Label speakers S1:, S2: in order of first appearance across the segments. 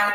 S1: It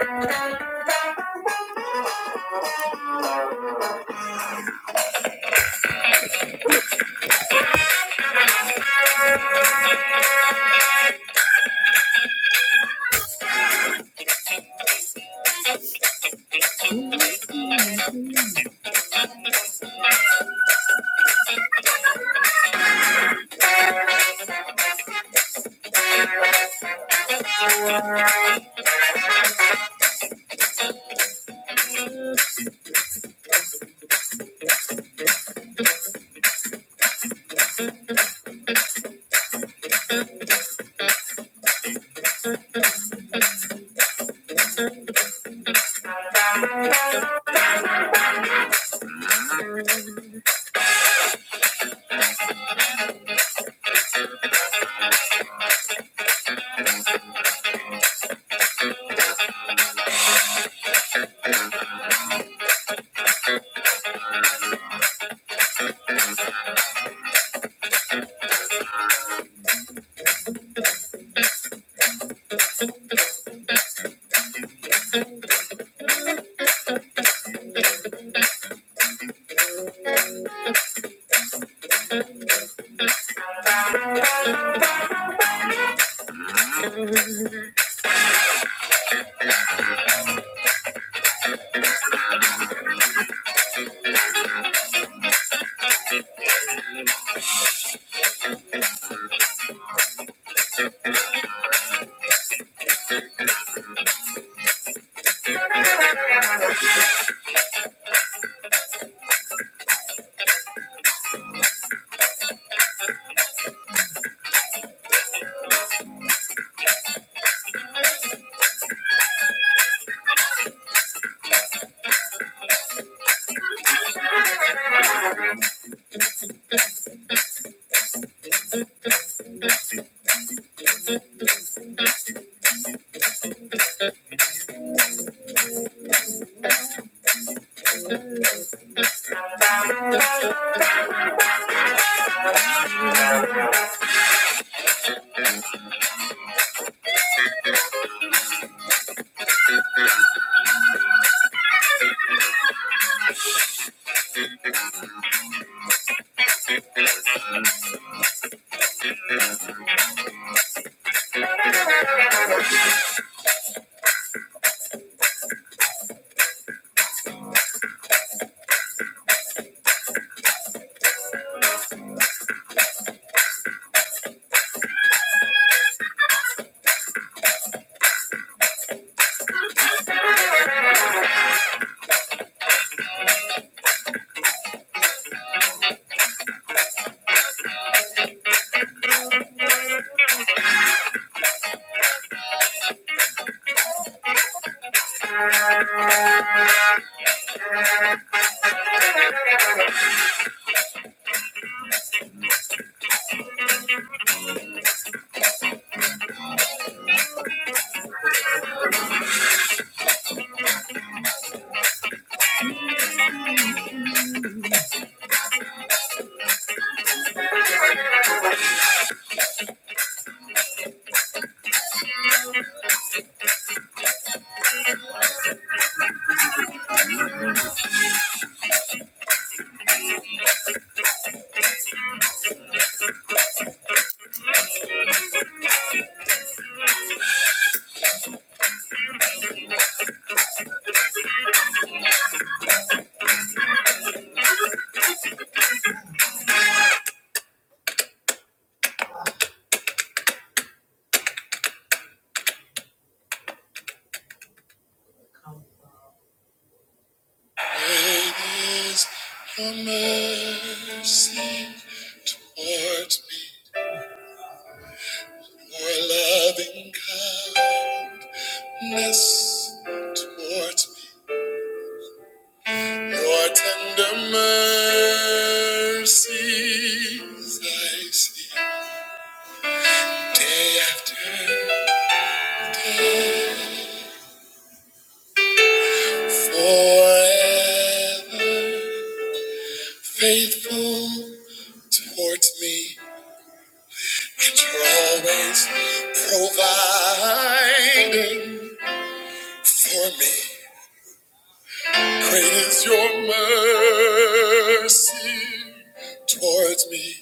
S1: is the mercy Amazing Your loving kindness towards me, your tender mercies I see day after day, forever. Faithful towards me, and you're always providing for me. Great is your mercy towards me.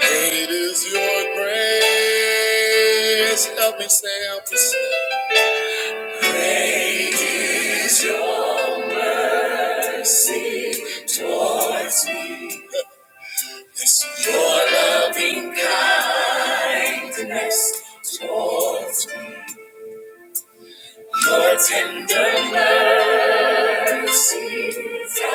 S1: Great is your grace. Help me say, help us. Great is your mercy towards me. It's your loving kindness towards me. Your tender mercies I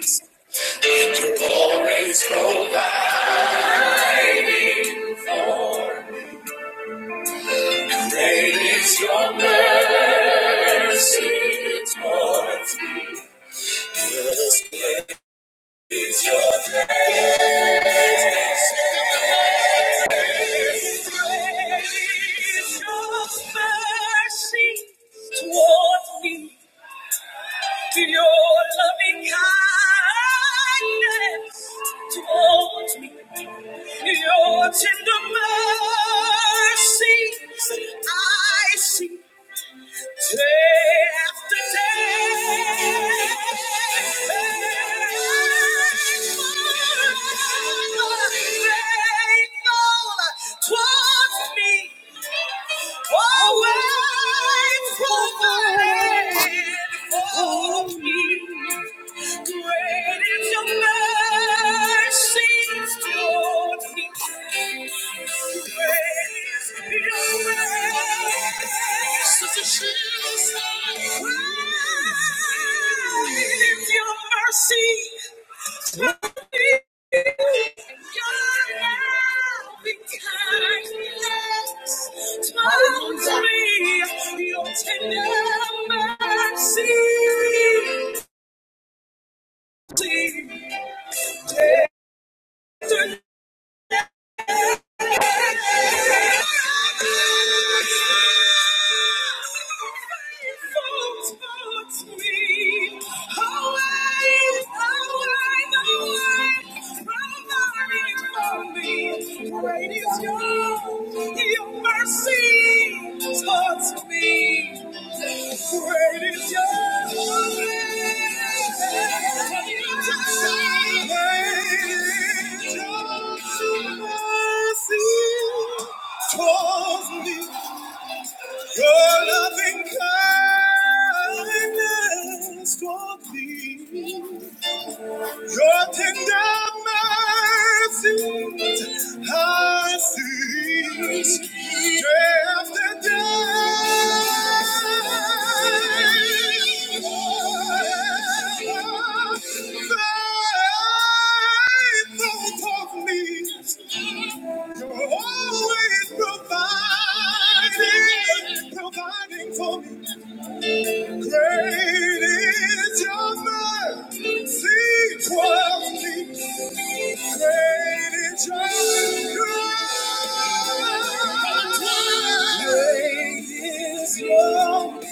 S1: see. You always provide. Great is your mercy towards me. Yes. It's your mercy toward me, to your loving kindness toward me, your tender mercies I see. Day after day, faithful towards me. Always provided for for me. Great is your mercy toward me. Great is your grace. Such a shield inside. Great is your mercy. Tender mercy, Great is your, your mercy towards me. Great is your, your Your loving kindness toward me, your tender mercies I see day after day. Faithful toward me, you're always providing, providing for me. Great is your mercy towards me. Great is your love. Great is your love.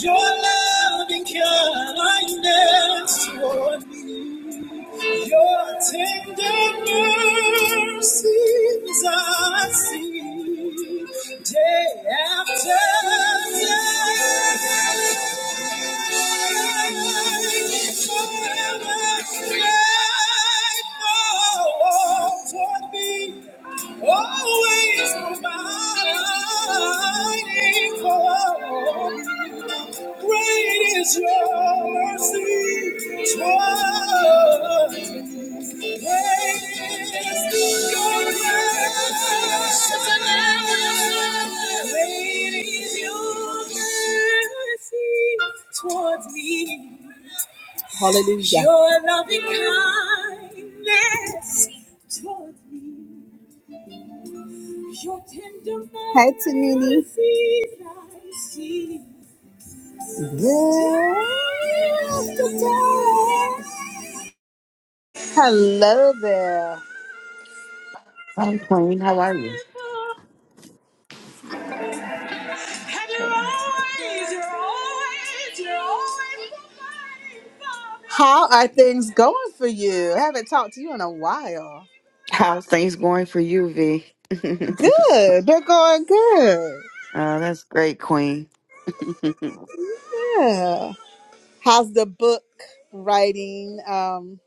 S1: Your loving kindness Lord. Your tender mercies I see day after day. Forever faithful toward me, always providing for me. Great is your mercy toward me. Hallelujah. Your loving kindness toward me. Your tender Hi, Tamini. mercies I see. Day after day. Hello there.
S2: Hi, Queen. How are you?
S1: And you're always, you're always, you're always providing for me. How are things going for you? I haven't talked to you in a while.
S2: How's things going for you, V? oh,
S1: Good. They're going good.
S2: that's great, Queen.
S1: Yeah. How's the book writing um,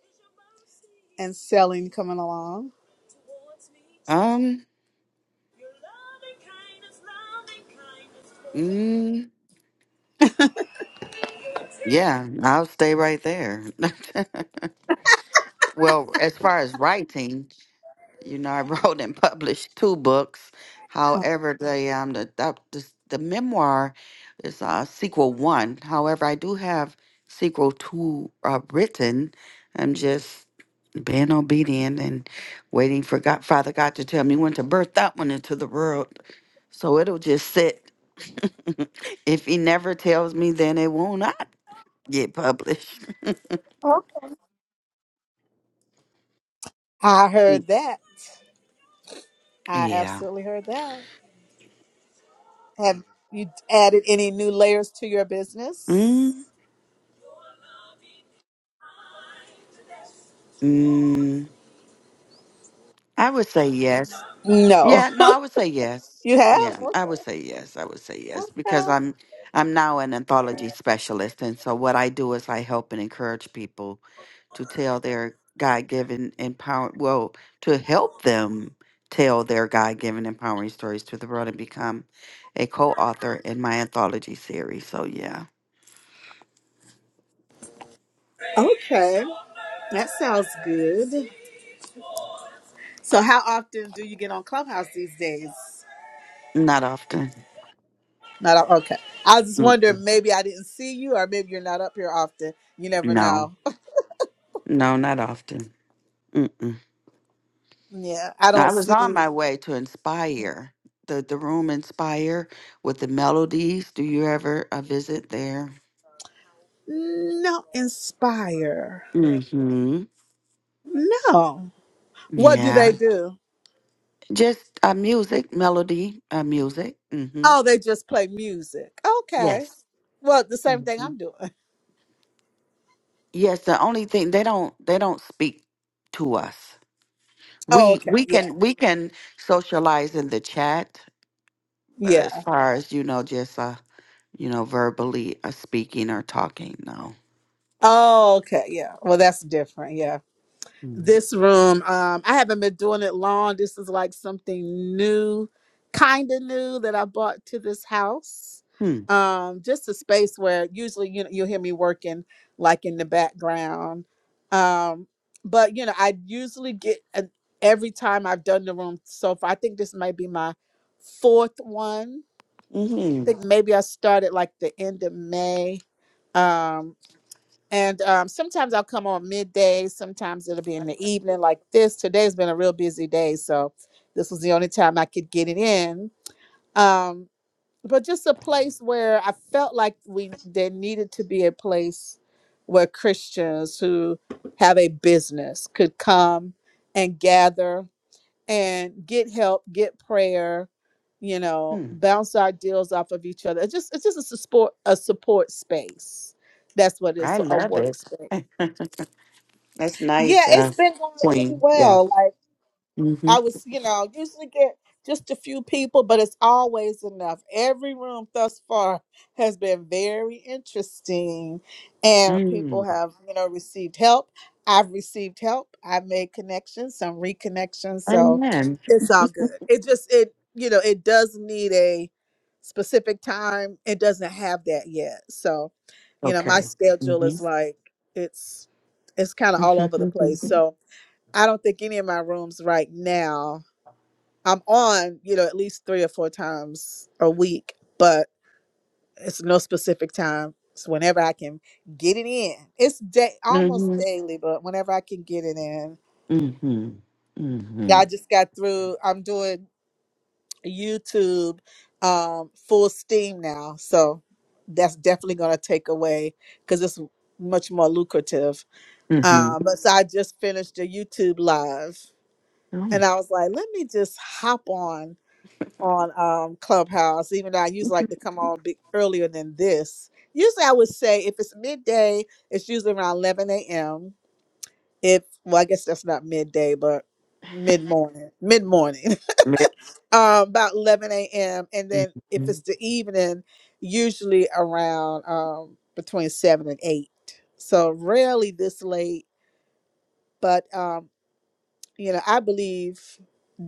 S1: and selling coming along?
S2: um, mm, yeah, I'll stay right there. well, as far as writing, you know, I wrote and published two books. However, the um the the, the, the memoir is uh, sequel one. However, I do have sequel two uh, written. I'm just being obedient and waiting for God, Father God to tell me when to birth that one into the world. So it'll just sit. if He never tells me, then it will not get published.
S1: I heard that. I
S2: yeah.
S1: absolutely heard that. Have you added any new layers to your business?
S2: Mm, mm, I would say yes.
S1: No.
S2: Yeah, no, I would say yes.
S1: You
S2: Yeah,
S1: have?
S2: I would say yes. I would say yes because I'm I'm now an anthology specialist, and so what I do is I help and encourage people to tell their God-given empower well to help them tell their God-given empowering stories to the world and become a co-author in my anthology series. So yeah,
S1: Okay. That sounds good. So how often do you get on Clubhouse these days?
S2: not often.
S1: Not o- okay. I was just
S2: Mm-mm.
S1: wondering maybe I didn't see you or maybe you're not up here often. You never
S2: No,
S1: know.
S2: no, not often. Mm-mm.
S1: Yeah, I
S2: Now,
S1: don't
S2: I was
S1: see
S2: on my way to Inspire, the, the room Inspire with the melodies. Do you ever uh, visit there?
S1: no inspire.
S2: Mm-hmm.
S1: No. What do they
S2: Yeah.
S1: do?
S2: Just uh, music, melody, uh, music. Mm-hmm.
S1: Oh, they just play music. Okay.
S2: Yes.
S1: Well, the same thing
S2: hmm
S1: I'm doing.
S2: Yes. The only thing they don't they don't speak to us.
S1: Oh,
S2: We
S1: okay.
S2: we
S1: Yeah.
S2: can we can socialize in the chat, but as
S1: Yeah.
S2: far as you know, just uh you know verbally uh, speaking or talking, no.
S1: Oh, okay. Yeah. Well, that's different. Yeah.
S2: Mm-hmm.
S1: this room. Um, I haven't been doing it long. This is like something new, kind of new that I bought to this house. Um, just a space where usually you know you'll hear me working like in the background. Um, but you know, I usually get an, every time I've done the room so far. I think this might be my fourth one. I
S2: Mm-hmm.
S1: think maybe I started like the end of May. Um, and um, sometimes I'll come on midday. Sometimes it'll be in the evening, like this. Today's been a real busy day, so this was the only time I could get it in. Um, but just a place where I felt like we there needed to be a place where Christians who have a business could come and gather and get help, get prayer, you know, bounce our deals off of each other. It's just it's just a support a support space. That's what it is.
S2: I
S1: So a
S2: love it.
S1: workspace.
S2: Eh, That's
S1: Yeah,
S2: nice, uh,
S1: it's been going really
S2: Queen. Yeah.
S1: well. Like
S2: Mm-hmm.
S1: I was, you know, usually get just a few people, but it's always enough. Every room thus far has been very interesting, and people
S2: Mm.
S1: have, you know, received help. I've received help. I've made connections, some reconnections. So
S2: Amen.
S1: it's all good. It just it, you know, it does need a specific time. It doesn't have that yet. So, you know, my
S2: Okay.
S1: schedule
S2: Mm-hmm.
S1: is like it's it's kind of all over the place.
S2: Mm-hmm.
S1: So I don't think any of my rooms right now. I'm on, you know, at least three or four times a week, but it's no specific time. It's whenever I can get it in. It's day almost
S2: Mm-hmm.
S1: daily, but whenever I can get it in. Yeah,
S2: Mm-hmm.
S1: I just got through. I'm doing YouTube um, full steam now, so that's definitely gonna take away because it's much more lucrative.
S2: Mm-hmm.
S1: Um, but so I just finished a YouTube live,
S2: Oh.
S1: and I was like, let me just hop on on um Clubhouse, even though I usually like to come on big earlier than this. Usually I would say if it's midday, it's usually around eleven AM. If well, I guess that's not midday, but mid morning. Mid morning.
S2: Yeah.
S1: um about eleven AM. And then if it's the evening, usually around um between seven and eight. So rarely this late. But um you know, I believe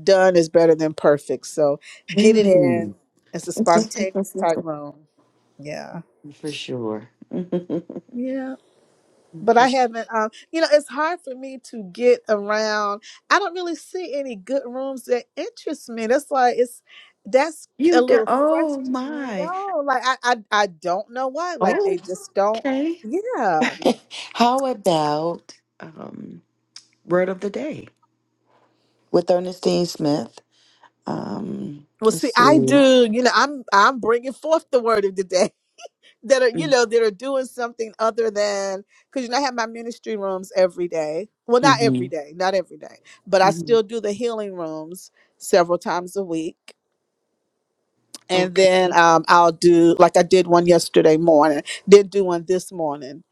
S1: done is better than perfect. So get it in.
S2: Mhm.
S1: It's a
S2: Mm.
S1: spontaneous type room. Yeah.
S2: For sure.
S1: Yeah. But
S2: For
S1: I
S2: sure.
S1: haven't um you know, it's hard for me to get around. I don't really see any good rooms that interest me. That's like it's that's
S2: You
S1: a
S2: do.
S1: little
S2: Oh
S1: frustrating.
S2: my.
S1: No, like I, I I don't know why. Like they
S2: Oh.
S1: just don't.
S2: Okay.
S1: Yeah.
S2: How about um, word of the day with Ernestine Smith? Um,
S1: Well, see,
S2: let's
S1: I
S2: see.
S1: do. You know, I'm I'm bringing forth the word of the day. that are you know that are doing something other than because you know I have my ministry rooms every day. Well, not
S2: Mm-hmm.
S1: every day, not every day, but I
S2: hmm
S1: still do the healing rooms several times a week. And
S2: Okay,
S1: then um, I'll do like I did one yesterday morning. Did do one this morning.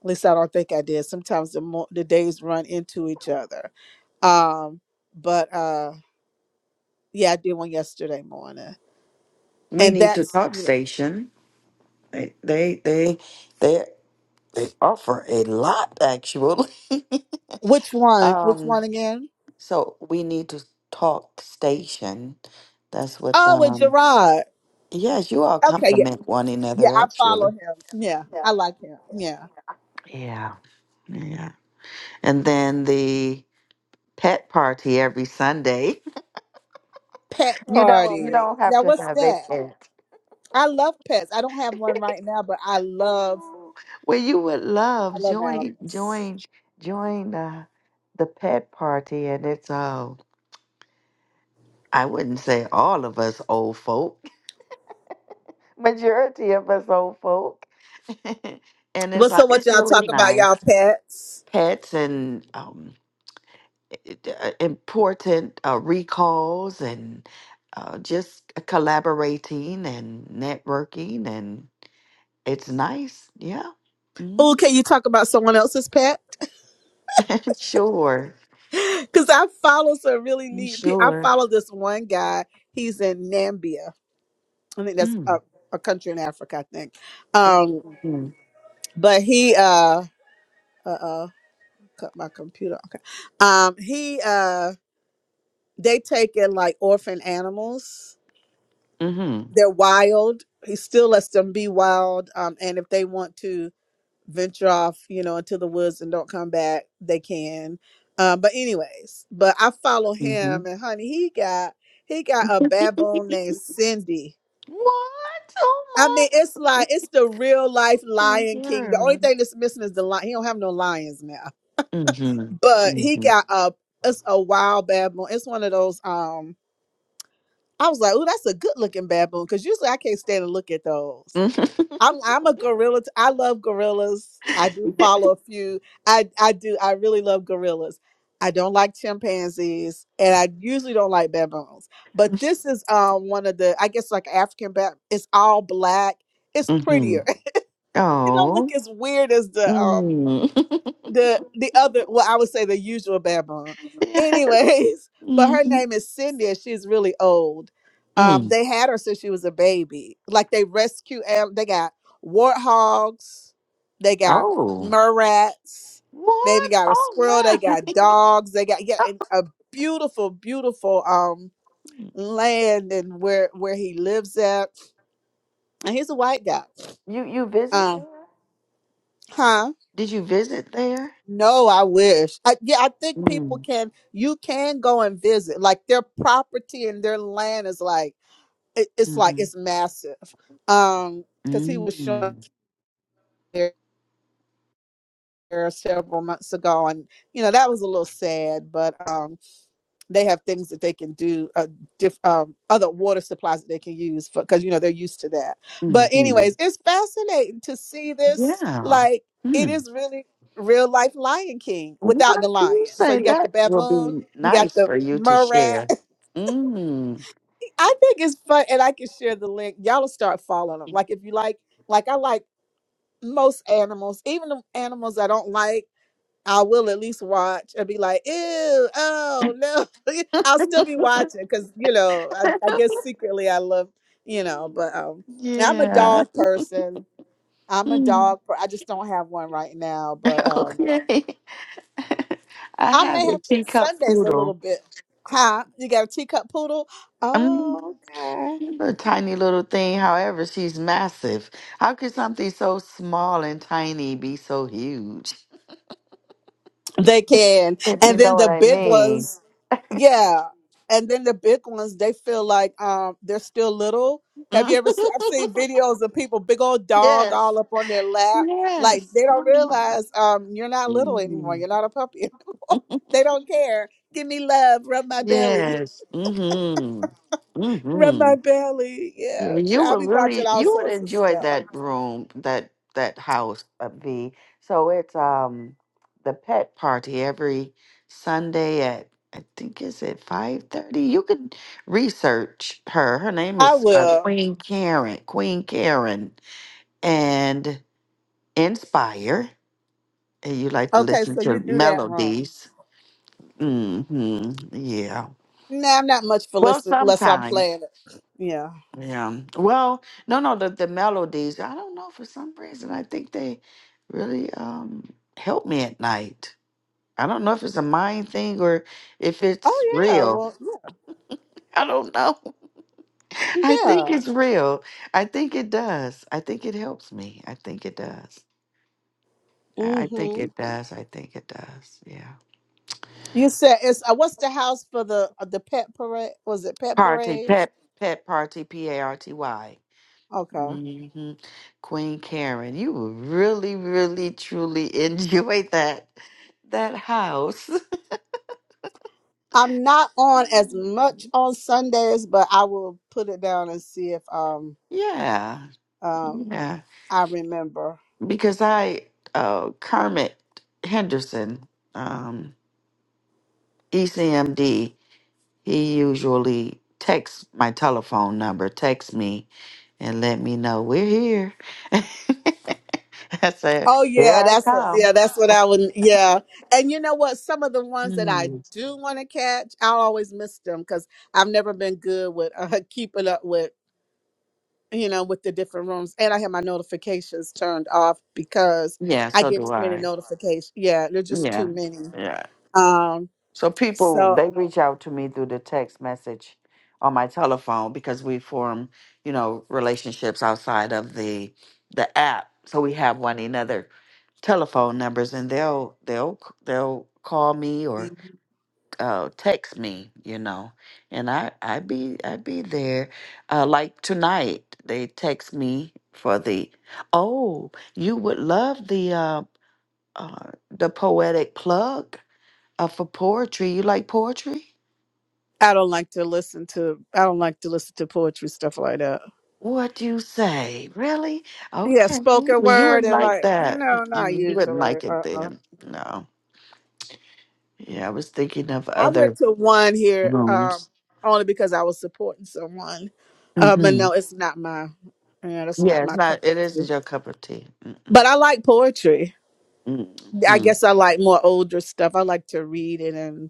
S1: At least I don't think I did. Sometimes the mo- the days run into each other. Um, but uh, yeah, I did one yesterday morning.
S2: we
S1: And
S2: need to
S1: that's
S2: talk
S1: you know
S2: station. They they they they they offer a lot actually.
S1: which one? Which
S2: um,
S1: one again?
S2: so we need to talk station. That's what
S1: Oh, with
S2: um.
S1: Gerard.
S2: Yes, you all
S1: Okay, yeah.
S2: compliment one
S1: Yeah,
S2: another
S1: I follow
S2: actually.
S1: him. Yeah,
S2: Yeah.
S1: I like him. Yeah.
S2: Yeah, yeah. And then the pet party every Sunday.
S1: Pet
S2: You don't you
S1: party.
S2: don't have
S1: Now,
S2: to
S1: what's
S2: have a
S1: that?
S2: pet.
S1: I love pets. I don't have one right now, but I love
S2: Oh, well, you would
S1: I
S2: love
S1: love
S2: join
S1: animals.
S2: join join uh, the pet party, and it's uh, I wouldn't say all of us old folk, majority of us old folk, and
S1: Well,
S2: it's uh,
S1: so what
S2: it's
S1: y'all
S2: really
S1: talk about
S2: nice.
S1: y'all pets?
S2: Pets and um, it- uh, important uh, recalls and uh, just collaborating and networking, and it's nice. Yeah, hmm
S1: Oh, can you talk about someone else's pet?
S2: sure,
S1: Because I follow some really neat people. I
S2: sure.
S1: follow this one guy. He's in Nambia. I think that's a,
S2: Mm.
S1: a country in Africa, I think. Um,
S2: Mm,
S1: but he uh cut my computer. Okay. Um, he uh They take in like orphan animals.
S2: mhm, mhm,
S1: They're wild. He still lets them be wild. Um, and if they want to venture off, you know, into the woods and don't come back, they can. Um, but anyways, but I follow him
S2: mhm.
S1: and honey, he got he got a baboon named Cindy.
S2: What? Oh
S1: I mean, it's
S2: my! Oh
S1: like it's the real life
S2: my
S1: Lion King. The only
S2: God!
S1: thing that's missing is the lion. He don't have no lions now,
S2: Mhm, mhm,
S1: but he
S2: mhm,
S1: got a it's a wild baboon. It's one of those. Um, I was like, "Oh, that's a good looking baboon," because usually I can't stand to look at those. I'm I'm a gorilla. T- I love gorillas. I do follow a few. I I do. I really love gorillas. I don't like chimpanzees, and I usually don't like baboons. But this is um one of the I guess like African bab. It's all black.
S2: mhm.
S1: It's prettier. it don't
S2: Oh.
S1: look as weird as the um
S2: Mm.
S1: the the other well i would say the usual baboon anyways but her
S2: Mhm.
S1: name is cindy and she's really old um
S2: Mm.
S1: they had her since she was a baby like they rescue an- they got warthogs they got
S2: Oh.
S1: murrats they even
S2: What?
S1: got a
S2: Oh
S1: squirrel they
S2: my!
S1: got dogs they got yeah and a beautiful beautiful um land and where where he lives at and he's a white guy
S2: You you visit
S1: um
S2: there?
S1: huh
S2: Did you visit there?
S1: No, I wish. I, yeah, I think people
S2: Mm.
S1: can. You can go and visit. Like their property and their land is like it, it's like
S2: Mm-hmm.
S1: it's massive. Um, because he was showing
S2: Mm.
S1: there several months ago, and you know that was a little sad. But um, they have things that they can do uh, diff, um, other water supplies that they can use for because you know they're used to that but
S2: Mm-hmm.
S1: anyways it's fascinating to see this
S2: Yeah.
S1: like it
S2: Hmm.
S1: is really real life lion king
S2: What
S1: without the
S2: do you
S1: lion so
S2: say?
S1: you got the
S2: That will
S1: baboon
S2: be
S1: you got
S2: nice
S1: the
S2: for you to
S1: murat
S2: share. Mm.
S1: i think it's fun and i can share the link y'all will start following them like if you like like i like most animals even the animals i don't like I will at least watch and be like, ew, oh no. I'll still be watching because, you know, I, I guess secretly I love, you know, but um I'm a
S2: yeah.
S1: dog person. I'm a
S2: Mm.
S1: dog per- I just don't have one right now, but um
S2: Okay. I
S1: I
S2: have
S1: may
S2: a
S1: have to
S2: teacup
S1: Sundays a
S2: poodle.
S1: little bit. Huh? You got a teacup poodle?
S2: Mm.
S1: Oh, okay.
S2: She's a tiny little thing. However, she's massive. How could something so small and tiny be so huge?
S1: They can.
S2: If you
S1: And
S2: know
S1: then
S2: what
S1: the
S2: I
S1: big
S2: mean.
S1: ones, yeah. And then the big ones, they feel like um they're still little. Have you ever seen I've seen videos of people, big old dog
S2: yes.
S1: all up on their lap. Like
S2: Yes.
S1: they
S2: Oh
S1: don't
S2: my God.
S1: realize um you're not little anymore.
S2: Mm.
S1: You're not a puppy anymore. they don't care. Give me love, rub my belly.
S2: Yes. Mm-hmm.
S1: Rub
S2: Mm-hmm.
S1: my belly.
S2: Yeah,
S1: Yeah.
S2: you
S1: child, I'll
S2: would
S1: be watching
S2: really
S1: all
S2: you would
S1: sorts of
S2: enjoy
S1: stuff.
S2: that room, that that house, uh, V. So it's um the pet party every Sunday at I think is at five thirty. You could research her. Her name
S1: I
S2: is uh,
S1: will.
S2: Queen Karen. Queen Karen and Inspire. And you like to
S1: Okay,
S2: listen
S1: so
S2: to
S1: you do that wrong.
S2: melodies. Mm-hmm. Yeah.
S1: Nah, I'm not much for
S2: Well,
S1: listening unless I'm
S2: sometimes.
S1: playing it. Yeah.
S2: Yeah. Well, no, no, the, the melodies, I don't know, for some reason, I think they really um help me at night. I don't know if it's a mind thing or if it's
S1: Oh yeah.
S2: real.
S1: Well,
S2: I don't know. I think
S1: yeah.
S2: it's real. I think it does. I think it helps me. I think it does. I I
S1: mm
S2: think
S1: Mhm.
S2: it does. I think it does. Yeah.
S1: You said it's uh, what's the house for the uh, the pet parade? Was it pet
S2: Party,
S1: parade?
S2: pet, pet party, P A R T Y.
S1: Okay.
S2: hmm Queen Karen, you will really, really, truly enjoy that that house.
S1: I'm not on as much on Sundays, but I will put it down and see if um
S2: Yeah,
S1: um
S2: yeah.
S1: I remember.
S2: Because I, uh, Kermit Henderson, um, ECMD, he usually texts my telephone number, texts me, and let me know we're here. I said,
S1: Oh
S2: "Here
S1: yeah,
S2: I
S1: that's what
S2: come."
S1: yeah, that's what I would yeah. And you know what? Some of the ones that I
S2: Mm.
S1: do want to catch, I always miss them because I've never been good with uh, keeping up with you know, with the different rooms. And I have my notifications turned off because
S2: Yeah,
S1: I
S2: so
S1: get
S2: do
S1: too many
S2: I.
S1: notifications. Yeah, they're just too
S2: Yeah,
S1: many.
S2: yeah.
S1: Um,
S2: So people
S1: so
S2: they reach out to me through the text message on my telephone because we form, you know, relationships outside of the the app. So we have one another telephone numbers and they'll they'll they'll call me or uh, text me, you know. And I I be I be there. Uh, like tonight they text me for the oh, you would love the uh, uh the poetic plug uh, for poetry, you like poetry?
S1: I don't like to listen to I don't like to listen to poetry stuff like that.
S2: What do you say? Really?
S1: Yeah,
S2: Okay.
S1: spoken
S2: Well, you
S1: word
S2: wouldn't
S1: and
S2: like
S1: like
S2: that.
S1: no, not
S2: Mm-mm, You wouldn't
S1: usually.
S2: like it
S1: Uh uh
S2: then. No. Yeah, I was thinking of
S1: I went
S2: other
S1: to one here um,
S2: rooms.
S1: only because I was supporting someone. Uh, but
S2: hmm
S1: no, it's not my. Yeah, that's not
S2: Yeah, it's
S1: my
S2: not.
S1: cup of
S2: It
S1: tea.
S2: isn't your cup of tea. Mm-mm.
S1: But I like poetry. I
S2: Mm-hmm.
S1: guess I like more older stuff. I like to read it and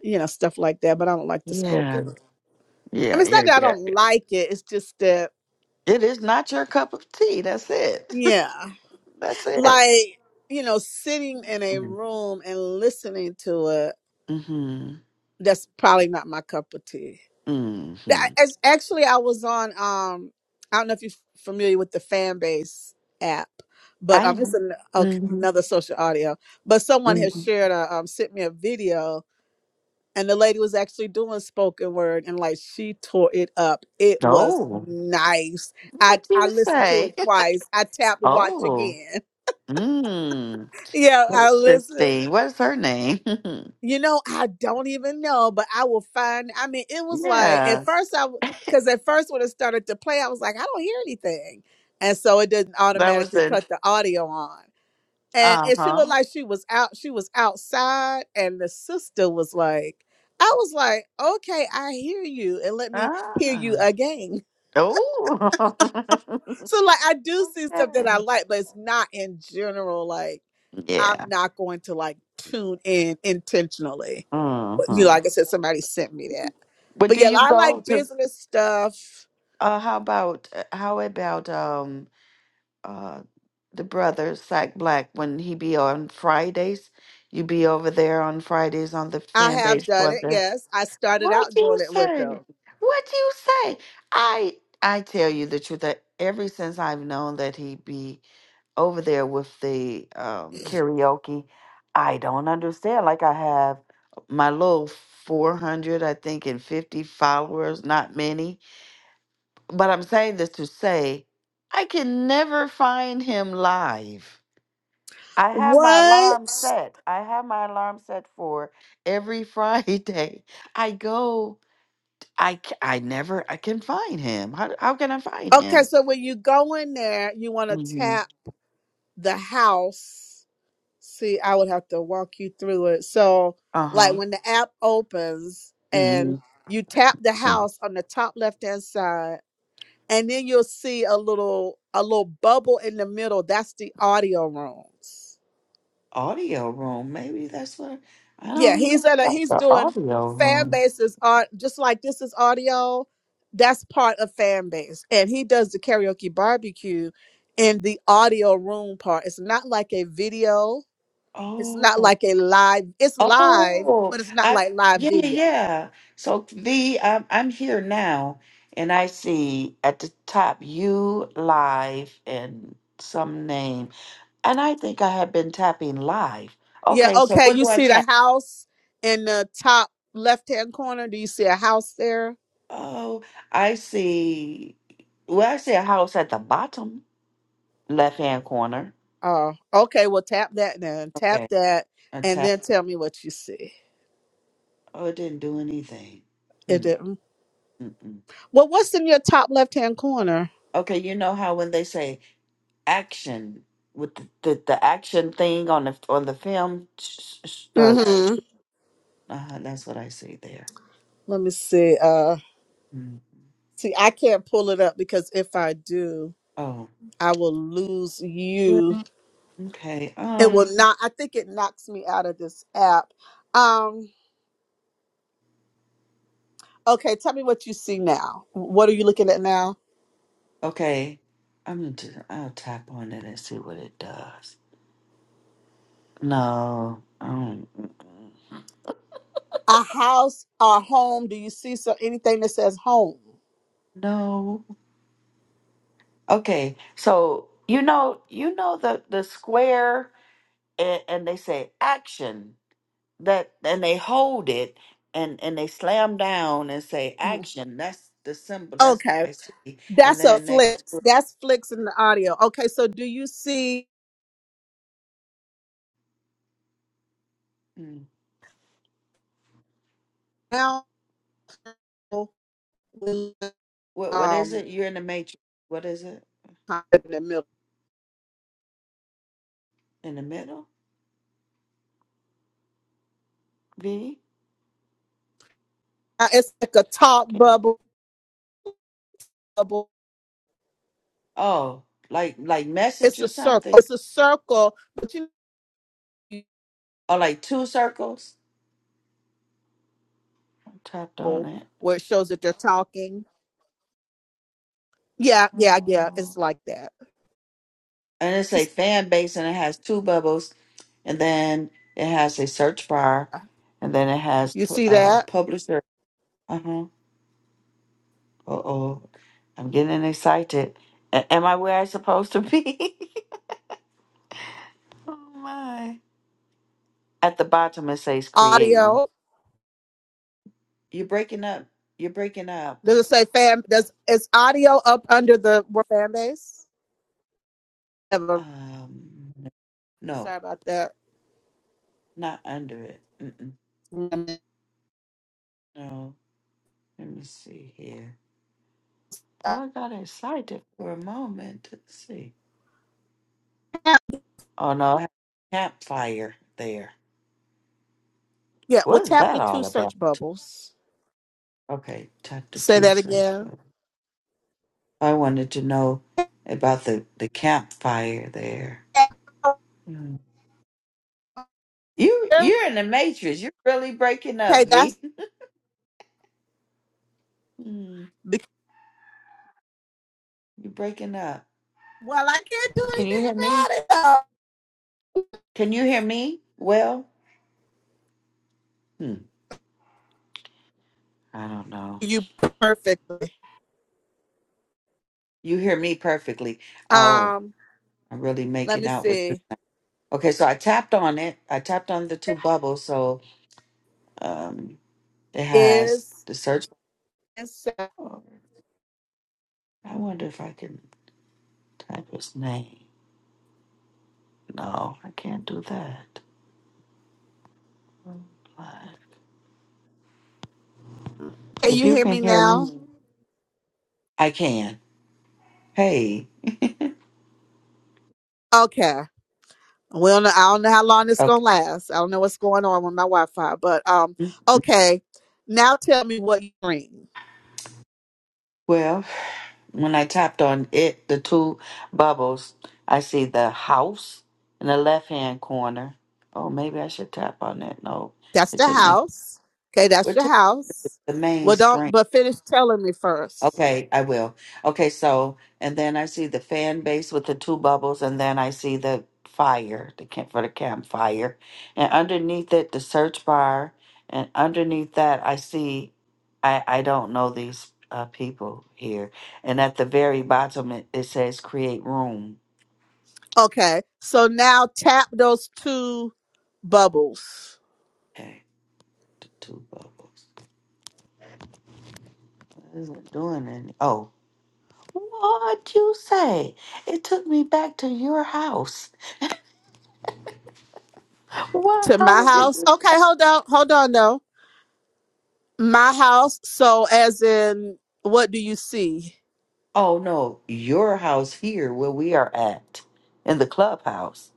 S1: you know stuff like that. But I don't like the
S2: Yeah.
S1: spoken. word. I mean,
S2: Yeah.
S1: it's not
S2: Yeah.
S1: that I
S2: Yeah. yeah.
S1: don't like it. It's just that
S2: It is not your cup of tea. That's it.
S1: yeah,
S2: That's it.
S1: like you know, sitting in a
S2: Mm-hmm.
S1: room and listening to it. That's probably not my cup of tea.
S2: Mm-hmm.
S1: That- it's- actually, I was on. Um, I don't know if you're familiar with the fan base app,
S2: I
S1: but um, it's
S2: am.
S1: an, okay,
S2: Mm-hmm.
S1: another social audio. But someone has
S2: Mm-hmm.
S1: shared a um, sent me a video, and the lady was actually doing spoken word, and like she tore it up. It was
S2: Oh.
S1: nice. I
S2: What do
S1: I
S2: you
S1: listened to
S2: say?
S1: it twice. I tapped to watch
S2: Oh,
S1: again.
S2: mm,
S1: yeah, I listened.
S2: interesting. What is her name?
S1: You know, I don't even know, but I will find. I mean, it was like at
S2: yeah,
S1: first I, because at first when it started to play, I was like, I don't hear anything, and so it didn't
S2: that was
S1: automatically
S2: in.
S1: cut the audio on. And
S2: Uh
S1: and she
S2: huh.
S1: looked like she was out. She was outside, and the sister was like, I was like, okay, I hear you, and let me hear
S2: Ah.
S1: you again.
S2: Oh.
S1: So like I do see stuff that I
S2: okay.
S1: like, but it's not in general. Like I'm
S2: Yeah.
S1: not going to like tune in intentionally. But you
S2: hmm
S1: know, like I said, somebody sent me that.
S2: But
S1: But
S2: do
S1: yeah,
S2: you
S1: I
S2: go
S1: like
S2: to?
S1: business stuff.
S2: Uh, how about uh, how about um uh the brother Sack Black when he be on Fridays? You be over there on Fridays on the
S1: I
S2: fan
S1: have
S2: base
S1: done
S2: for
S1: it.
S2: the.
S1: Yes, I started
S2: What
S1: out
S2: you
S1: doing it with
S2: say?
S1: them.
S2: What you say? I I tell you the truth that ever since I've known that he be over there with the um, karaoke, I don't understand. Like I have my little four hundred, I think, and fifty followers, not many. But I'm saying this to say I can never find him live. I have my
S1: What?
S2: alarm set. I have my alarm set for every Friday. I go. I c- I never I can find him. How how can I find
S1: Okay,
S2: him?
S1: so when you go in there, you want to
S2: hmm
S1: tap the house See, I would have to walk you through it. So,
S2: Uh
S1: like
S2: huh.
S1: when the app opens and
S2: hmm
S1: you tap the
S2: Some
S1: house on the top left-hand side, and then you'll see a little a little bubble in the middle. That's the audio rooms.
S2: audio room. Maybe that's what I
S1: Yeah,
S2: don't know
S1: he's at a
S2: about
S1: he's
S2: the
S1: doing
S2: audio
S1: fan
S2: room.
S1: bases on just like this is audio. That's part of fan base, and he does the karaoke barbecue in the audio room part. It's not like a video It's
S2: Oh
S1: not like a live. It's live,
S2: oh.
S1: but it's not
S2: I
S1: like live
S2: yeah yeah
S1: video.
S2: yeah. So the I'm I'm here now, and I see at the top you live and some name, and I think I have been tapping live.
S1: Yeah.
S2: Okay, so
S1: Okay.
S2: what
S1: You
S2: do I
S1: see
S2: tap?
S1: the house in the top left hand corner. Do you see a house there?
S2: Oh, I see. Well, I see a house at the bottom left hand corner.
S1: Oh, okay. Well, tap that then. Tap
S2: Okay.
S1: that,
S2: A
S1: and
S2: tap.
S1: then tell me what you see.
S2: Oh, it didn't do anything.
S1: It
S2: Hmm.
S1: didn't.
S2: Mm-mm.
S1: Well, what's in your top left hand corner?
S2: Okay, you know how when they say action with the, the, the action thing on the on the film, sh- sh- uh, shoot.
S1: Mm-hmm.
S2: uh, that's what I see there.
S1: Let me see. Uh,
S2: Hmm.
S1: see, I can't pull it up because if I do,
S2: Oh,
S1: I will lose
S2: Well-
S1: you.
S2: okay.
S1: It
S2: Um,
S1: will not. I think it knocks me out of this app. Um. Okay, tell me what you see now. What are you looking at now?
S2: okay. I'm gonna just, I'll tap on it and see what it does. No, um,
S1: A house or a home? Do you see so anything that says home?
S2: no. Okay, so you know, you know the the square, and, and they say action that, and they hold it, and and they slam down and say
S1: Mhm.
S2: action. That's the symbol. That's
S1: Okay,
S2: what I see. And
S1: that's a
S2: then next to
S1: flicks.
S2: it,
S1: That's flicks in the audio. Okay, so do you see
S2: hmm,
S1: now? when,
S2: what what is
S1: Um,
S2: it? You're in the matrix. What is it
S1: kind of in the middle,
S2: in the middle? V.
S1: Uh, it's like a top
S2: Can you-
S1: bubble. Bubble.
S2: Oh, like like message
S1: It's a
S2: or
S1: circle.
S2: something,
S1: It's a circle, but you know,
S2: or like two circles. I tapped on
S1: bubble
S2: it.
S1: where it shows that they're talking. Yeah, yeah, yeah.
S2: Oh.
S1: It's like that.
S2: and it's a
S1: It's-
S2: fan base and it has two bubbles and then it has a search bar
S1: uh,
S2: and then it has
S1: You
S2: pu-
S1: see
S2: uh
S1: that
S2: publisher uh-huh uh-oh i'm getting excited A- am i where i supposed to be oh my at the bottom it says create room
S1: audio?
S2: you're breaking up you're breaking up
S1: Does it say fan? Does is audio up under the word fan base? Never.
S2: um no
S1: Sorry about that.
S2: not under it Mm-mm. no let me see here oh i got excited for a moment let's see Oh no, I have a Campfire there.
S1: Yeah. Well,
S2: what's
S1: tap
S2: that
S1: the two
S2: all about?
S1: search bubbles.
S2: Okay, chapter
S1: Say
S2: two
S1: that
S2: search.
S1: again.
S2: But I wanted to know about the, the campfire there. Mm. You you're in the matrix. You're really breaking up,
S1: Okay,
S2: V.
S1: that's
S2: Mm,
S1: because,
S2: you're breaking up.
S1: well. I can't do
S2: Can you
S1: anything
S2: hear me?
S1: about it. Though.
S2: Can you hear me? Well, hmm, I don't know.
S1: You perfectly.
S2: You hear me perfectly. Oh,
S1: Um.
S2: I'm really
S1: Let
S2: making
S1: me
S2: out what you're
S1: see.
S2: saying. Okay, so I tapped on it. I tapped on the two bubbles. So, um. It has
S1: Is
S2: the search.
S1: is- can
S2: bar. I wonder if I can type his name. No, I can't do that. If
S1: you
S2: you
S1: hear
S2: can
S1: me
S2: hear me,
S1: now?
S2: I can. Hey,
S1: Okay. We don't know, I don't know how long this gonna
S2: okay.
S1: last. I don't know what's going on with my Wi-Fi, but um, okay. Now tell me what you bring.
S2: Well, when I tapped on it, the two bubbles, I see the house in the left hand corner. Oh, maybe I should tap on that. No,
S1: That's
S2: it
S1: the
S2: took me.
S1: house. Okay, that's
S2: It
S1: your
S2: took me to
S1: house.
S2: the main
S1: Well,
S2: screen.
S1: don't but finish telling me first.
S2: Okay, I will. Okay, so and then I see the fan base with the two bubbles, and then I see the fire, the camp for the campfire, and underneath it the search bar, and underneath that I see, I I don't know these uh, people here, and at the very bottom it, it says create room.
S1: Okay, so now tap those two bubbles
S2: Okay, the two bubbles. What is it doing? In, oh, what you say? It took me back to your house. What?
S1: to
S2: How
S1: my
S2: did
S1: house.
S2: it?
S1: Okay, hold on, hold on though. My house. So as in, what do you see?
S2: Oh no, your house here where we are at in the clubhouse.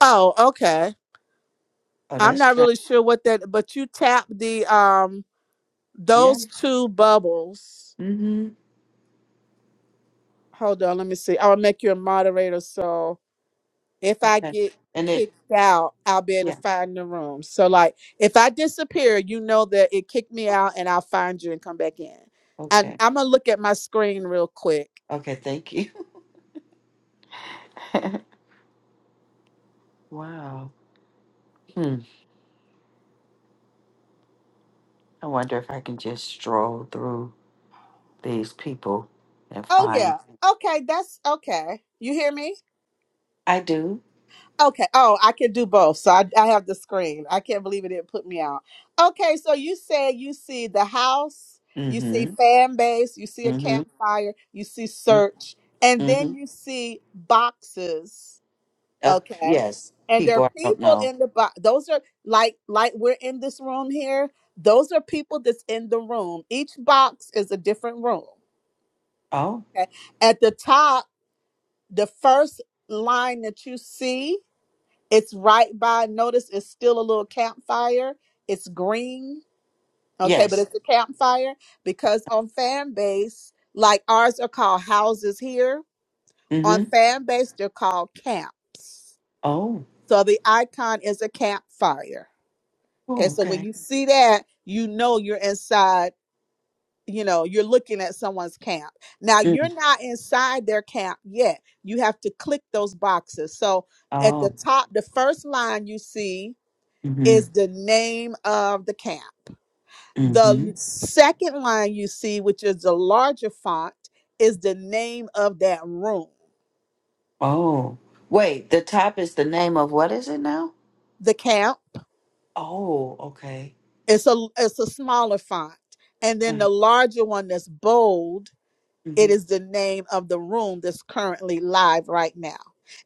S1: Oh, okay.
S2: Oh,
S1: I'm
S2: that's
S1: not
S2: strange.
S1: really sure what that, but you tap the um.
S2: Yeah.
S1: those two bubbles.
S2: Mm-hmm.
S1: Hold on, let me see. I'll make you a moderator so if I
S2: Okay.
S1: get
S2: And it.
S1: kicked out, I'll be able
S2: Yeah.
S1: to find the room. So like if I disappear, you know that it kicked me out and I'll find you and come back in. And
S2: Okay.
S1: I'm gonna look at my screen real quick.
S2: Okay. Thank you. wow. Hmm. I wonder if I can just stroll through these people and
S1: Oh
S2: find.
S1: yeah. Okay, that's okay. You hear me?
S2: I do.
S1: Okay. Oh, I can do both. So I, I have the screen. I can't believe it didn't put me out. Okay. So you said you see the house, you see
S2: Mm-hmm.
S1: fan base, you see a
S2: Mm-hmm.
S1: campfire, you see search, and
S2: Mm-hmm.
S1: then you see boxes.
S2: Uh,
S1: Okay.
S2: yes.
S1: And there are
S2: People I don't
S1: people
S2: know.
S1: in the box. Those are like like we're in this room here. Those are people that's in the room. Each box is a different room.
S2: Oh.
S1: Okay. At the top, the first line that you see it's right by, notice it's still a little campfire. It's green. Okay, but
S2: Yes.
S1: it's a campfire because on fan base, like ours are called houses here. On
S2: Mm-hmm.
S1: fan base, they're called camps.
S2: Oh.
S1: So the icon is a campfire. Okay,
S2: Oh.
S1: so when
S2: Okay.
S1: you see that, you know you're inside, you know, you're looking at someone's camp. Now
S2: Mm.
S1: you're not inside their camp yet. You have to click those boxes. So at
S2: Oh.
S1: the top, the first line you see
S2: Mm-hmm.
S1: is the name of the camp.
S2: Mm-hmm.
S1: The second line you see, which is the larger font, is the name of that room.
S2: Oh, wait, the top is the name of what is it now?
S1: The camp.
S2: Oh, okay.
S1: It's a it's a smaller font. And then
S2: Uh-huh.
S1: the larger one that's bold it
S2: hmm
S1: is the name of the room that's currently live right now.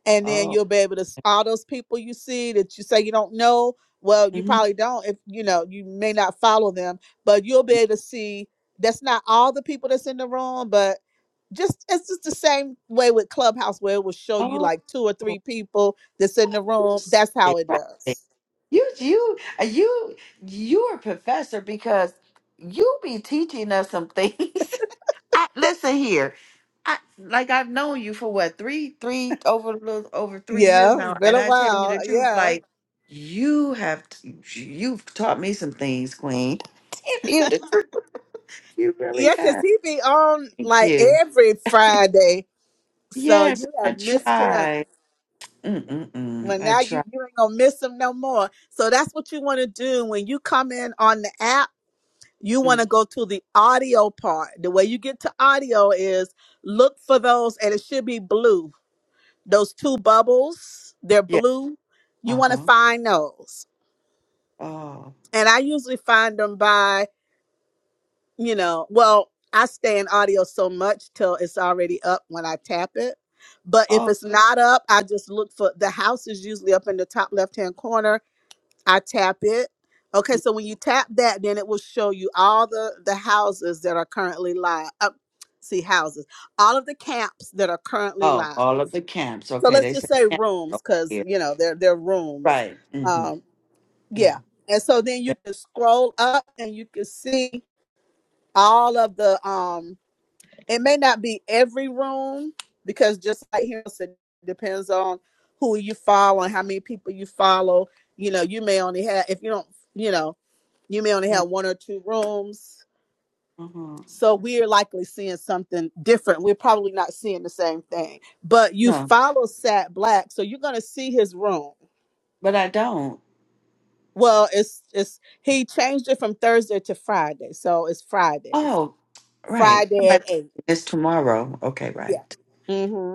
S1: And then
S2: Oh,
S1: you'll be able to s- all those people you see that you say you don't know. Well, you
S2: hmm
S1: probably don't if you know you may not follow them, but you'll be able to see that's not all the people that's in the room, but just it's just the same way with Clubhouse where it will show you
S2: oh,
S1: like two or three people that's in
S2: what
S1: the
S2: you
S1: room. That's
S2: say?
S1: how it
S2: Right.
S1: does.
S2: You, you, uh, you, you're a professor because you be teaching us some things. I, listen here. I, like I've known you for what three, three over a little over three years
S1: Yeah, it's
S2: now,
S1: been
S2: and
S1: a
S2: I tell you
S1: while.
S2: the truth,
S1: Yeah.
S2: like you have, t- you've taught me some things, Queen. Tell you the truth. You really
S1: Yeah, because
S2: have.
S1: he be on
S2: Thank
S1: like
S2: you.
S1: every Friday. So
S2: Yes,
S1: you
S2: I
S1: have missed him.
S2: tried. Mm-mm-mm.
S1: Well,
S2: I
S1: now you,
S2: tried.
S1: you ain't gonna miss him no more. So that's what you want to do when you come in on the app. You want
S2: Mm,
S1: to go to the audio part. The way you get to audio is look for those, and it should be blue. Those two bubbles, they're
S2: Yeah.
S1: blue. You want to
S2: Uh-huh.
S1: find those,
S2: Oh.
S1: and I usually find them by you know, well, I stay in audio so much till it's already up when I tap it. But if
S2: Oh.
S1: it's not up, I just look for the house is usually up in the top left hand corner. I tap it. Okay,
S2: mm,
S1: so when you tap that, then it will show you all the the houses that are currently live. Uh, see houses, all of the camps that are currently
S2: Oh.
S1: live.
S2: All of the camps.
S1: So
S2: Okay. They
S1: let's
S2: say
S1: just say
S2: camps
S1: rooms,
S2: over
S1: because
S2: here.
S1: you know they're they're rooms.
S2: Right. Mm-hmm.
S1: Um,
S2: Yeah.
S1: yeah, and so then
S2: Yeah.
S1: you can scroll up and you can see all of the um it may not be every room because just like him said, it depends on who you follow and how many people you follow. You know, you may only have if you don't, you know, you may only
S2: Yeah.
S1: have one or two rooms.
S2: Uh-huh.
S1: So we're likely seeing something different. We're probably not seeing the same thing. But you
S2: No,
S1: follow Sat Black, so you're gonna see his room.
S2: but I don't.
S1: Well, it's it's he changed it from Thursday to Friday, so it's Fridays.
S2: Oh, right. What am
S1: Friday
S2: I
S1: at
S2: thinking?
S1: eight.
S2: It's tomorrow. Okay.
S1: Yeah.
S2: Right.
S1: Mm-hmm.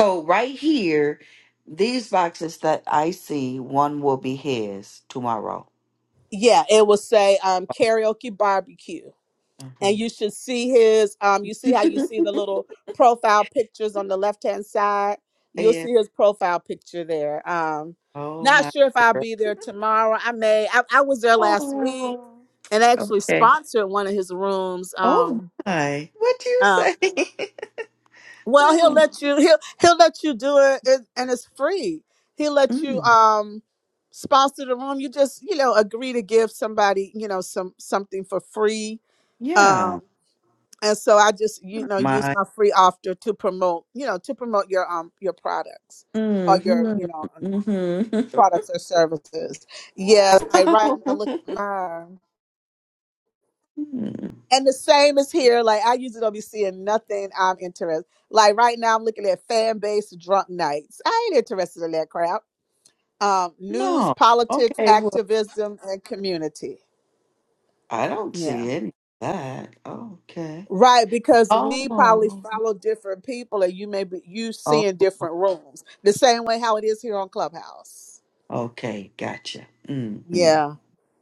S2: So right here, these boxes that I see, one will be his tomorrow.
S1: Yeah, it will say um karaoke barbecue. And you should see his um you see how you
S2: Mm-hmm.
S1: see the little profile pictures on the left hand side. You'll
S2: Yeah.
S1: see his profile picture there. Um
S2: Oh
S1: not
S2: my
S1: sure if I'll
S2: word.
S1: be there tomorrow. I may I, I was there last week
S2: Oh.
S1: and actually
S2: Okay.
S1: sponsored one of his rooms.
S2: Oh
S1: Um
S2: my. What you
S1: uh,
S2: say?
S1: well, he'll
S2: oh.
S1: let you. He'll he'll let you do it, it, and it's free. He'll let you
S2: Mm.
S1: um sponsor the room. You just you know agree to give somebody you know some something for free.
S2: Yeah.
S1: Um, and so I just you know use
S2: My.
S1: my free offer to promote you know to promote your um your products or your
S2: Mm-hmm.
S1: you know
S2: Mm-hmm.
S1: products or services. Yeah, like right now
S2: wow.
S1: look at mine.
S2: Mm.
S1: And the same is here. Like I usually don't be seeing nothing I'm interested. Like right now, I'm looking at fan base drunk nights. I ain't interested in that crap. Um, news,
S2: No.
S1: politics,
S2: Okay. Well,
S1: activism, and community.
S2: I don't
S1: Yeah,
S2: see any of that. Okay.
S1: right. Because we probably
S2: Oh.
S1: follow different people, and you may be you
S2: Oh.
S1: seeing different rooms. The same way how it is here on Clubhouse.
S2: Okay. Gotcha. Mm-hmm.
S1: Yeah.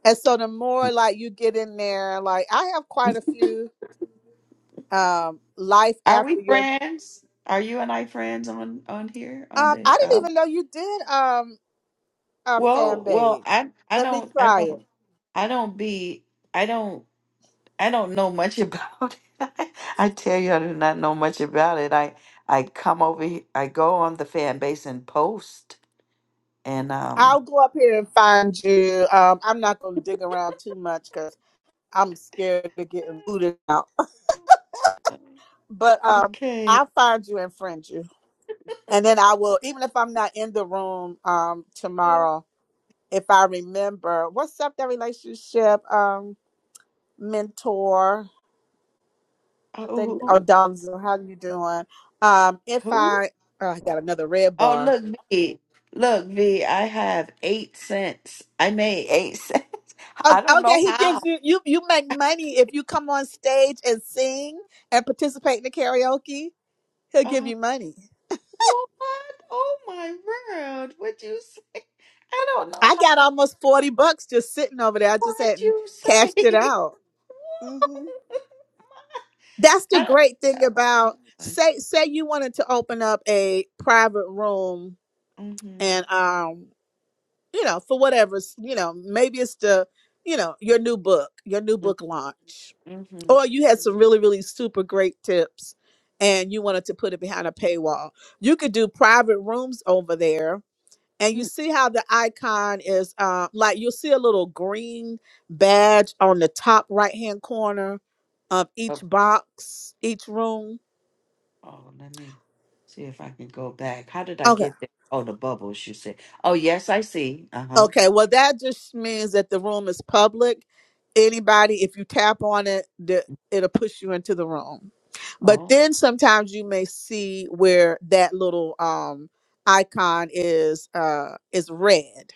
S1: And so the more like you get in there, like I have quite a few um life
S2: Are we
S1: after your
S2: friends? Are you and I friends on on here on
S1: um,
S2: the?
S1: I didn't
S2: um,
S1: even know you did. Um, Our
S2: Well,
S1: fan
S2: well,
S1: base.
S2: I I
S1: Let me
S2: don't I
S1: try it.
S2: don't I don't be I don't I don't know much about it. I, tell you I do not know much about it. I I come over he- I go on the fan base and post and um
S1: I'll go up here and find you. Um, I'm not gonna dig around too much because I'm scared of getting booted out. But um,
S2: okay.
S1: I'll find you and friend you, and then I will. Even if I'm not in the room um tomorrow, if I remember, what's up that relationship um mentor? I think
S2: Oh
S1: Odonzo, how you doing? Um, if
S2: who?
S1: I oh, I got another red
S2: Oh
S1: bar
S2: look V. Look V, I have 8 cents. I made 8 cents.
S1: Oh,
S2: I don't
S1: oh yeah,
S2: know
S1: he gives
S2: how.
S1: you you you make money if you come on stage and sing and participate in the karaoke. He'll give
S2: Uh,
S1: you money.
S2: what? Oh my word. What you say? I don't know
S1: I
S2: how.
S1: got almost forty bucks just sitting over there. I just
S2: What'd
S1: hadn't
S2: you say?
S1: cashed it out. hmm That's the
S2: I
S1: great thing
S2: don't.
S1: about say say you wanted to open up a private room
S2: Mm-hmm.
S1: and um you know for whatever's you know maybe it's the you know your new book your new book launch
S2: Mm-hmm.
S1: or you had some really really super great tips and you wanted to put it behind a paywall you could do private rooms over there and you
S2: Hmm.
S1: see how the icon is uh, like you'll see a little green badge on the top right hand corner of each
S2: Oh,
S1: box each room
S2: oh, let me see if I can go back. How did I
S1: Okay.
S2: get there? Oh, the bubbles. You said. Oh, yes, I see. Uh huh.
S1: Okay, well, that just means that the room is public. Anybody, if you tap on it, the, it'll push you into the room. But
S2: Oh.
S1: then sometimes you may see where that little um icon is uh is red.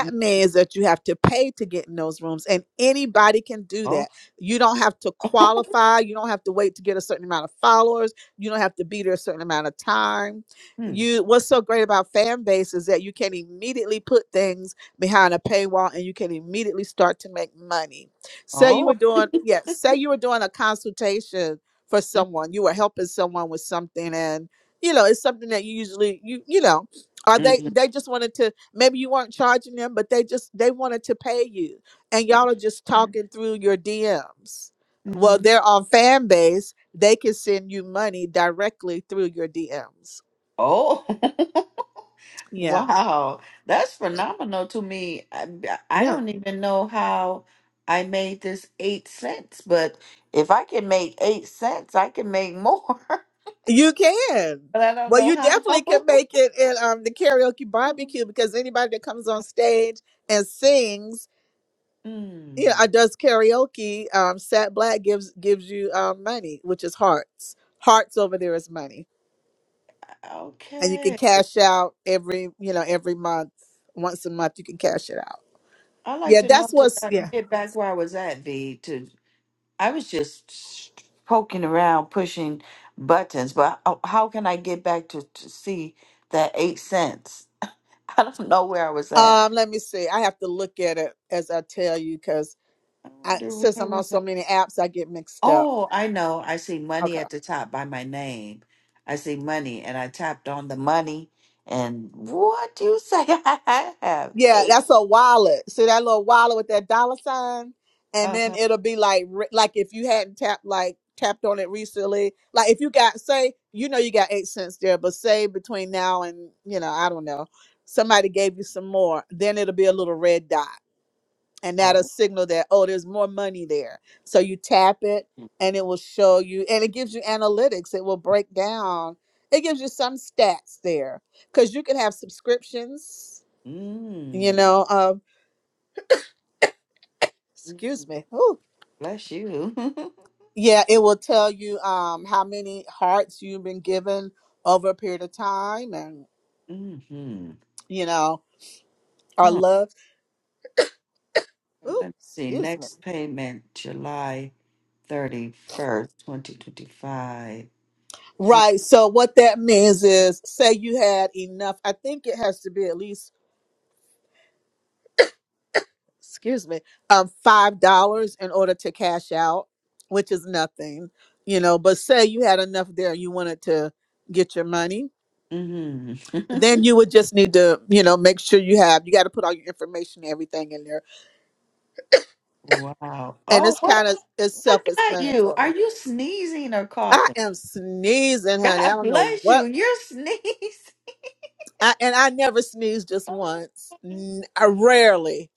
S2: mm,
S1: means that you have to pay to get in those rooms, and anybody can do
S2: Oh.
S1: that. You don't have to qualify. You don't have to wait to get a certain amount of followers. You don't have to be there a certain amount of time.
S2: Hmm.
S1: You what's so great about fan base is that you can immediately put things behind a paywall and you can immediately start to make money. Say you
S2: Oh.
S1: were doing, yeah, say you were doing a consultation for someone, you were helping someone with something and you know, it's something that you usually you you know, or they
S2: Mm-hmm.
S1: they just wanted to maybe you weren't charging them but they just they wanted to pay you and
S2: Okay.
S1: y'all are just talking through your dms well
S2: Mm-hmm.
S1: they're on fan base they can send you money directly through your dms
S2: Oh.
S1: yeah
S2: Wow, that's phenomenal to me. I, I
S1: yeah
S2: don't even know how I made this eight cents, but if I can make eight cents, I can make more.
S1: you can
S2: But I don't
S1: well
S2: know
S1: you
S2: how.
S1: definitely can make it in um, the karaoke barbecue because anybody that comes on stage and sings you know,
S2: Mm,
S1: or does karaoke um sat black gives gives you um money which is hearts hearts over there is money and you can
S2: okay.
S1: cash out every you know every month once a month you can cash it out
S2: I like
S1: yeah
S2: to know
S1: that's
S2: to
S1: what's
S2: uh,
S1: yeah
S2: get back where I was at, V. To I was just s- poking around, pushing buttons, but how how can I get back to, to see that eight cents? I don't know where I was at.
S1: um let me see i have to look at it as i tell you because
S2: I
S1: i
S2: wonder
S1: since
S2: where
S1: i'm on
S2: was I.
S1: so many apps i get mixed up
S2: Oh, I know. I see money
S1: okay
S2: at the top by my name. I see money, and I tapped on the money. And what do you say? I have
S1: yeah
S2: eight.
S1: that's a wallet see that little wallet with that dollar sign and
S2: Uh
S1: then
S2: huh.
S1: it'll be like re- like if you hadn't tapped like tapped on it recently like if you got say you know you got eight cents there but say between now and you know i don't know somebody gave you some more then it'll be a little red dot and that'll
S2: Oh,
S1: signal that oh there's more money there so you tap it and it will show you and it gives you analytics it will break down it gives you some stats there because you can have subscriptions you
S2: mm.
S1: know um
S2: Mm.
S1: excuse me Ooh.
S2: Bless you.
S1: yeah it will tell you um how many hearts you've been given over a period of time and
S2: mm-hmm.
S1: you know or
S2: Huh.
S1: loved Ooh,
S2: Let me see.
S1: excuse me
S2: Next payment, July 31st, 2025. Huh.
S1: right so what that means is say you had enough i think it has to be at least excuse me, um, five dollars in order to cash out, which is nothing, you know. But say you had enough there, you wanted to get your money,
S2: Mm-hmm.
S1: then you would just need to, you know, make sure you have. You got to put all your information, and everything in there,
S2: wow.
S1: and
S2: Oh,
S1: it's
S2: what?
S1: kind of it's
S2: What got you. Are
S1: self-explanatory.
S2: you sneezing or
S1: I
S2: coughing?
S1: am sneezing, honey. I
S2: God
S1: don't know
S2: bless you.
S1: what,
S2: Your sneeze.
S1: I, and I never sneeze just
S2: Oh,
S1: once. N- I rarely,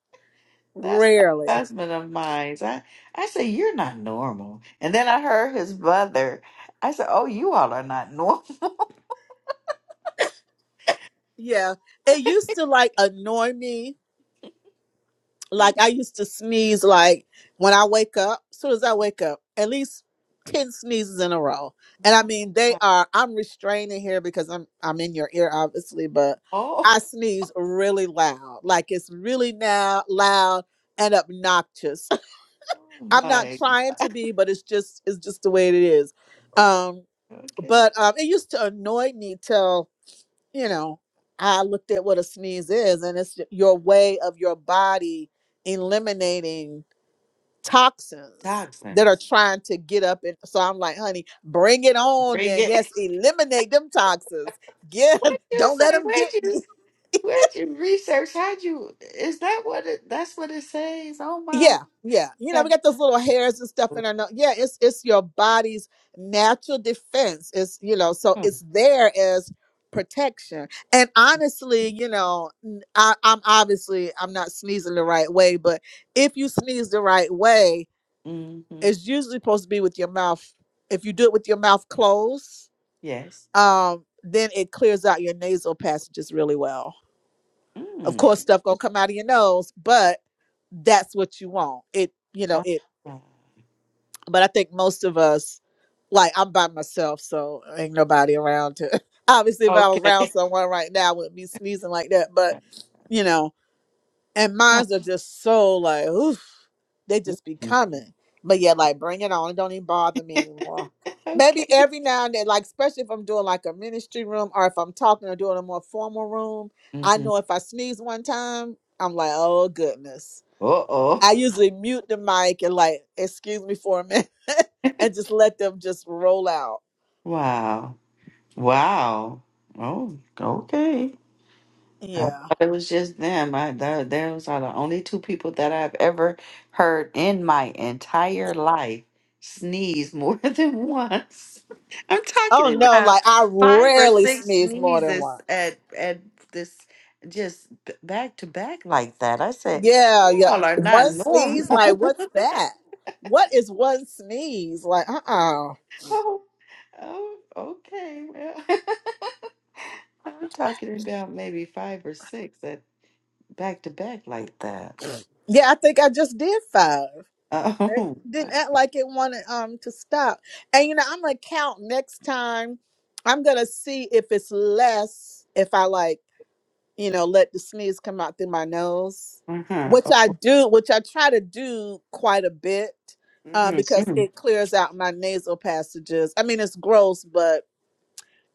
S2: That's the
S1: rarely.
S2: husband of mine. I, I said, You're not normal. And then I heard his brother. I said, Oh, you all are not normal.
S1: Yeah, it used to like annoy me
S2: Mm,
S1: Like I used to sneeze like when I wake up, as soon as I wake up, at least ten sneezes in a row. And I
S2: My,
S1: mean they
S2: my,
S1: are I'm restraining here because I'm I'm in your ear obviously, but
S2: oh,
S1: I sneeze really loud. Like it's really now loud and obnoxious.
S2: oh
S1: I'm not
S2: my.
S1: trying to be, but it's just it's just the way it is. Um
S2: Okay.
S1: but um it used to annoy me till you know, I looked at what a sneeze is, and it's your way of your body eliminating toxins that are
S2: Toxins.
S1: trying to get up. And so I'm like, honey, bring it on
S2: Bring
S1: then.
S2: it.
S1: Yes,
S2: What'd
S1: eliminate them toxins. Get,
S2: you
S1: don't let
S2: say?
S1: them get
S2: Where'd
S1: me.
S2: you where'd you research? How'd you is that what it that's what it says? Oh my
S1: Yeah, yeah. You know, we got those little hairs and stuff in our nose. Yeah, it's it's your body's natural defense. It's you know, so it's there as protection. And honestly, you know, n- I, am obviously I'm not sneezing the right way, but if you sneeze the right way,
S2: mm-hmm.
S1: it's usually supposed to be with your mouth. If you do it with your mouth closed,
S2: Yes.
S1: um, then it clears out your nasal passages really well. Of
S2: Mm.
S1: course, stuff gonna come out of your nose, but that's what you want. It you know
S2: Oh,
S1: it
S2: wow.
S1: but I think most of us, like I'm by myself, so ain't nobody around to. Obviously, if I was
S2: Okay.
S1: around someone right now, I wouldn't be sneezing like that. But you know, and
S2: Yeah.
S1: mines are just so like, oof, they just be
S2: Mhm.
S1: coming. But yeah, like bring it on. It don't even bother me anymore.
S2: okay.
S1: Maybe every now and then, like especially if I'm doing like a ministry room or if I'm talking or doing a more formal room, I
S2: hmm
S1: know if I sneeze one time, I'm like, oh goodness
S2: Uh oh.
S1: I usually mute the mic and like, excuse me for a minute, and just let them just roll out.
S2: Wow. Wow. Oh, okay. I thought
S1: Yeah.
S2: it was just them. I thought those are the only two people that I've ever heard in my entire life sneeze more than once. I'm
S1: Oh
S2: talking
S1: no,
S2: about
S1: like I
S2: five or
S1: rarely
S2: six
S1: sneeze more than
S2: sneezes
S1: once.
S2: at at this just b- back to back like that. I said,
S1: Yeah,
S2: you
S1: yeah.
S2: all are not
S1: One
S2: normal.
S1: sneeze, like what's that? What is one sneeze? Like, uh uh
S2: Oh, oh, okay. Well, I'm talking about maybe five or six that back to back like that.
S1: Yeah, I think I just did five. They
S2: Oh, uh-huh.
S1: didn't act like it wanted um to stop. And you know, I'm gonna count next time. I'm gonna see if it's less if I like you know, let the sneeze come out through my nose,
S2: mm mhm,
S1: which I do, which I try to do quite a bit uh, because
S2: mm.
S1: it clears out my nasal passages. I mean, it's gross, but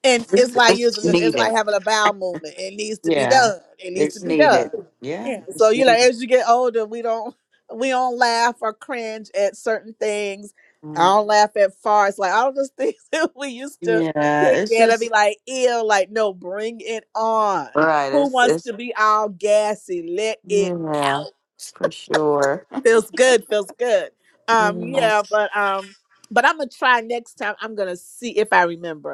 S1: and it's
S2: It's,
S1: like
S2: it's
S1: using it's like
S2: needed.
S1: having a bowel movement. It needs to be
S2: Yeah,
S1: done. It needs to
S2: it's
S1: be done.
S2: needed. Yeah,
S1: Yeah. So
S2: it's
S1: you know,
S2: needed.
S1: as you get older, we don't we don't laugh or cringe at certain things. I
S2: Mm.
S1: don't laugh at farts, like all those things that we used to
S2: Yeah,
S1: pick
S2: it's
S1: at. I'd be
S2: just
S1: like, ew, like no, bring it on.
S2: right.
S1: Who
S2: It's
S1: wants to
S2: it's
S1: be all gassy? Let it
S2: yeah,
S1: out.
S2: for sure.
S1: Feels good. Feels good.
S2: Yeah.
S1: Um, yeah, but um, but I'm gonna try next time. I'm gonna see if I remember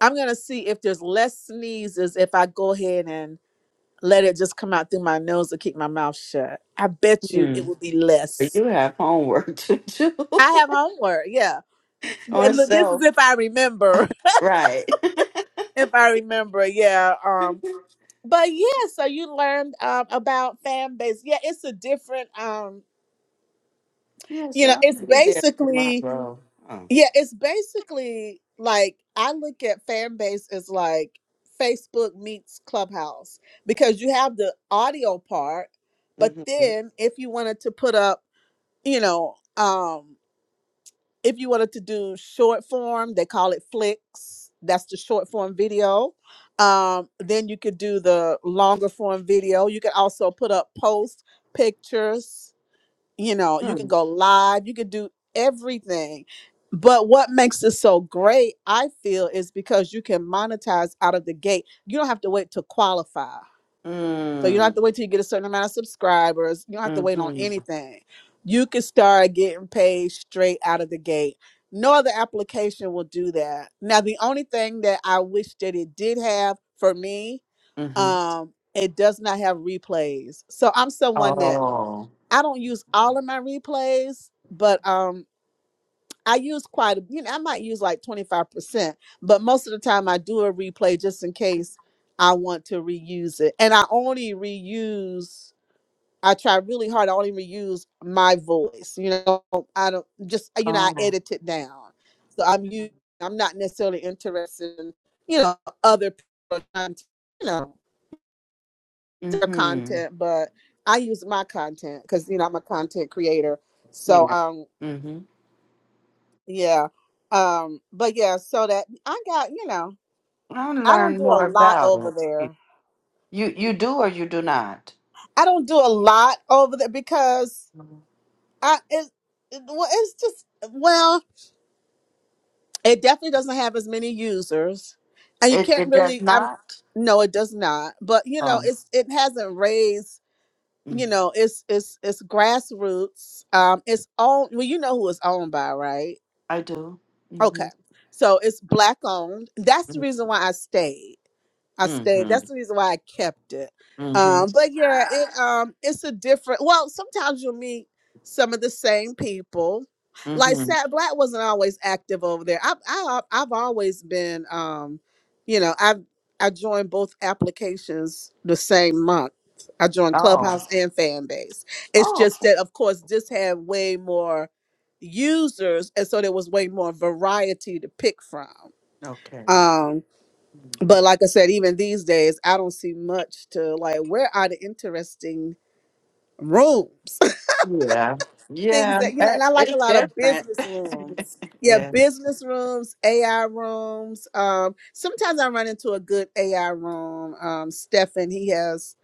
S1: I'm gonna see if there's less sneezes if I go ahead and let it just come out through my nose and keep my mouth shut. I bet you it
S2: Hmm.
S1: will be less.
S2: You have homework to do
S1: I have homework, yeah.
S2: on
S1: And look, this is
S2: self,
S1: if I remember.
S2: right?
S1: If I remember, yeah. Um, but yeah, so you learned um about fan base. Yeah, it's a different um,
S2: Yeah,
S1: you
S2: so
S1: know, it's
S2: I'll be there
S1: basically
S2: tomorrow. Oh.
S1: Yeah, it's basically like I look at fan base as like Facebook meets Clubhouse because you have the audio part, but
S2: Mm-hmm.
S1: then if you wanted to put up, you know, um, if you wanted to do short form, they call it flicks. That's the short form video. Um, then you could do the longer form video. You could also put up posts, pictures you know you could
S2: Mm.
S1: go live you could do everything but what makes it so great i feel is because you can monetize out of the gate you don't have to wait to qualify so you don't have
S2: Mm.
S1: to wait till you get a certain amount of subscribers you don't have to wait on
S2: Mm-hmm.
S1: anything you can start getting paid straight out of the gate no other application will do that now the only thing that i wish that it did have for me
S2: Mm-hmm.
S1: um it does not have replays so i'm someone that
S2: Oh.
S1: I don't use all of my replays, but um I use quite a you know, I might use like 25%, but most of the time I do a replay just in case I want to reuse it. And I only reuse I try really hard. I only reuse my voice. You know, I don't just you know, I
S2: Oh.
S1: edit it down. So I'm you I'm not necessarily interested in, you know, other people content, you know, their
S2: Mm-hmm.
S1: content, but I use my content because you know I'm a content creator. So
S2: Yeah.
S1: um
S2: Mm-hmm.
S1: Yeah. Um, but yeah, so that I got, you know,
S2: I'll
S1: I don't
S2: learn
S1: do a
S2: more
S1: lot over
S2: about it.
S1: there.
S2: You you do or you do not?
S1: I don't do a lot over there because
S2: Mhm.
S1: I it, it well, it's just well, it definitely doesn't have as many users. And you
S2: It
S1: can't
S2: it does
S1: really I'm
S2: not?
S1: no, it does not. But you know,
S2: Oh.
S1: it's it hasn't raised,
S2: Mm.
S1: you know, it's it's it's grassroots. Um it's owned well, you know who it's owned by, right?
S2: I do. Mm-hmm.
S1: Okay. So it's black owned. That's the reason why I stayed. I stayed.
S2: Mm-hmm.
S1: That's the reason why I kept it.
S2: Mm-hmm.
S1: Um, but yeah, it um it's a different well, sometimes you'll meet some of the same people. Like
S2: Mm-hmm.
S1: Sat Black wasn't always active over there. I've I, I've I've always been um, you know, I've I joined both applications the same month. I joined
S2: Oh.
S1: Clubhouse and Fanbase. It's
S2: Oh.
S1: just that of course this had way more users and so there was way more variety to pick from
S2: Okay.
S1: um
S2: Mm.
S1: but like i said even these days i don't see much to like where are the interesting rooms
S2: Yeah.
S1: things
S2: Yeah.
S1: that you know and
S2: that-
S1: i like a
S2: It's
S1: lot of
S2: different.
S1: business rooms yeah
S2: yeah.
S1: business rooms ai rooms um sometimes i run into a good ai room um stefan he has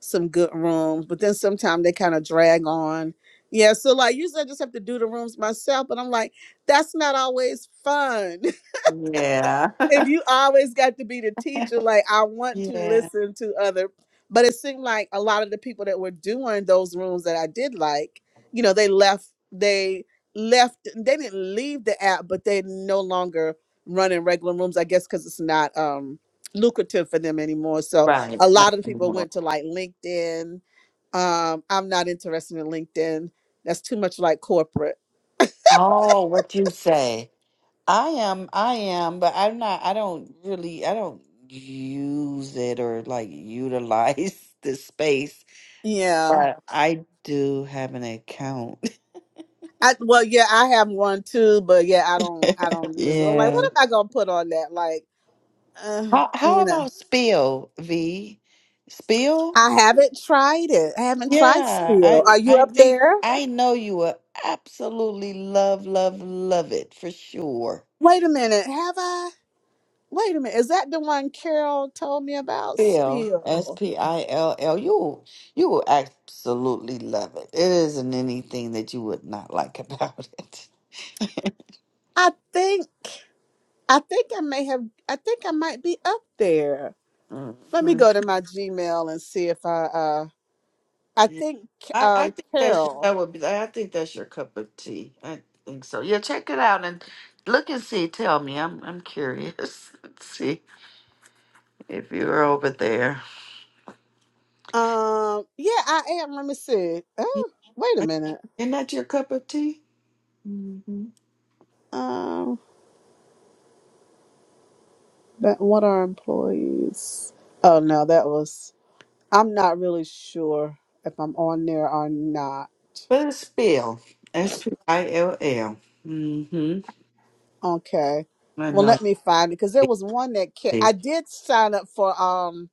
S1: some good rooms but then sometimes they kind of drag on yeah so like usually i just have to do the rooms myself but i'm like that's not always fun.
S2: Yeah.
S1: if you always got to be the teacher, like I want to
S2: yeah.
S1: listen to other, but it seemed like a lot of the people that were doing those rooms that I did like, you know, they left, they left, they didn't leave the app, but they no longer running regular rooms, I guess, because it's not um lucrative for them anymore. So
S2: Right.
S1: a
S2: Not
S1: lot of the people
S2: anymore.
S1: went to like LinkedIn. Um, I'm not interested in LinkedIn. That's too much like corporate.
S2: Oh, what you say? I am, I am, but I'm not, I don't really, I don't use it or like utilize the space,
S1: Yeah.
S2: but I do have an account.
S1: I well, yeah, I have one too, but yeah, I don't, I don't use it. I'm like,
S2: yeah.
S1: what am I gonna put on that? Like, uh,
S2: How, how
S1: you know,
S2: about Spill, V? Spill?
S1: I haven't tried it. I haven't tried
S2: Yeah,
S1: steel.
S2: I
S1: Are you
S2: I
S1: up
S2: think
S1: there?
S2: I know you will absolutely love, love, love it for sure.
S1: Wait a minute, have I? Wait a minute, is that the one Carol told me about?
S2: Spill, S
S1: Spill.
S2: P I L L. You you will absolutely love it. It isn't anything that you would not like about it.
S1: I think, I think I may have. I think I might be up there. Let me
S2: Mhm.
S1: go to my Gmail and see if I. uh I
S2: Yeah.
S1: think
S2: I, I
S1: um
S2: think that's
S1: Carol.
S2: that would be. I think that's your cup of tea. I think so. Yeah, check it out and look and see. Tell me. I'm I'm curious. Let's see if you're over there.
S1: Um, yeah, I am. Let me see.
S2: Yeah,
S1: Oh, wait a
S2: I-
S1: minute.
S2: Isn't that your cup of tea? Mm-hmm.
S1: Um, that what are employees? Oh no, that was. I'm not really sure if I'm on there or not.
S2: But it's Spill. S P I L L. Mm-hmm.
S1: Okay,
S2: I
S1: well
S2: know.
S1: let me find it because there was one that ca- I did sign up for. Um,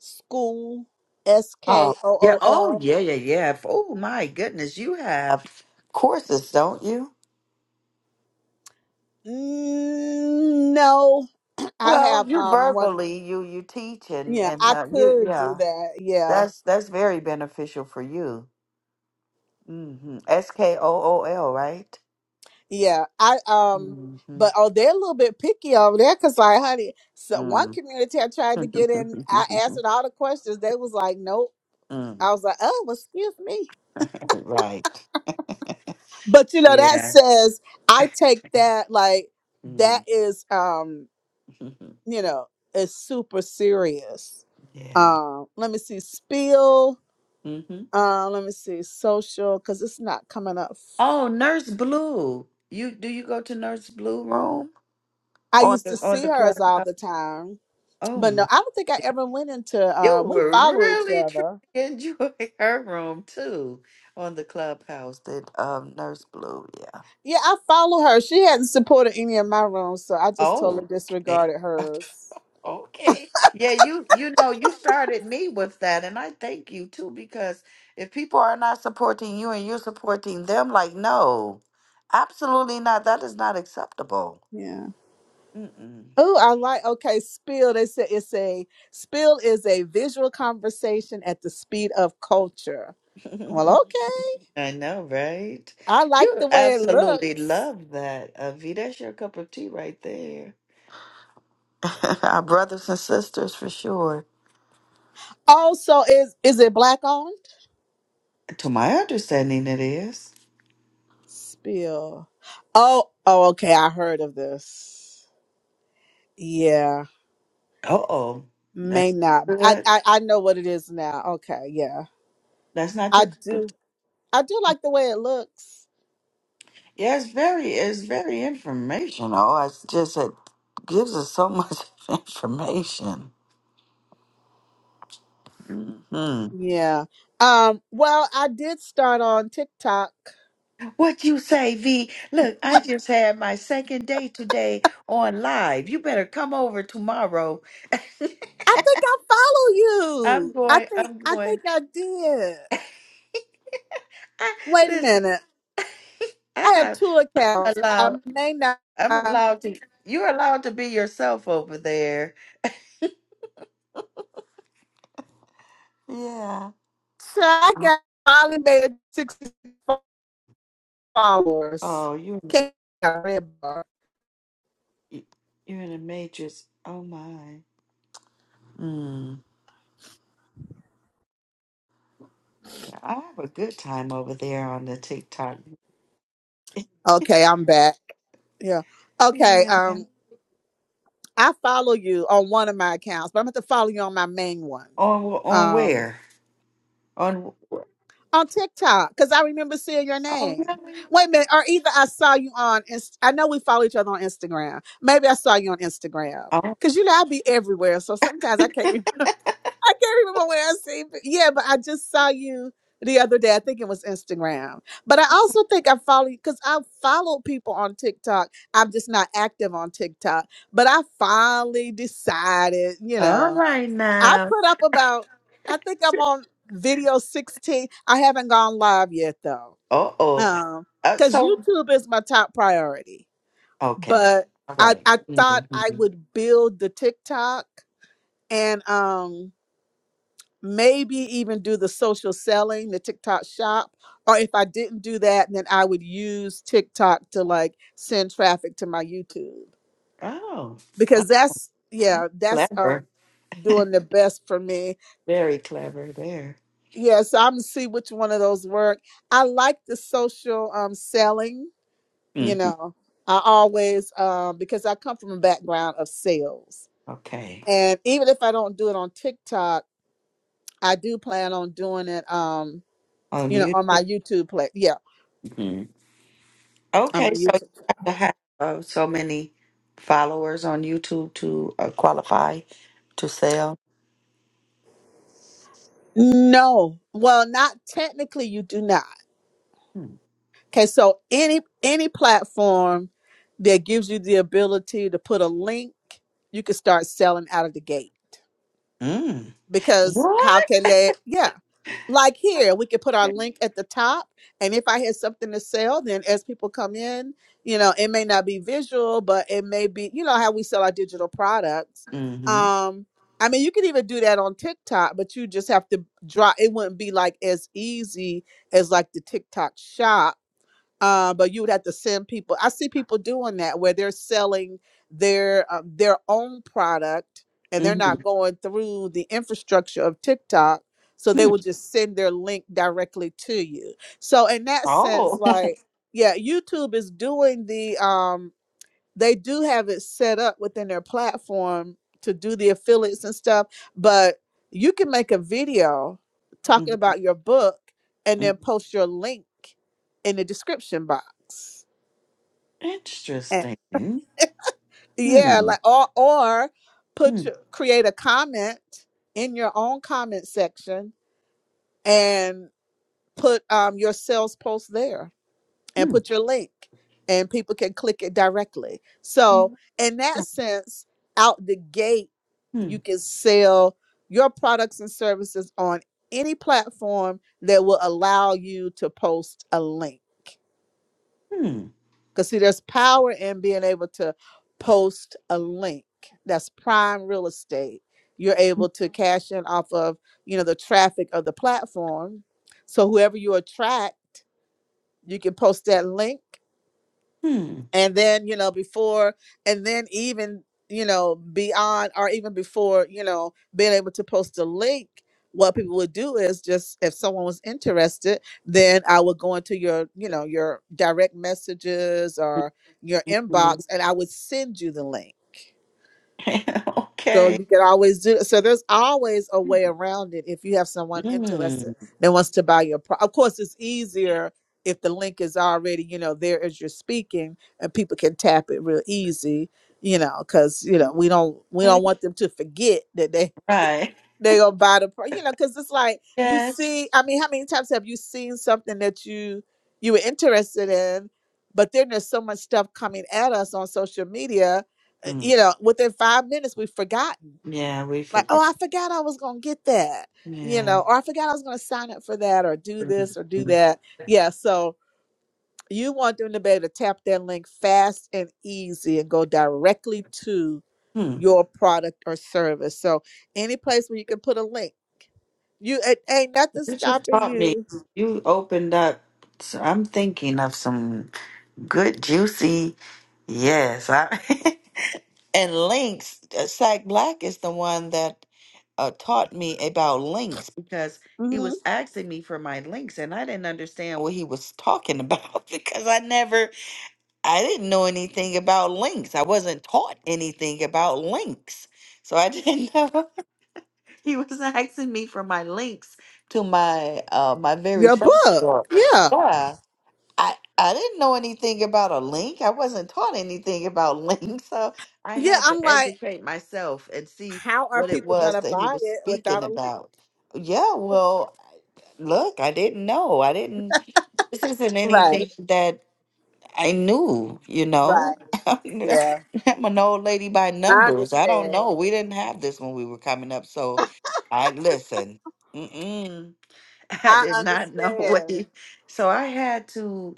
S1: school S
S2: Oh,
S1: K O
S2: yeah.
S1: O
S2: Oh,
S1: L.
S2: yeah, yeah, yeah. Oh, my goodness. You have courses, don't you?
S1: Mm, No, I
S2: Well,
S1: have
S2: you
S1: um what?
S2: verbally, you you teach and
S1: Yeah,
S2: and
S1: I
S2: uh, you
S1: could do
S2: yeah.
S1: that. Yeah.
S2: That's that's very beneficial for you. Mm-hmm. S K O O L, right?
S1: Yeah, I um,
S2: Mm-hmm.
S1: but oh, they're a little bit picky over there because, like, honey, so one
S2: Mm.
S1: community I tried to get in, I answered all the questions. They was like, nope.
S2: mm.
S1: I was like, oh, well, excuse me.
S2: Right.
S1: But you know, that
S2: Yeah.
S1: says I take that like that
S2: Mm.
S1: is um, you know, is super serious.
S2: yeah.
S1: Um, let me see, spill.
S2: Mm-hmm.
S1: Uh, let me see, social, because it's not coming up.
S2: Oh, Nurse Blue. You do you go to Nurse Blue room
S1: I
S2: on
S1: used to
S2: the on
S1: see
S2: the
S1: hers all
S2: clubhouse?
S1: the time.
S2: Oh
S1: But
S2: my!
S1: no, I don't think I
S2: yeah.
S1: ever went into.
S2: You
S1: Uh, we
S2: were
S1: follow each
S2: really truly
S1: other.
S2: enjoying her room too on the clubhouse. That um Nurse Blue, yeah.
S1: Yeah, I follow her. She hadn't supported any of my rooms, so I just totally
S2: Oh, okay,
S1: disregarded hers.
S2: okay. Yeah, you you know you started me with that, and I thank you too because if people are not supporting you and you're supporting them, like no, absolutely not. That is not acceptable.
S1: Yeah.
S2: Mm-mm.
S1: Oh, I like. Okay, spill. They said it's a spill is a visual conversation at the speed of culture. Well, okay.
S2: I know, right?
S1: I like
S2: You
S1: the way it
S2: absolutely
S1: looks.
S2: love that, Avi. That's your cup of tea right there. Our brothers and sisters, for sure.
S1: Also, is is it black owned?
S2: To my understanding, it is.
S1: Spill. Oh, oh, okay. I heard of this. Yeah.
S2: Uh-oh.
S1: May
S2: That's
S1: not.
S2: not
S1: I,
S2: good.
S1: I I know what it is now. Okay, yeah.
S2: That's not
S1: I
S2: your cup of tea.
S1: do I do like the way it looks.
S2: Yeah, it's very, it's very informational. know, it's just it gives us so much information. hmm
S1: Yeah. Um well, I did start on TikTok.
S2: What you say, V? Look, I just had my second day today on live. You better come over tomorrow
S1: I think I follow
S2: I'm
S1: you. I
S2: going,
S1: think
S2: I'm
S1: I think
S2: going.
S1: I did. Wait a
S2: Listen,
S1: minute.
S2: I
S1: I have
S2: have
S1: two accounts. I
S2: allowed,
S1: may not
S2: I'm
S1: so
S2: allowed to, you're allowed to be yourself over there. Yeah.
S1: I got finally made sixty followers.
S2: Oh, you're,
S1: Can't I read bar.
S2: you're in the matrix. Oh, my. Mm. I have a good time over there on the TikTok.
S1: Okay, I'm back. Yeah. Okay.
S2: Yeah.
S1: Um. I follow you on one of my accounts, but I'm going to follow you on my main one.
S2: On wh- on
S1: Um,
S2: where? On wh-
S1: on TikTok, because I remember seeing your
S2: oh
S1: name.
S2: really?
S1: Wait a minute, or either I saw you on, Inst- I know we follow each other on Instagram. Maybe I saw you on Instagram.
S2: Oh,
S1: Cause you know I be everywhere, so sometimes I can't, re- I can't remember where I see. But yeah, but I just saw you the other day. I think it was Instagram. But I also think I follow you, because I follow people on TikTok. I'm just not active on TikTok. But I finally decided, you
S2: all
S1: know.
S2: right
S1: I
S2: now.
S1: put up about, I think I'm
S2: Uh
S1: on video 16. I haven't gone live yet though.
S2: oh.
S1: Um,
S2: Uh,
S1: because
S2: so
S1: YouTube is my top priority.
S2: okay.
S1: But
S2: All
S1: I, I thought I
S2: right.
S1: would build the TikTok and um maybe even do the social selling, the TikTok shop. Or if I didn't do that, then I would use TikTok to like send traffic to my YouTube.
S2: Oh, oh,
S1: Because that's
S2: that's
S1: yeah, that's
S2: clever.
S1: um doing the best for me
S2: Very clever there.
S1: Yes, I'm gonna see which one of those work. I like the social um selling,
S2: hmm
S1: you know. I always um because I come from a background of sales.
S2: Okay.
S1: And even if I don't do it on TikTok, I do plan on doing it um,
S2: On
S1: you know, on
S2: YouTube.
S1: my YouTube play. Yeah,
S2: hmm
S1: on my
S2: Okay, so
S1: YouTube.
S2: you have to have uh, so many followers on YouTube to uh, qualify to sell.
S1: No. Well, not technically you do not.
S2: Mm.
S1: Okay, so any any platform that gives you the ability to put a link, you can start selling out of the gate.
S2: Mm.
S1: because how
S2: What?
S1: can they yeah like here we could put our link at the top and if i had something to sell then as people come in you know it may not be visual but it may be you know how we sell our digital products
S2: Mm-hmm.
S1: um i mean you could even do that on tiktok but you just have to drop it wouldn't be like as easy as like the tiktok shop uh, but you would have to send people. I see people doing that where they're selling their um, their own product and they're
S2: Mm-hmm.
S1: not going through the infrastructure of TikTok, so they
S2: hmm
S1: will just send their link directly to you. So in that sense,
S2: Oh.
S1: like yeah, YouTube is doing the um they do have it set up within their platform to do the affiliates and stuff, but you can make a video
S2: Mhm,
S1: talking about your book and
S2: mhm.
S1: then post your link in the description box. And
S2: Interesting. Hmm.
S1: yeah,
S2: Hmm.
S1: like or or put
S2: Hmm.
S1: your, create a comment in your own comment section and put um your sales post there. and put your link and people can click it directly.
S2: Hmm.
S1: So, in that sense, out the gate, you
S2: Hmm.
S1: can sell your products and services on any platform that will allow you to post a link. Because, see, there's power in being able to post a link. That's prime real estate. You're able to cash in off of, you know, the traffic of the platform. So whoever you attract, you can post that link
S2: Hmm.
S1: and then you know before and then even you know beyond or even before you know being able to post a link what people would do is just if someone was interested then i would go into your you know your direct messages or your
S2: Hmm.
S1: inbox and i would send you the link so
S2: okay.
S1: you can always do. So there's always a way around it if you have someone interested
S2: Mm.
S1: that wants to buy your. Pro- of course, it's easier if the link is already you know there as you're speaking, and people can tap it real easy. You know, because you know we don't we
S2: Okay.
S1: don't want them to forget that they
S2: Right.
S1: they gonna buy the. Pro- you know, because it's like you
S2: Yes.
S1: see. I mean, how many times have you seen something that you you were interested in, but then there's so much stuff coming at us on social media uh,
S2: Mm.
S1: you know, within five minutes, we've forgotten
S2: Yeah, we
S1: like, oh,
S2: forgot.
S1: I forgot I was going to get that, you
S2: Yeah.
S1: know, or I forgot I was going to sign up for that or do this or do
S2: Mhm.
S1: that. Yeah. So you want them to be able to tap that link fast and easy and go directly to
S2: Hmm.
S1: your product or service. So any place where you can put a link, you it ain't nothing
S2: You just
S1: stopping
S2: taught me.
S1: you.
S2: You opened up. So I'm thinking of some good, juicy. Yes. I, and links. Uh, Sack Black is the one that uh, taught me about links because he
S1: hmm
S2: was asking me for my links and I didn't understand what he was talking about because I never. I didn't know anything about links. I wasn't taught anything about links. So I didn't know he was asking me for my links to my uh my very
S1: Your
S2: first
S1: book.
S2: book.
S1: Yeah.
S2: Yeah. I I didn't know anything about a link. I wasn't taught anything about links. So I
S1: Yeah.
S2: had
S1: I'm
S2: to
S1: like,
S2: educate myself and see
S1: how are
S2: what it
S1: people going
S2: was
S1: to
S2: that he
S1: buy
S2: was
S1: it
S2: speaking
S1: without a link?
S2: about. Yeah, well, look, I didn't know. I didn't this isn't
S1: Right.
S2: anything that I knew, you know.
S1: Right. Yeah.
S2: I'm an old lady by
S1: I
S2: numbers. I don't
S1: understand.
S2: know. We didn't have this when we were coming up. So I listen. Mm-mm, I
S1: I
S2: did not know what
S1: understand.
S2: he. So I had to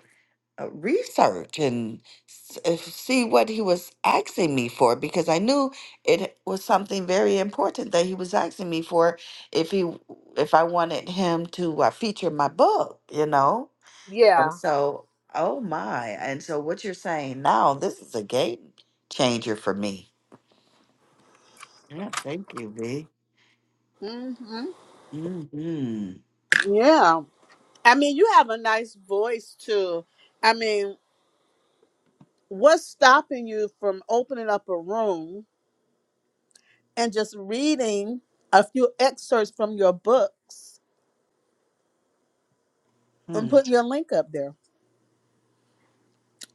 S2: uh, research and s- uh, see what he was asking me for because I knew it was something very important that he was asking me for if he if I wanted him to uh, feature my book, you know.
S1: Yeah.
S2: And so, oh my. And so, what you're saying now, this is a game changer for me. Yeah, thank you, V.
S1: hmm
S2: Mm-hmm.
S1: Yeah. I mean, you have a nice voice too. I mean, what's stopping you from opening up a room and just reading a few excerpts from your books and
S2: Hmm.
S1: putting your link up there?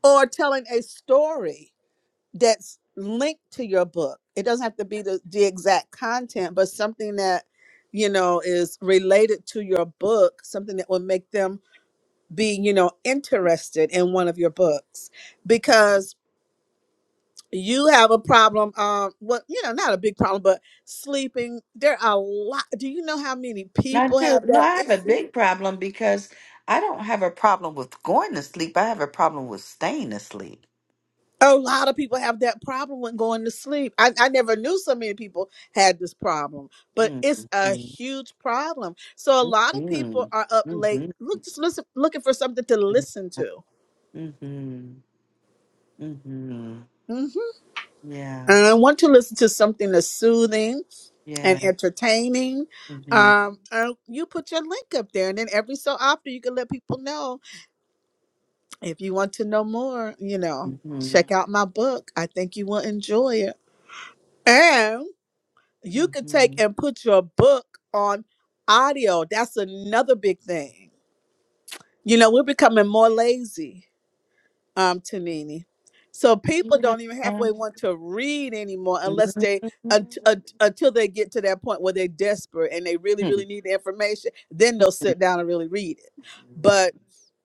S1: Or telling a story that's linked to your book. It doesn't have to be the, the exact content, but something that, you know, is related to your book, something that will make them be, you know, interested in one of your books. Because you have a problem um well you know not a big problem but sleeping there are a lot do you know how many
S2: Now,
S1: people
S2: too,
S1: have
S2: no,
S1: that
S2: I have a
S1: issue
S2: big problem because I don't have a problem with going to sleep. I have a problem with staying asleep.
S1: a lot of people have that problem when going to sleep I, I never knew so many people had this problem but
S2: Mm-hmm.
S1: it's a huge problem so a lot of
S2: Mm-hmm.
S1: people are up late
S2: Mm-hmm.
S1: look just listen looking for something to listen to
S2: Mm-hmm. Mm-hmm.
S1: Mm-hmm.
S2: Yeah.
S1: And I want to listen to something that's soothing and
S2: Yeah.
S1: entertaining.
S2: Mm-hmm.
S1: Um, uh, you put your link up there, and then every so often you can let people know if you want to know more. You know,
S2: Mm-hmm.
S1: check out my book. I think you will enjoy it, and you could take
S2: Mm-hmm.
S1: and put your book on audio. That's another big thing. You know, we're becoming more lazy um Tanini. So people don't even
S2: Yeah.
S1: halfway want to read anymore unless they unt- unt- until they get to that point where they're desperate and they really
S2: Mm-hmm.
S1: really need the information. Then they'll sit down and really read it.
S2: Yeah.
S1: But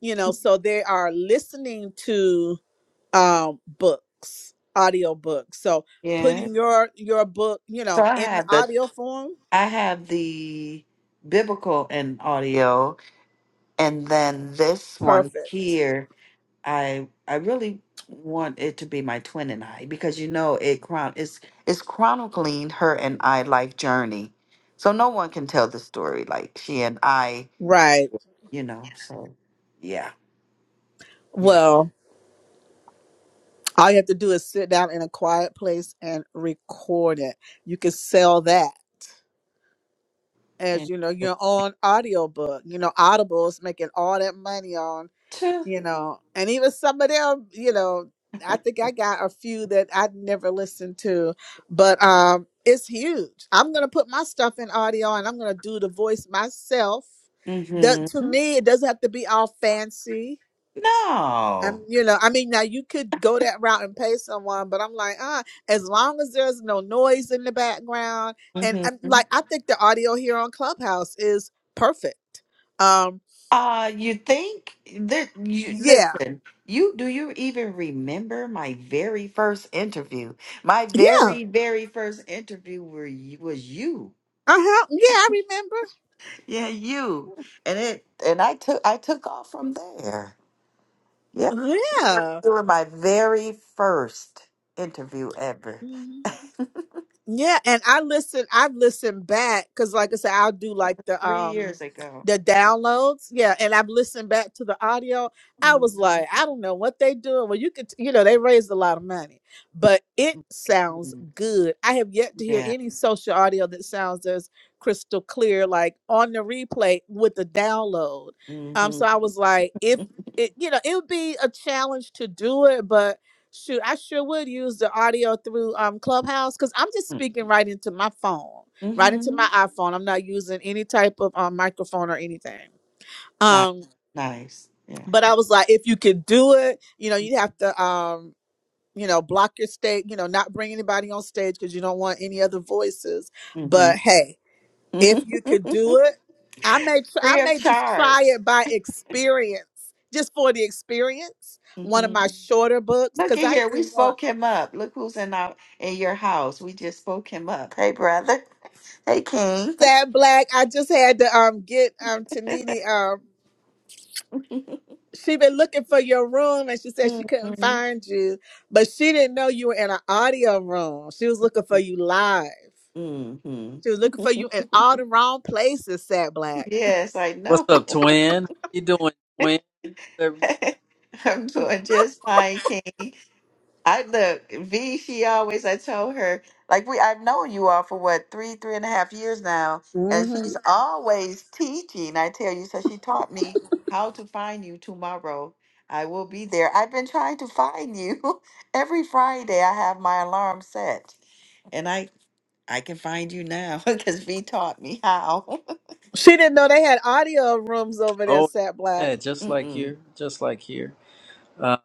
S1: you know, so they are listening to um books, audio books. So
S2: Yeah.
S1: putting your your book, you
S2: So
S1: know,
S2: I
S1: in the
S2: have the
S1: audio form,
S2: I have the biblical and audio and then this one
S1: perfect.
S2: here I I really want it to be my twin and I because you know it chron it's it's chronicling her and I life journey. So no one can tell the story like she and I,
S1: Right.
S2: you know. So yeah. Yeah.
S1: Well, all you have to do is sit down in a quiet place and record it. You can sell that as
S2: And
S1: you know
S2: uh,
S1: your own audiobook you know audible's making all that money on
S2: two.
S1: you know and even some of them you know i think i got a few that i never listened to but um it's huge i'm gonna put my stuff in audio and i'm gonna do the voice myself that
S2: Mhm.
S1: to me it doesn't have to be all fancy I'm,
S2: No.
S1: you know, I mean, now you could go that route and pay someone, but I'm like, ah, as long as there's no noise in the background, and I'm
S2: Mhm.
S1: like, I think the audio here on Clubhouse is perfect. Um,
S2: Uh, you think that you
S1: yeah,
S2: listen, you do you even remember my very first interview? My
S1: yeah, uh
S2: very, very first interview were you was you.
S1: huh, yeah, I remember,
S2: Yeah, you. And it and I took I took off from there. Yep. You were
S1: yeah.
S2: you were my very first interview ever.
S1: Mm-hmm. Yeah, and I listen. I've listened back because, like I said, I'll do like the
S2: Three
S1: um
S2: years ago.
S1: the downloads. Yeah, and I've listened back to the audio. I
S2: Mhm.
S1: was like, I don't know what they doing. Well, you could, you know, they raised a lot of money, but it sounds good. I have yet to hear
S2: Yeah.
S1: any social audio that sounds as crystal clear, like on the replay with the download. Um,
S2: Mm-hmm.
S1: so I was like, if it, you know, it would be a challenge to do it, but Shoot, I sure would use the audio through um Clubhouse because I'm just speaking right into my phone, right into my
S2: Mm-hmm.
S1: iPhone. I'm not using any type of um, microphone or anything.
S2: Nice.
S1: Um,
S2: Nice. Yeah.
S1: but I was like, if you could do it, you know, you have to um, you know, block your stage, you know, not bring anybody on stage because you don't want any other voices.
S2: Mm-hmm.
S1: But hey, if you could do it, I may tr- I
S2: Free of
S1: may just try
S2: charge.
S1: it by experience, just for the experience. One of
S2: hmm
S1: my shorter books,
S2: Look
S1: because
S2: at
S1: I
S2: here. We
S1: do more.
S2: spoke him up. Look who's in our in your house. We just spoke him up. Hey, brother. Hey, King.
S1: Sad black. I just had to um get um Tanini um she been looking for your room and she said
S2: hmm
S1: she couldn't find you, but she didn't know you were in an audio room. She was looking for you live. She was looking for you in all the wrong places, Sad Black.
S2: Yes, I
S3: What's up,
S2: know.
S3: twin? How you doing, twin? Every-
S2: I'm doing just fine, King. I look, V, she always, I told her, like we I've known you all for what, three, three and a half years now, and
S1: hmm
S2: she's Mhm. always teaching, I tell you. So she taught me how to find you tomorrow. I will be there. I've been trying to find you. Every Friday I have my alarm set. And I I can find you now because V taught me how.
S1: She didn't know they had audio rooms over there,
S3: Oh,
S1: Sad Black.
S3: yeah, just like
S2: mm-mm.
S3: here, just like here. Uh,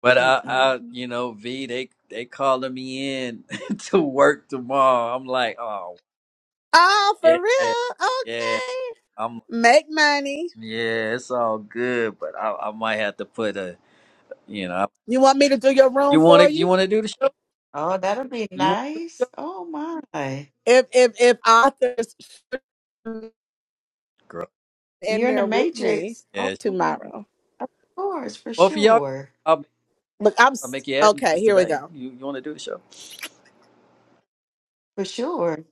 S3: but I,
S2: Mm-mm.
S3: I,
S1: Mhm.
S3: you know, V, they they calling me in to work tomorrow. I'm like, oh
S1: Oh, for
S3: yeah,
S1: real?
S3: yeah.
S1: Okay.
S3: I'm
S1: Make money.
S3: yeah, it's all good, but I, I might have to put a, you know,
S1: You want me to do your
S3: you
S1: room
S3: want
S1: for
S3: to you
S1: you?
S3: want to do the show?
S2: Oh, that'll be
S3: You want to do the
S2: nice.
S3: show,
S2: Oh my.
S1: If if if authors
S3: girl?
S1: in
S2: You're in the
S1: there with me
S2: Matrix. Oh
S3: Yeah,
S2: my.
S1: tomorrow.
S2: Of course, for
S3: both of y'all.
S2: sure.
S3: I'll
S1: Look, I'm
S3: I'll make
S1: s-
S3: you
S1: okay.
S3: admins
S1: Here we
S3: today.
S1: go.
S3: You you want to do the show?
S2: For sure.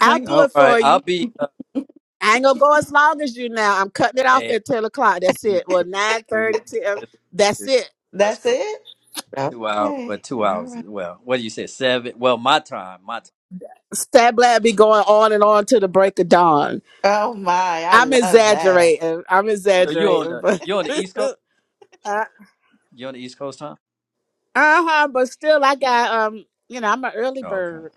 S1: I'll do
S3: all
S1: it
S3: right.
S1: for
S3: I'll
S1: you.
S3: be.
S1: I ain't gonna go as long as you now. I'm cutting it off
S3: Uh,
S1: at ten o'clock. That's
S3: You-
S1: it. Well, nine
S3: do
S1: thirty,
S3: you-
S1: ten. That's
S3: do-
S1: it.
S3: That's
S2: That's
S3: cool.
S2: it?
S3: Two hours. Well,
S2: Okay.
S3: two
S2: All
S3: hours.
S2: right.
S3: Well, what do you say? Seven. Well, my time. My time.
S1: Stat Blab be going on and on to the break of
S3: Uh,
S1: dawn.
S2: Oh my, I
S1: I'm
S2: love that.
S1: exaggerating. I'm
S3: so you on
S1: exaggerating,
S3: the
S1: but
S3: you on the East Coast?
S1: uh
S3: You on the East Coast time?
S1: huh. But still, I got um. You know, I'm an early
S3: Oh, okay.
S1: bird,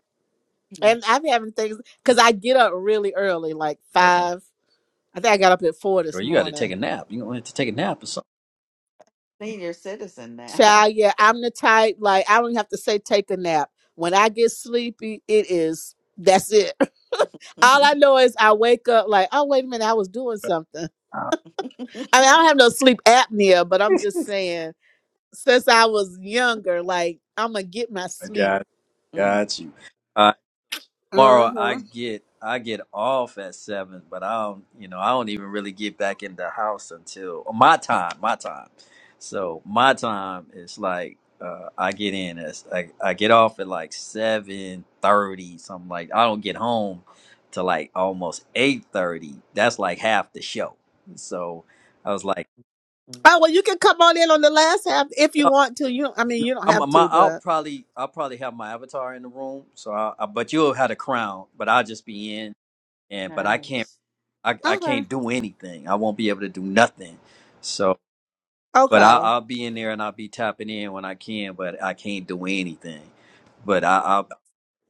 S2: Mm.
S1: and I'm having things because I get up really early, like
S3: Okay.
S1: five. I think I got up at four
S3: Well,
S1: this
S3: you got to
S1: morning
S3: take a nap. You gonna have to take a nap or something.
S2: Senior citizen now.
S1: Child, yeah, I'm the type like I don't have to say take a nap. When I get sleepy, it is that's it. All I know is I wake up like, oh wait a minute, I was doing something.
S3: Ah,
S1: I mean, I don't have no sleep apnea, but I'm just saying since I was younger, like I'm gonna get my
S3: I
S1: sleep.
S3: got
S2: Mm,
S3: got you. tomorrow I
S1: Mm-hmm.
S3: get I get off at seven, but I don't you know I don't even really get back in the house until oh, my time, my time. So my time is like uh, I get in as I, I get off at like seven thirty, something like I don't get home to like almost eight thirty. That's like half the show. So I was like.
S2: mm.
S1: Oh well, you can come on in on the last half if you
S3: No,
S1: want to. You, don't- I mean,
S3: no,
S1: you don't have
S3: I'm, my,
S1: to,
S3: I'll
S1: but
S3: probably I'll probably have my avatar in the room, so I, I, but you'll have the crown, but I'll just be in and but I can't.
S2: nice.
S3: I, I
S1: okay,
S3: can't do anything. I won't be able to do nothing. So, but I,
S1: okay.
S3: I'll be in there and I'll be tapping in when I can, but I can't do anything. But I,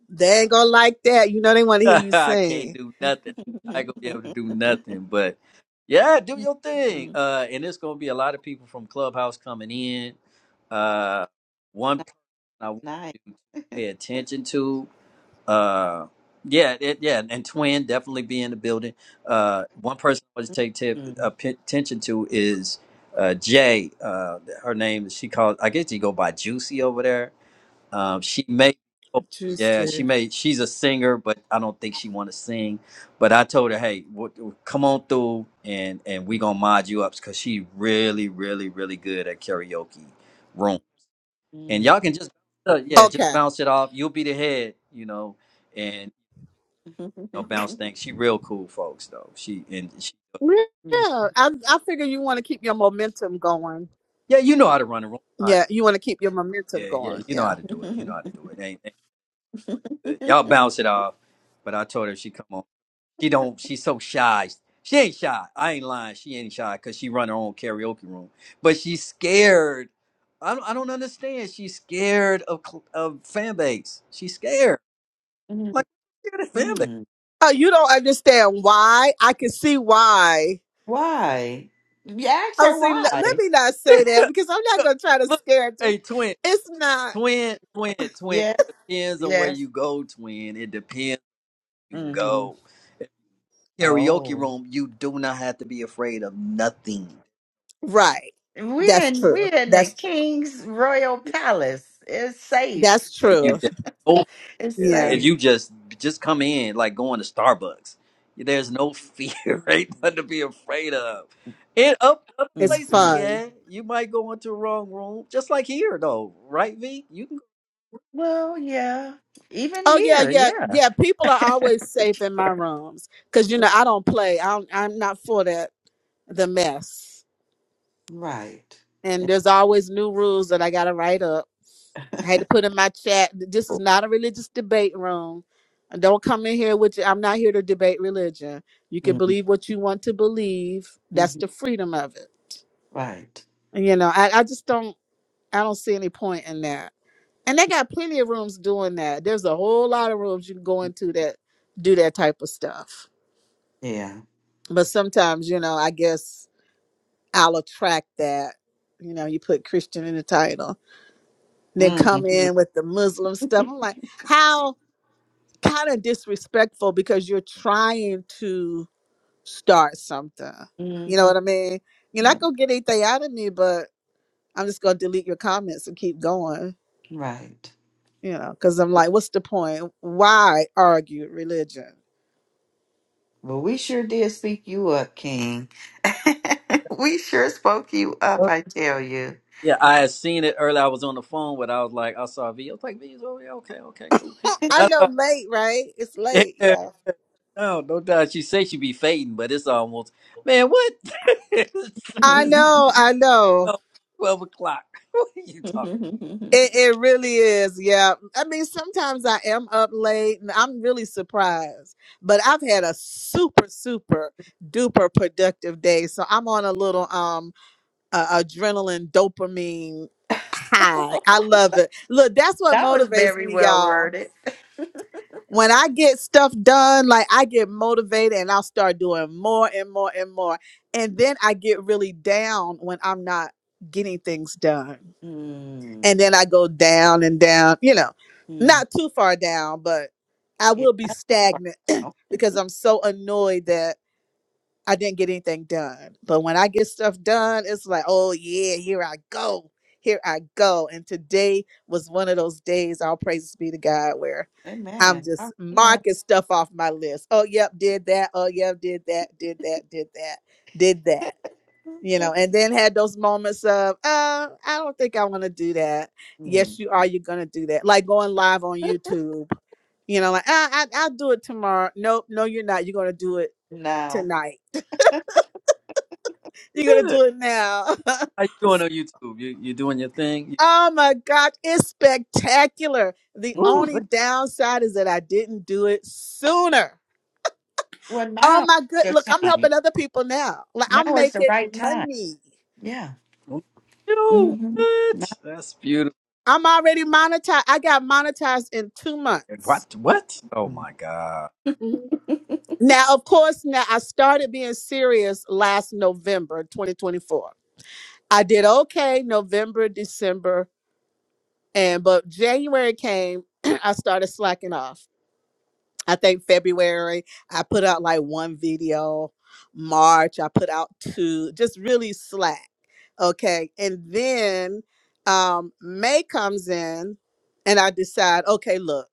S1: They ain't gonna like that. You know, they want to hear
S3: I,
S1: you
S3: I can't
S1: sing.
S3: do nothing. I ain't gonna be able to do nothing. But yeah, do your thing.
S2: Mm,
S3: Uh, and it's gonna be a lot of people from Clubhouse coming in. Uh, one person I want
S2: nice.
S3: you to pay attention to uh yeah it, yeah and twin definitely be in the building uh one person i want to take tip, uh,
S2: Mm,
S3: p- attention to is uh jay uh her name she called i guess you go by juicy over there um she may oh, yeah she
S1: Juicy.
S3: may she's a singer but i don't think she want to sing but i told her hey w- w- come on through and and we gonna mod you up because she really really really good at karaoke room and
S2: mm, mm.
S3: y'all can just uh, yeah just
S1: Okay.
S3: bounce it off you'll be the head you know no bounce thing. She real cool, folks. Though she and she,
S1: Yeah, I I figure you want to keep your momentum going.
S3: yeah, you know how to run a room. Uh,
S1: Yeah, you want to keep your momentum
S3: yeah, yeah,
S1: going.
S3: you know how
S1: Yeah.
S3: to do it. You know how to do it. Ain't, ain't good. Y'all bounce it off. But I told her if she come on. She don't. She's so shy. She ain't shy. I ain't lying. She ain't shy because she run her own karaoke room. But she's scared. I don't. I don't understand. She's scared of cl- of fan base. She's scared.
S2: Mm. Mm,
S3: Like scared of fan base.
S2: mm.
S1: Oh, you don't understand why? I can see why.
S2: Why? You ask
S1: Oh,
S2: her
S1: see, le- let
S2: why.
S1: me not say that because I'm not
S3: Look,
S1: gonna try to
S3: look,
S1: scare it.
S3: hey, twin,
S1: It's not
S3: twin, twin, twin. It
S2: Yes,
S3: depends on where
S2: yes.
S3: you go, twin. It depends. you
S2: hmm
S3: go. Karaoke
S2: Oh,
S3: room, you do not have to be afraid of nothing.
S1: right.
S2: we're
S1: That's
S2: in
S1: true.
S2: we're in the
S1: That's true.
S2: king's royal palace. It's safe.
S1: That's
S3: And you
S1: true.
S3: there's no
S2: It's
S3: fear.
S1: Yeah,
S3: And
S2: safe.
S3: you just just come in like going to Starbucks. There's no fear, right? Nothing to be
S2: Mm-hmm.
S3: afraid of. And up other
S1: it's
S3: places,
S2: Mm-hmm.
S1: fun.
S3: yeah, you might go into the wrong room. Just like here though, right, V? You can go
S2: Well, yeah. Even
S1: Oh yeah,
S2: here,
S1: yeah,
S2: yeah,
S1: yeah. People are always
S2: for
S1: safe in my
S2: sure.
S1: rooms because you know I don't play. I'm I'm not for that. The mess.
S2: Right.
S1: and there's always new rules that I gotta write up. I had to put in my chat. This is not a religious debate room. Don't come in here with. your- I'm not here to debate religion. You can believe what you want to believe. That's
S2: Mhm.
S1: the freedom of it.
S2: Right.
S1: You know, I, I just don't. I don't see any point in that. And they got plenty of rooms doing that. There's a whole lot of rooms you can go into that do that type of stuff.
S2: Yeah.
S1: But sometimes, you know, I guess I'll attract that. You know, you put Christian in the title then
S2: hmm
S1: come in with the Muslim stuff. I'm like, how kind of disrespectful because you're trying to start something. You know
S2: hmm
S1: what I mean? You're
S2: Yeah.
S1: not gonna get anything out of me, but I'm just gonna delete your comments and keep going.
S2: Right.
S1: You know, because I'm like, what's the point? Why argue religion?
S2: Well, we sure did speak you up, King. we sure spoke you up, I tell you.
S3: Yeah, I had seen it earlier. I was on the phone with I was like, I saw V. I was like, V is over there, okay, okay, cool.
S1: I
S3: And
S1: know late, right? It's
S3: I
S1: late. Yeah.
S3: No, no doubt. She say she be fading, but it's almost man. What? it's,
S1: I
S3: it's
S1: know. I know.
S3: twelve o'clock. What are you talking?
S1: It, it really is, yeah. I mean, sometimes I am up late and I'm really surprised, but I've had a super, super duper productive day. So I'm on a little um uh, adrenaline dopamine high. I love it. Look, that's what
S2: That was
S1: motivates
S2: very
S1: me,
S2: well
S1: y'all.
S2: worded.
S1: When I get stuff done, like I get motivated and I'll start doing more and more and more. And then I get really down when I'm not getting things done and
S2: mm-hmm.
S1: then I go down and down, you know, not
S2: Yeah,
S1: too far down, but I will be
S2: not too far.
S1: stagnant
S2: No.
S1: because I'm so annoyed that I didn't get anything done. But when I get stuff done, it's like, oh yeah, here I go. Here I go. And today was one of those days, all praises be to God, where I'm
S2: Amen. All
S1: just
S2: right,
S1: marking stuff off my list. Oh, yep, did that. Oh, yep, did that, did that, did that, did that
S2: now.
S1: you know,
S2: okay.
S1: and then had those moments of, uh, I don't think I want to do that.
S2: mm
S1: Yes, you are. You're gonna do that, like going live on YouTube. You know, like I, I, I'll do it tomorrow. Nope, no, you're not. You're gonna do it
S2: Now,
S1: tonight. You're gonna
S3: Good.
S1: do it now.
S3: How you doing on YouTube? You you doing your thing?
S1: oh my God, it's spectacular. The
S3: You,
S2: mm.
S3: ooh,
S1: only
S3: look,
S1: downside is that I didn't do it sooner.
S2: well,
S1: Oh
S2: now
S1: my good,
S2: is
S1: look,
S2: your
S1: I'm
S2: time.
S1: helping other people now. Like I'm
S2: Now is the
S1: making
S2: right time.
S1: money.
S2: Yeah.
S3: look at you.
S2: Mm-hmm. Now.
S3: What? That's beautiful.
S1: I'm already monetized. I got monetized in two months.
S3: What? What? Oh
S2: mm
S3: my God,
S1: Now, of course, now I started being serious last November 2024. I did okay November, December, and but January came, I started slacking off. I think February, I put out like one video. March, I put out two, just really slack. Okay. And then um May comes in and I decide, okay, look.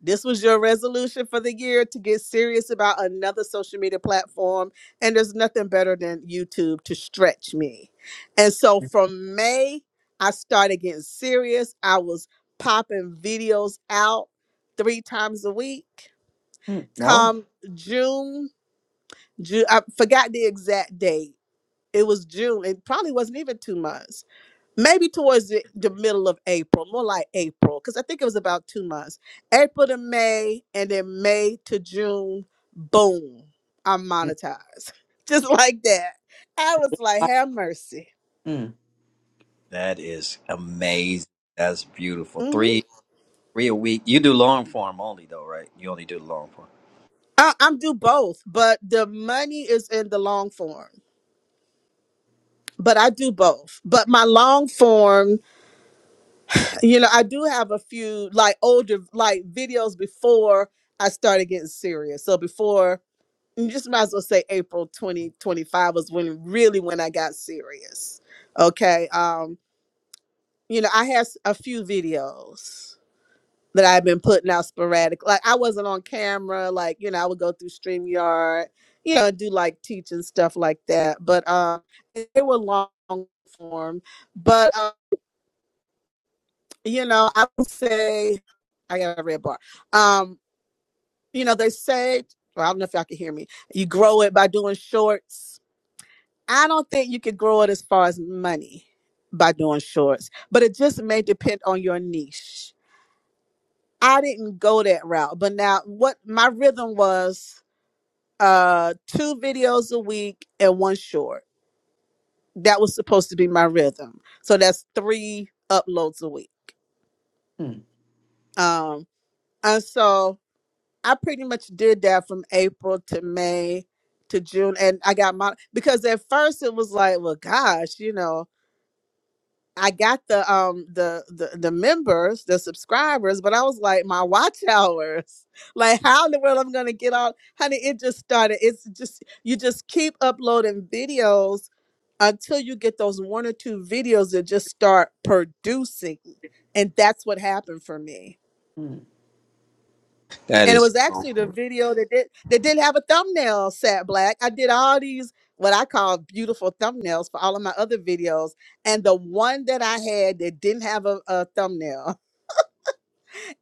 S1: This was your resolution for the year to get serious about another social media platform. And there's nothing better than YouTube to stretch me. And so from May, I started getting serious. I was popping videos out three times a week.
S2: Mm. No.
S1: Come June, June, I forgot the exact date. It was June. It probably wasn't even two months maybe towards the, the middle of April, more like April, because I think it was about two months April to May, and then May to June. Boom, I'm
S2: Mm.
S1: monetized. Just like that. I was like, have mercy.
S3: that is amazing. That's beautiful.
S1: hmm
S3: Three three a week. You do long form only though, right? You only do long form.
S1: I, I'm do both, but the money is in the long form. But I do both. But my long form, you know, I do have a few like older like videos before I started getting serious. So before you just might as well say April 2025 was when really when I got serious. Okay. Um, you know, I had s- a few videos that I've been putting out sporadic. Like I wasn't on camera, like, you know, I would go through StreamYard, you know, do like teaching stuff like that. But um they were long form. But um, you know, I would say I got a red bar. Um, you know, they say, well, I don't know if y'all can hear me. You grow it by doing shorts I don't think you could grow it as far as money by doing shorts, but it just may depend on your niche. I didn't go that route, but now what my rhythm was uh two videos a week and one short. That was supposed to be my rhythm. So that's three uploads a week.
S2: Mm.
S1: Um and so I pretty much did that from April to May to June and I got my because at first it was like, well gosh, you know, I got the um the, the the members, the subscribers, but I was like, my watch hours. Like, how in the world I'm gonna get out? Honey, it just started. It's just you just keep uploading videos until you get those one or two videos that just start producing. And that's what happened for me
S2: Mm.
S3: That
S1: and it
S3: is.
S1: was
S3: so
S1: actually the
S3: cool.
S1: video that did that didn't have a thumbnail sat black i did all these what i call beautiful thumbnails for all of my other videos and the one that i had that didn't have a, a thumbnail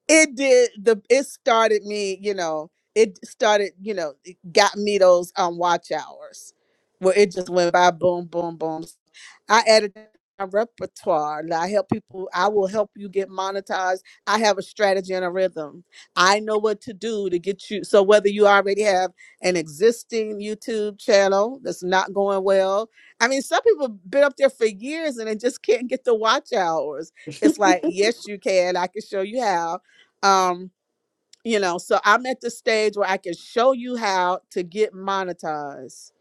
S1: it did the it started me you know it started you know it got me those um watch hours where it just went by boom boom boom i added that to my repertoire and i help people i will help you get monetized i have a strategy and a rhythm i know what to do to get you so whether you already have an existing youtube channel that's not going well i mean some people been up there for years and they just can't get the watch hours it's like yes you can i can show you how um you know so i'm at the stage where i can show you how to get monetized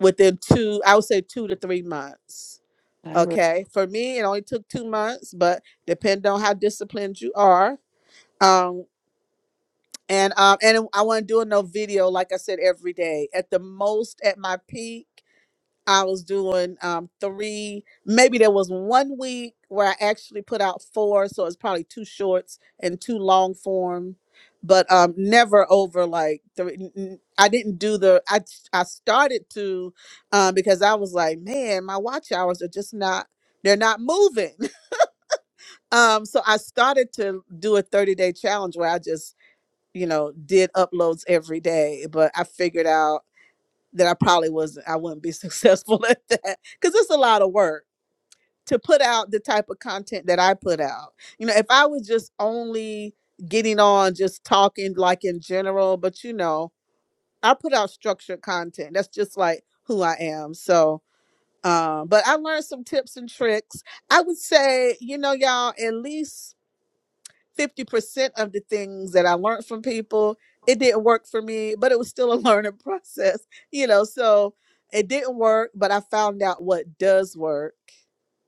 S1: within two i would say two to three months
S2: I'm ready.
S1: okay for me it only took two months but depending on how disciplined you are um and um and i want to do a no video like i said every day at the most at my peak I was doing um three, maybe there was one week where I actually put out four, so it's probably two shorts and two long form, but um never over like three. n- n- I didn't do the I s- I started to um because I was like, man, my watch hours are just not they're not moving. Um so I started to do a 30-day challenge where I just, you know, did uploads every day, but I figured out that I probably wasn't I wouldn't be successful at that cuz it's a lot of work to put out the type of content that I put out. You know, if I was just only getting on just talking like in general, but you know, I put out structured content. That's just like who I am. So, um but I learned some tips and tricks. I would say, you know, y'all, at least 50% of the things that I learned from people. It didn't work for me, but it was still a learning process, you know. So it didn't work, but I found out what does work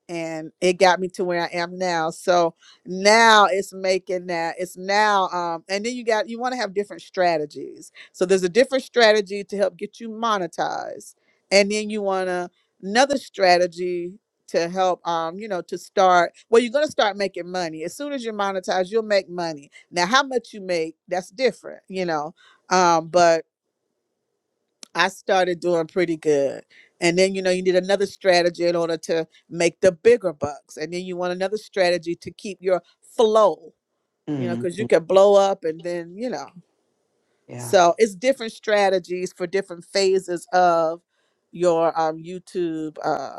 S1: and it got me to where I am now. So now it's making that it's now um and then you got you want to have different strategies. So there's a different strategy to help get you monetized. And then you want to another strategy to help um you know to start well you're going to start making money as soon as you're monetized you'll make money now how much you make that's different you know um but i started doing pretty good and then you know you need another strategy in order to make the bigger bucks and then you want another strategy to keep your flow you know because you
S2: mm
S1: can blow up and then you know
S2: Yeah.
S1: so it's different strategies for different phases of your um youtube uh.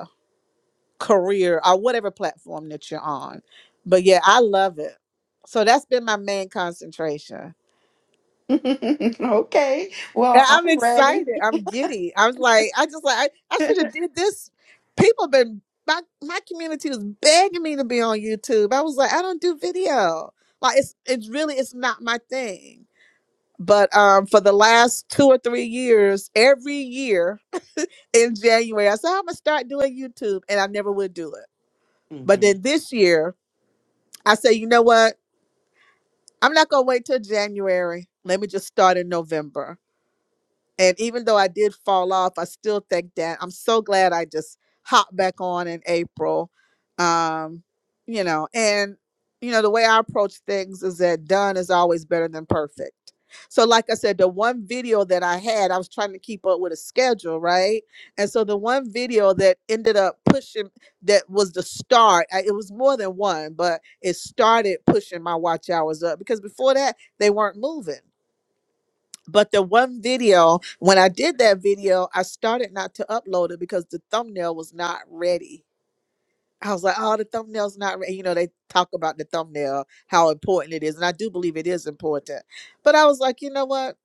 S1: career or whatever platform that you're on. But yeah, I love it. So that's been my main concentration.
S2: okay.
S1: And
S2: Well,
S1: I'm
S2: I'm ready.
S1: excited. I'm giddy. I was like, I just like I, I should have did this. People been my my community was begging me to be on YouTube. I was like, I don't do video. Like it's it's really it's not my thing. But um for the last two or three years, every year in January, I said I'm gonna start doing YouTube and I never would do it. But
S2: hmm
S1: then this year I said, you know what? I'm not gonna wait till January. Let me just start in November and even though I did fall off, I still think that I'm so glad I just hopped back on in April. Um, you know, and you know, the way I approach things is that done is always better than perfect. So, like I said, the one video that I had, I was trying to keep up with a schedule, right? And so, the one video that ended up pushing that was the start, I, it was more than one, but it started pushing my watch hours up because before that, they weren't moving. But the one video, when I did that video, I started not to upload it because the thumbnail was not ready. I was like, oh, the thumbnail's not ready. You know, they talk about the thumbnail, how important it is. And I do believe it is important. But I was like, you know what?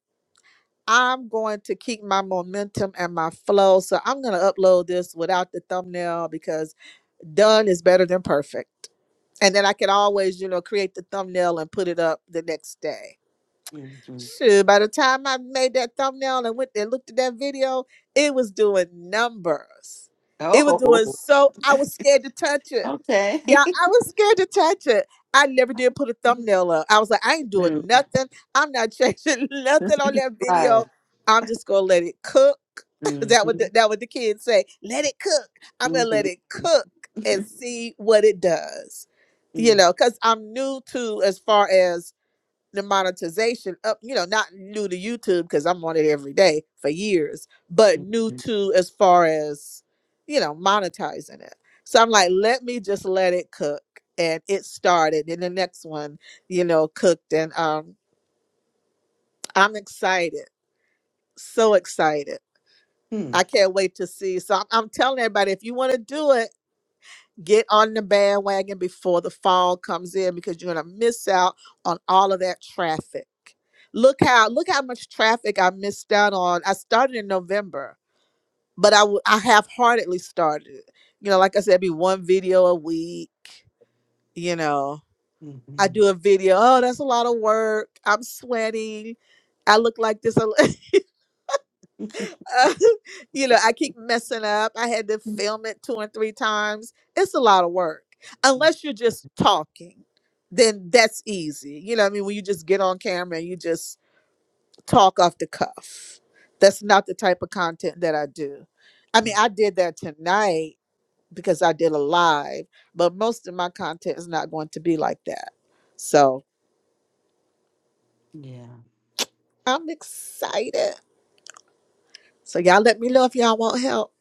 S1: I'm going to keep my momentum and my flow. So I'm going to upload this without the thumbnail because done is better than perfect. And then I can always, you know, create the thumbnail and put it up the next day.
S2: hmm
S1: Shoot, by the time I made that thumbnail and went and looked at that video, it was doing numbers. It was doing
S2: Oh,
S1: so I was scared to touch it.
S2: okay.
S1: Yeah, I was scared to touch it. I never did put a thumbnail up. I was like, I ain't
S2: Mm.
S1: doing nothing. I'm not changing nothing on that
S2: right.
S1: video. I'm just gonna let it cook.
S2: hmm
S1: that what
S2: hmm
S1: the, that what the kids say. Let it cook. I'm gonna let it
S2: Mm-hmm.
S1: cook and see what it does. You know, because I'm new to as far as the monetization up, you know, not new to YouTube because I'm on it every day for years, but new
S2: Mm-hmm.
S1: to as far as, you know, monetizing it. So I'm like, let me just let it cook. And it started. And the next one, you know, cooked. And um, I'm excited. So excited. I can't wait to see. So I'm, I'm telling everybody if you want to do it, get on the bandwagon before the fall comes in because you're going to miss out on all of that traffic. Look how look how much traffic I missed out on. I started in November, but I w- I half-heartedly started. it. You know, like I said, it'd be one video a week, you know. I do
S2: Mm-hmm,
S1: a video, oh, that's a lot of work. I'm sweating. I look like this. uh, you know, I keep messing up. I had to film it two and three times. It's a lot of work. Unless you're just talking, then that's easy. You know, what I mean, when you just get on camera and you just talk off the cuff, that's not the type of content that I do. I
S2: mm-hmm.
S1: mean, I did that tonight because I did a live, but most of my content is not going to be like that. So
S2: Yeah.
S1: I'm excited. So y'all let me know if y'all want help.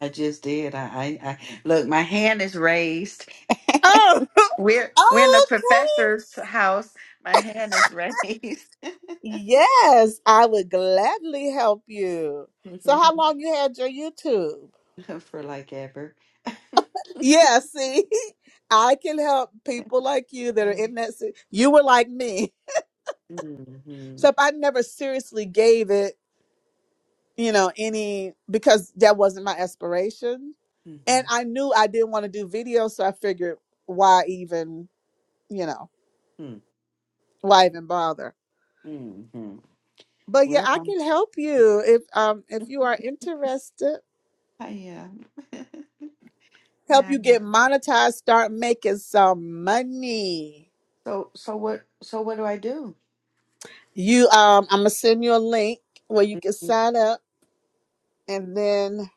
S2: I just did. I, I, I look. My hand is raised.
S1: Oh,
S2: we're we're in the
S1: oh, okay.
S2: professor's house. My hand is raised.
S1: Yes, I would gladly help you. So how long you had your YouTube?
S2: for like ever.
S1: Yeah, see, I can help people like you that are
S2: Um,
S1: in that. si- You were like me,
S2: Mm-hmm.
S1: So, if I never seriously gave it, you know, any because that wasn't my aspiration, and
S2: hmm
S1: I knew I didn't want to do video, so I figured why even, you know, why even bother.
S2: hmm hmm
S1: But yeah,
S2: Well,
S1: I
S2: um,
S1: can help you if um if you are interested.
S2: I am.
S1: help
S2: yeah,
S1: you
S2: yeah.
S1: get monetized, start making some money.
S2: so so what so what do I do?
S1: You um I'm gonna send you a link where you can sign up and then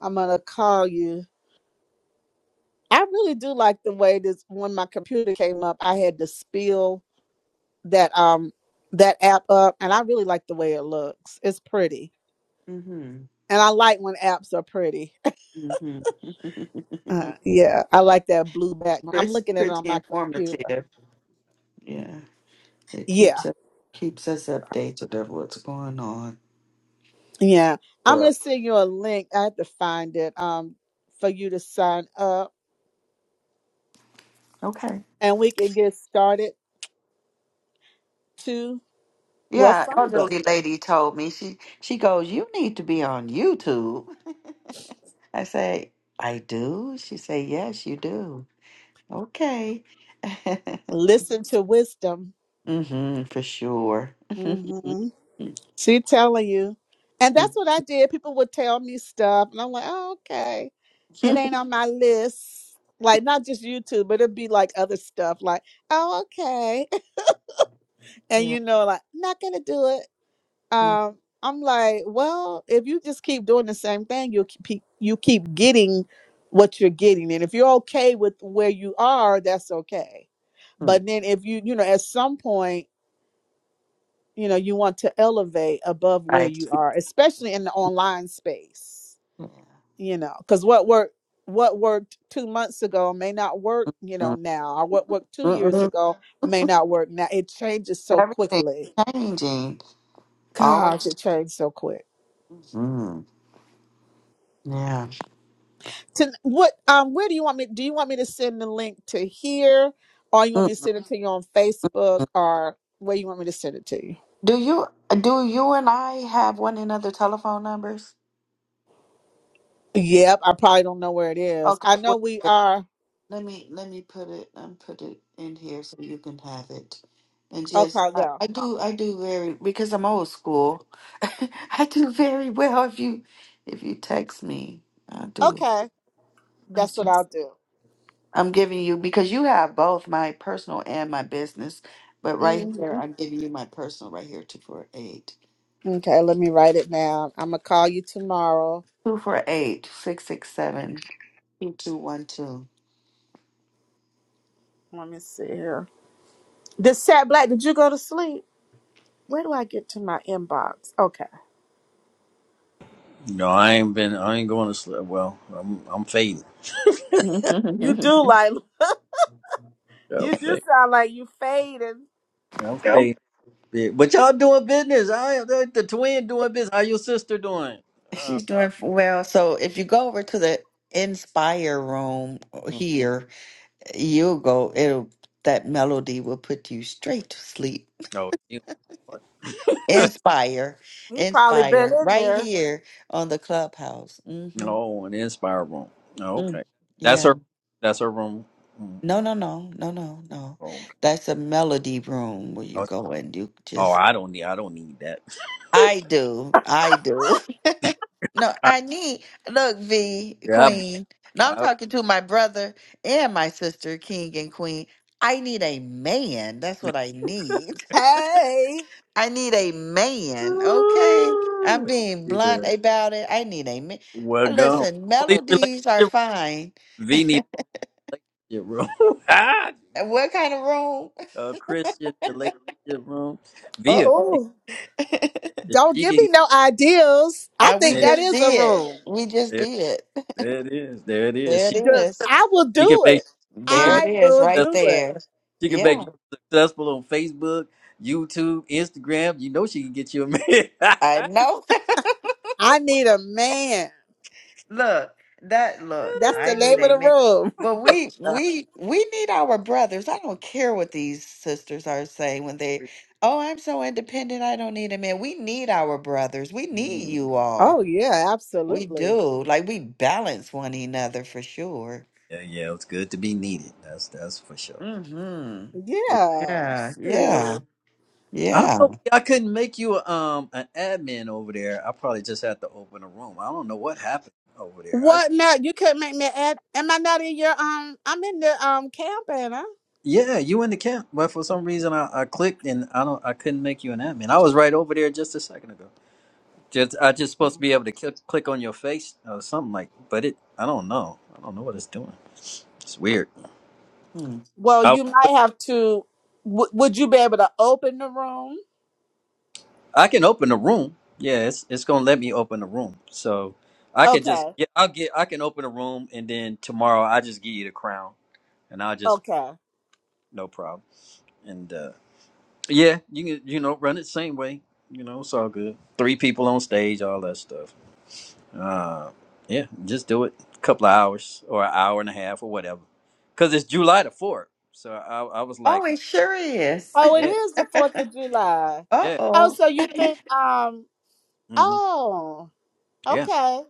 S1: I'm gonna call you. I really do like the way this when my computer came up, I had to spill that um that app up and I really like the way it looks. It's pretty.
S2: Mm-hmm.
S1: And I like when apps are pretty.
S2: hmm
S1: Uh, yeah, I like that blue background. I'm
S2: it's
S1: looking at it on
S2: pretty
S1: my computer.
S2: informative. Yeah. It
S1: Yeah.
S2: keeps us keeps us updated of what's going on.
S1: Yeah, I'm gonna
S2: Bruh.
S1: send you a link. I have to find it um for you to sign up,
S2: Okay.
S1: and we can get started to well
S2: Yeah,
S1: Friday.
S2: elderly lady told me she she goes, You need to be on YouTube. I say, I do? She say, yes, you do. Okay.
S1: Listen to wisdom.
S2: hmm for sure. yeah.
S1: hmm She telling you, and that's
S2: mhm,
S1: what I did. People would tell me stuff, and I'm like, oh, okay, it ain't on my list. Like not just YouTube, but it'd be like other stuff, like oh okay, and you know, like not gonna do it um, I'm like, well, if you just keep doing the same thing, you keep you keep getting what you're getting, and if you're okay with where you are, that's okay. But then if you you know at some point you know you want to elevate above where
S2: Right.
S1: you
S2: Yeah.
S1: are, especially in the online space, you know, because what worked what worked two months ago may not work you know now or what worked
S2: Mm,
S1: two years
S2: mm,
S1: ago
S2: mm.
S1: may not work now it changes so
S2: Everything's
S1: quickly
S2: changing.
S1: gosh
S2: Always.
S1: it changed so quick
S2: hmm Yeah.
S1: to what um where do you want me do you want me to send the link to here or you want
S2: Mm,
S1: me to
S2: mm,
S1: send it to you on facebook
S2: mm.
S1: or where you want me to send it to you
S2: Do you do you and I have one another telephone numbers?
S1: yep i probably don't know where it is
S2: Okay.
S1: i know
S2: well,
S1: we are
S2: let me let me put it um put it in here so you can have it and just
S1: okay
S2: I,
S1: yeah
S2: I do I do very because I'm old school I do very well if you if you text me I do
S1: okay
S2: I
S1: that's what
S2: just-
S1: i'll do
S2: I'm giving you because you have both my personal and my business but right here
S1: hmm
S2: I'm giving you my personal right here two four eight
S1: okay let me write it down i'm gonna call you tomorrow
S2: two four eight six six seven two two one two
S1: let me see here the sat black did you go to sleep where do i get to my inbox okay
S3: No, I ain't been. I ain't going to sleep. Well, I'm I'm fading.
S1: you do like
S3: Yeah,
S1: you do sound like you fading
S3: I'm fading. Yeah, but y'all doing business. I am the, the twin doing business. How your sister doing? Uh,
S2: She's doing f- well. So if you go over to the Inspire room
S3: mm.
S2: here, you'll go. It'll that melody will put you straight to sleep.
S3: oh, you, what?
S2: Inspire,
S1: he probably been
S2: inspire,
S1: in
S2: right
S1: there
S2: here on the clubhouse. Mm-hmm.
S3: no, an Inspire room. Oh,
S2: Mm.
S3: okay, that's
S2: Yeah.
S3: her. That's her room. Mm,
S2: No, no, no, no, no, no.
S3: Oh,
S2: That's a melody room where
S3: I
S2: you go and you
S3: oh,
S2: just
S3: I don't need. I don't need that.
S2: I do. I do. no,
S3: I,
S2: I need look, V
S3: yeah, I'll be
S2: Queen. Now I'm
S3: out.
S2: talking to my brother and my sister, King and Queen. I need a man. That's what I need.
S1: hey
S2: I need a man. Okay. I'm
S3: Ooh,
S2: being blunt
S3: yeah.
S2: about it. I need a man.
S3: Well, go.
S2: Listen,
S3: All these
S2: melodies are
S3: relationship.
S2: fine.
S3: V need a relationship room. ah, there
S2: And
S3: you
S2: what kind of room?
S3: go. A Christian relationship room. V, a-
S2: Uh-oh.
S1: Oh,
S3: if
S1: don't
S3: she
S1: give
S3: can
S1: me no ideals. I
S2: Uh, we
S1: think
S3: There,
S1: that
S2: just
S1: is a
S2: did.
S1: room.
S2: We just
S3: there,
S2: did.
S3: there it is. There it is.
S2: There it
S3: She
S1: The-
S2: is.
S1: I will
S3: she can
S1: do
S3: make
S1: it.
S3: she can
S2: There it
S3: make
S1: I
S2: is,
S1: will
S3: success-
S2: right
S1: do it.
S2: there.
S3: she can make
S2: Yeah,
S3: you successful on Facebook, YouTube, Instagram. You know she can get you a man.
S2: I know.
S1: I need a man.
S2: look, that look,
S1: That's
S2: I
S1: the
S2: need
S1: name of
S2: a
S1: the
S2: man.
S1: room.
S2: But we we we need our brothers. I don't care what these sisters are saying when they, oh, I'm so independent, I don't need a man. We need our brothers. We need
S3: Mm.
S2: you
S1: Oh
S2: all.
S1: yeah,
S2: We
S1: absolutely.
S2: do. Like we balance one another for sure.
S3: Yeah, yeah, it's good to be needed. That's that's for sure.
S2: Mm-hmm.
S3: But
S1: Yeah.
S2: Yeah, yeah,
S1: Shoot.
S3: I don't
S2: yeah.
S3: know. I couldn't make you a, um an admin over there. I probably just had to open a room. I don't know what happened over there. I,
S1: What? No, you couldn't make me add. Am I not in your um? I'm in the um camp, Anna.
S3: yeah, you in the camp, but for some reason I, I clicked and I don't I couldn't make you an admin. I was right over there just a second ago. Just I just supposed to be able to click, click on your face or something like, but it I don't know. I don't know what it's doing. It's weird.
S2: Hmm.
S1: Well,
S3: I
S1: you might
S3: but
S1: have to. W- would you be able to open the room?
S3: I can open the room. Yeah, it's it's gonna let me open the room. So I could just
S1: Okay.
S3: yeah I'll get I can open the room and then tomorrow I just give you the crown and I'll just
S1: Okay.
S3: no problem and uh yeah you can you know run it same way you know it's all good three people on stage all that stuff. Uh, yeah, just do it. A couple of hours or an hour and a half or whatever, because it's July the fourth. So I, I was like,
S2: Oh, it sure is.
S1: Oh, it
S3: yeah,
S1: is the Fourth of July.
S3: yeah,
S1: Oh,
S2: Uh-oh.
S1: so you think um
S3: hmm
S1: Oh,
S3: yeah.
S1: okay.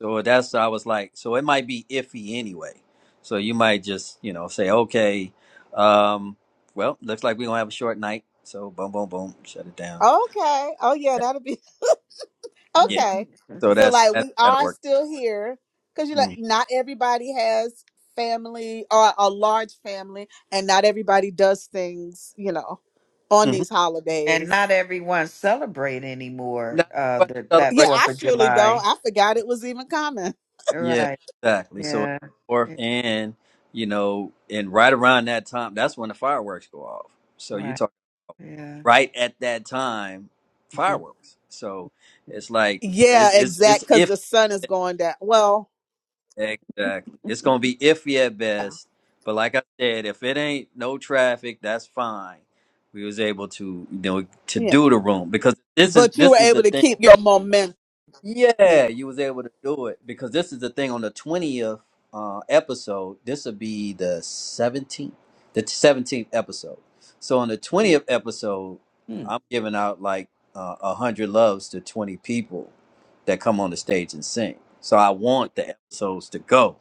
S3: So that's I was like, so it might be iffy anyway. So you might just you know say, okay, um, well, looks like we're gonna have a short night. So boom, boom, boom, shut it down.
S1: Okay. Oh, yeah, that'll be
S3: Yeah.
S1: okay.
S3: So
S1: So,
S3: that's
S1: like,
S3: that
S1: we
S3: that'll
S1: are
S3: work.
S1: still here because you like,
S3: Mm-hmm.
S1: not everybody has family or a large family, and not everybody does things, you know, on
S3: Mm-hmm.
S1: these
S2: And
S1: holidays.
S2: not everyone celebrate anymore
S3: Not
S2: uh
S3: everybody
S2: the,
S3: celebrates.
S2: that
S1: Yeah,
S2: 4th
S1: I
S2: of
S1: surely don't.
S2: July.
S1: I forgot it was even common.
S3: Yeah,
S2: Right.
S3: exactly. So it's
S2: Yeah.
S3: fourth
S2: Yeah,
S3: and you know, and right around that time, that's when the fireworks go off. So you
S2: Right.
S3: talk
S2: Yeah.
S3: right at that time, fireworks. So it's like
S1: Yeah,
S3: it's it's
S1: exact.
S3: it's
S1: Because
S3: iffy.
S1: the sun is going down. Well,
S3: Exactly. It's gonna be iffy at
S1: yeah,
S3: best. But like I said, if it ain't no traffic, that's fine. We was able to you know to
S1: yeah.
S3: do the room because this is
S1: But you were
S3: this is the
S1: able to
S3: thing.
S1: keep your momentum. Yeah.
S3: Yeah, you was able to do it because this is the thing on the twentieth uh, episode. This will be the seventeenth, the seventeenth episode. So on the twentieth episode,
S2: Hmm.
S3: I'm giving out like uh, hundred loves to twenty people that come on the stage and sing. So I want the episodes to go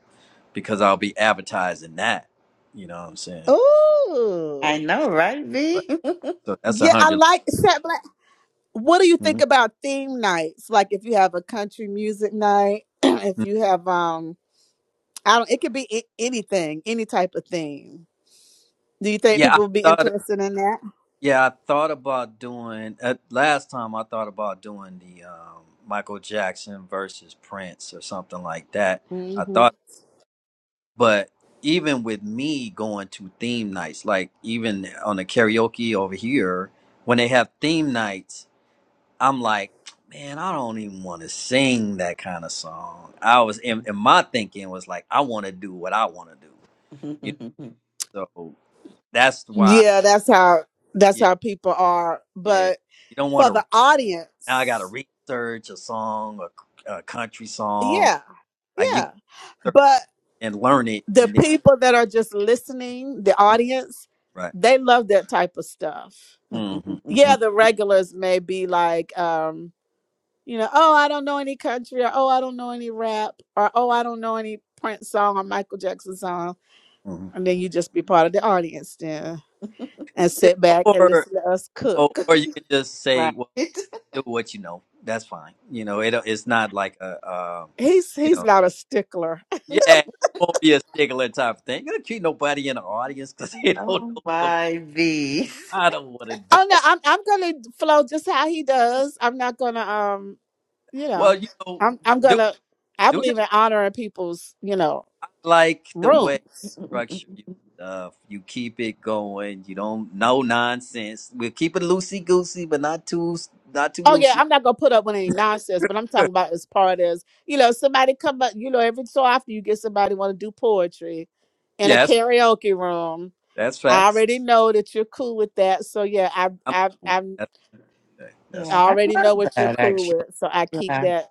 S3: because I'll be advertising that. You know what I'm saying?
S2: I
S1: Ooh.
S2: know, right,
S3: Right.
S2: V?
S3: So that's a
S1: Yeah, I
S3: 100
S1: like Sat what do you think
S3: Mhm.
S1: about theme nights? Like if you have a country music night, if you have um I don't it could be a- anything, any type of theme. Do you think
S3: Yeah, I
S1: people would be
S3: thought
S1: interested in that?
S3: Yeah, I thought about doing uh, last time. I thought about doing the um, Michael Jackson versus Prince or something like that. I
S1: hmm
S3: thought, but even with me going to theme nights, like even on the karaoke over here, when they have theme nights, I'm like, man, I don't even want to sing that kind of song. I was, in and my thinking was like, I want to do what I want to do, you know. So that's why,
S1: Yeah, that's how that's
S3: yeah,
S1: how people are.
S3: yeah.
S1: But
S3: You don't want
S1: for
S3: to
S1: the
S3: Now I got to
S1: audience,
S3: research a song, a, a country song.
S1: yeah.
S3: Like you
S1: Yeah.
S3: got to search
S1: But
S3: and learn it,
S1: the
S3: and then
S1: people that are just listening, the audience,
S3: right.
S1: they love that type of stuff.
S3: Mm-hmm, hmm
S1: Yeah, the regulars may be like um you know, oh, I don't know any country, or oh, I don't know any rap, or oh, I don't know any Prince song or Michael Jackson song.
S3: hmm
S1: And then you just be part of the audience then and
S3: Yeah,
S1: sit back and
S3: or
S1: listen to us
S3: or
S1: cook.
S3: or you could just say,
S2: right.
S3: well, do what you know. That's fine. You know, it it's not like a, um,
S1: He's
S3: you
S1: he's
S3: know,
S1: not a stickler.
S3: yeah, it won't be a stickler type of thing. You don't treat nobody in the audience because they don't know.
S2: Oh
S3: no-
S2: my V.
S3: I don't want to do
S1: Oh no,
S3: that.
S1: I'm I'm gonna flow just how he does. I'm not gonna um, you
S3: Well,
S1: know,
S3: you know,
S1: I'm I'm
S3: do
S1: gonna I
S3: do your
S1: believe in honoring people's, you know,
S3: like the way you
S1: rooms.
S3: structure your stuff. You keep it going. You don't no nonsense. We'll keep it loosey goosey, but not too not too
S1: Oh yeah,
S3: loosey.
S1: I'm not gonna put up with any nonsense, but I'm
S3: yeah,
S1: talking about as part as you know, somebody come up, you know, every so often you get somebody want to do poetry in a
S3: that's
S1: karaoke room.
S3: that's
S1: I
S3: facts.
S1: already know that you're cool with that, so yeah, I
S3: I'm
S1: I
S3: cool.
S1: I'm,
S3: That's okay. That's
S1: I
S2: yeah,
S3: fine.
S2: I
S1: already
S2: love
S1: know what you're
S2: that
S1: cool
S2: actually.
S1: with, so I keep
S2: Yeah.
S1: that.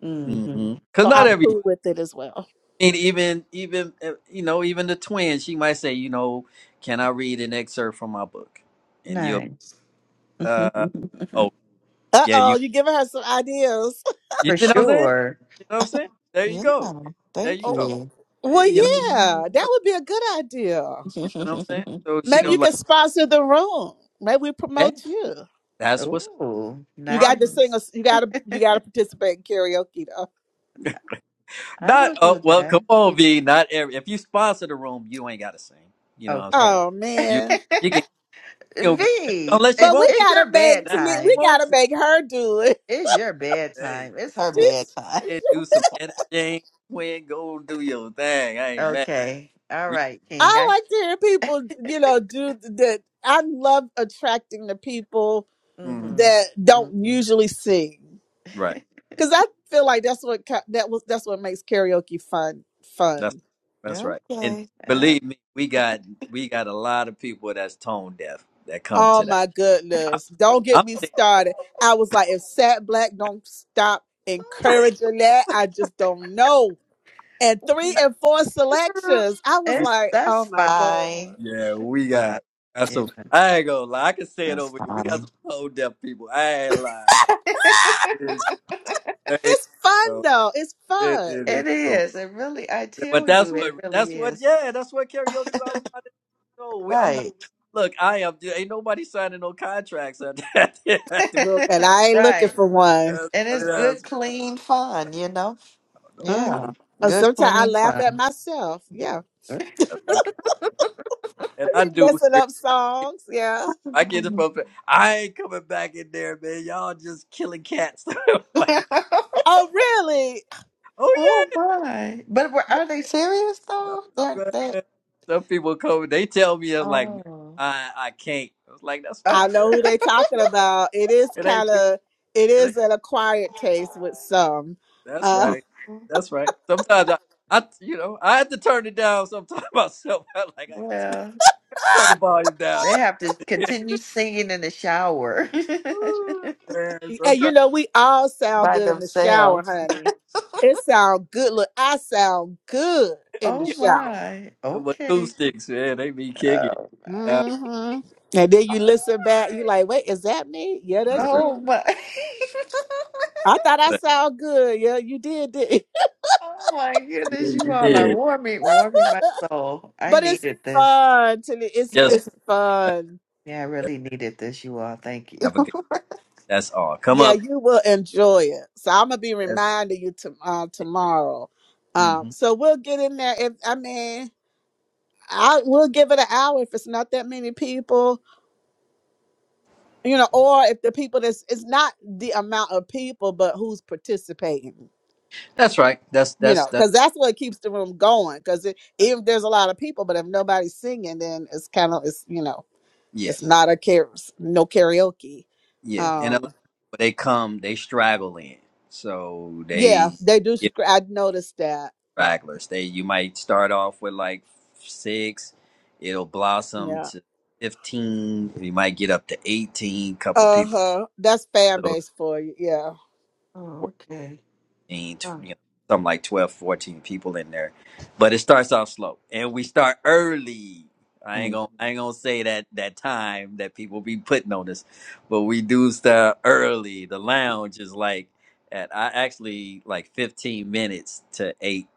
S2: hmm
S3: Mm-hmm. Cause
S1: So
S3: not
S1: I'm
S3: everybody.
S1: cool with it as well.
S3: I mean, even even uh, you know, even the twin, she might say, you know, can I read an excerpt from my book? And you'll
S2: Nice.
S3: uh oh
S1: Uh
S3: yeah, you
S1: oh, you giving her some ideas.
S3: you
S2: For
S3: see what I'm saying? You know
S2: sure.
S3: what I'm saying? There you
S2: Yeah,
S3: go. There you
S2: thank
S1: Oh,
S3: go.
S2: you.
S1: Well,
S3: You know.
S2: yeah,
S1: yeah, that
S3: so
S1: would be a good idea.
S3: You see what I'm saying? So she
S1: Maybe you
S3: gonna
S1: can
S3: like,
S1: sponsor the room. Maybe we
S3: yeah,
S1: promote you.
S3: that's what's the
S2: Oh,
S1: You
S3: problem.
S1: got to sing
S2: nice.
S1: us. You got to you got to participate in karaoke though.
S2: I
S3: Not
S2: will
S3: oh
S2: do
S3: well,
S2: that.
S3: come
S2: Yeah,
S3: on, V. Not every if you sponsor the room, you ain't gotta sing. You know, what I'm saying?
S2: Okay.
S1: Oh
S2: V,
S3: you
S1: man!
S3: you can you know,
S2: i-
S3: give- unless you
S1: But we
S3: want to.
S2: it's your
S1: gotta make
S3: Now if
S1: Tali-
S3: you
S1: we
S2: bedtime.
S3: want
S1: gotta
S3: to.
S1: make her do it.
S2: It's your
S3: Hey,
S2: bedtime.
S3: if
S2: It's her
S3: you want
S1: She's.
S2: bedtime.
S3: to do some editing, when go do your thing. I ain't mad.
S2: Okay. All
S3: Re-
S2: right, King.
S1: I
S2: I,
S1: like to hear people, you know, do that. I love attracting the people
S3: Mhm.
S2: mm-hmm.
S1: that don't
S2: Mm-hmm.
S1: usually sing
S3: Right.
S1: because I feel like that's what ki- that was that's what makes karaoke fun
S3: That's
S1: fun.
S3: that's right. And
S2: okay. All right.
S3: believe me, we got we got a lot of people that's tone deaf that come
S1: Oh
S3: to that.
S1: my
S3: I'm,
S1: goodness! Don't
S3: I'm
S1: get me started. I was like, if Sat Black don't stop encouraging that, I just don't know and three and four
S3: saying
S1: selections. I was
S2: It's
S1: like,
S2: that's
S1: oh my God.
S2: fine.
S3: Yeah, we
S2: Fine.
S3: got that's
S2: Yeah.
S3: some. I ain't gonna lie. I can say it
S2: That's
S3: over here. We got
S2: fine.
S3: some whole deaf people. I ain't lying. It's they,
S1: It's fun
S3: so
S1: though. It's
S3: it,
S1: fun.
S3: it is
S2: It
S3: true.
S2: is. It really, I
S3: But
S2: tell
S3: that's
S2: you,
S3: what
S2: it
S3: that's
S2: really
S3: what
S2: is.
S3: yeah that's what karaoke's all about. No, we, I'm not.
S2: Right.
S3: Look, I am. Ain't nobody signing no contracts at that. At the,
S1: Look, and I ain't looking
S2: Right.
S1: for one.
S3: that's,
S2: And it's good,
S3: that's,
S2: clean fun, you know?
S3: no doubt.
S2: Yeah.
S1: Uh-huh.
S3: It's-
S2: Good,
S1: Sometimes I
S2: clean
S1: laugh at
S2: fun.
S1: myself. Yeah.
S3: That's right. And I
S1: Be
S3: do
S1: messing
S3: here.
S1: up
S3: I, hear-
S1: songs. Yeah.
S3: I get it from. I ain't coming back in there, man. Y'all just killing cats. like,
S1: Oh, really?
S3: oh
S2: Oh my. But were, are they serious though? They're, they
S3: Man, Some people come, they tell me, I'm like, "Man,
S2: oh.
S3: I, I can't. I was like, that's
S1: I
S3: fine.
S1: know who they talking about. It is
S3: It
S1: kind
S3: ain't for you.
S1: of, it
S3: It ain't.
S1: is an acquired taste with some.
S3: That's
S1: Uh,
S3: right. That's right. Sometimes I, I, you know, I have to turn it down sometimes myself. i like, I got to
S2: well,
S3: turn, turn the volume down.
S2: they have to continue singing in the shower.
S3: Woo, man,
S1: and you
S3: sometimes
S1: know, we all sound
S2: by
S1: good in the shower,
S2: themselves.
S1: honey. It sound good. Look, I sound good in the
S2: Oh
S3: yeah,
S1: shower.
S2: my.
S3: them
S2: Okay.
S3: acoustics, man, they be kicking.
S2: Oh my.
S3: Nah,
S1: hmm And then you listen back, you like, wait, is that me? Yeah, that's
S3: bruh.
S2: Oh
S1: you.
S2: my.
S1: I thought I
S3: But
S1: sound good. Yeah, you did. did.
S2: Oh my
S3: yeah,
S2: goodness, you
S3: you
S2: all are
S3: did.
S2: warming, warming my soul. I
S1: But it's
S2: needed this.
S1: fun. Tilly. it's
S3: Yes.
S1: it's
S3: That's,
S1: fun.
S2: Yeah, I
S3: that's,
S2: really needed this, you all. Thank you.
S3: have a good, that's all. Come
S1: Yeah,
S3: up.
S1: you will enjoy it. So I'm gonna be
S3: That's,
S1: reminding you to, uh, tomorrow. Um,
S3: mhm.
S1: so we'll get in there. If I mean, I we'll give it an hour if it's not that many people, you know, or if the people that's it's not the amount of people, but who's participating.
S3: that's right. That's,
S1: you
S3: that's,
S1: know,
S3: that's,
S1: because that's what keeps the room going. Because if there's a lot of people, but if nobody's singing, then it's kind of it's you know
S3: yeah.
S1: it's not a care no karaoke.
S3: Yeah,
S2: Uh,
S3: and a lot of
S1: Um,
S3: people they come, they straggle in. So
S1: yeah,
S3: they
S1: they do.
S3: get
S1: scr- I noticed that.
S3: stragglers. They you might start off with like six, it'll blossom
S1: Yeah.
S3: to fifteen. You might get up to eighteen. Couple of
S1: Uh
S3: people.
S1: huh. That's fan base
S3: So
S1: for you. Yeah.
S2: Oh, okay.
S3: 15,
S2: Huh.
S3: you know, something like 12, 14 people in there. But it starts off slow. And we start early. I ain't
S2: Mm.
S3: gonna I ain't gonna say that that time that people be putting on this, but we do start early. The lounge is like at I actually like 15 minutes to eight.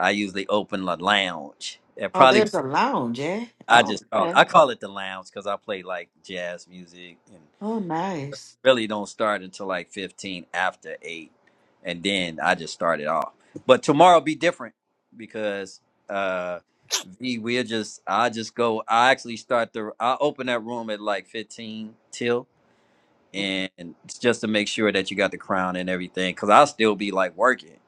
S3: I usually open the lounge. And
S2: Oh,
S3: probably
S2: there's a lounge, eh?
S3: I
S2: Oh,
S3: just call it
S2: okay.
S3: I call it the lounge because I play like jazz music
S2: Oh, nice.
S3: really don't start until like 15 after 8 and then i just started off but tomorrow be different because uh v we'll just i just go i actually start the i open that room at like 15 till
S2: Mhm.
S3: and it's just to make sure that you got the crown and everything because i'll still be like working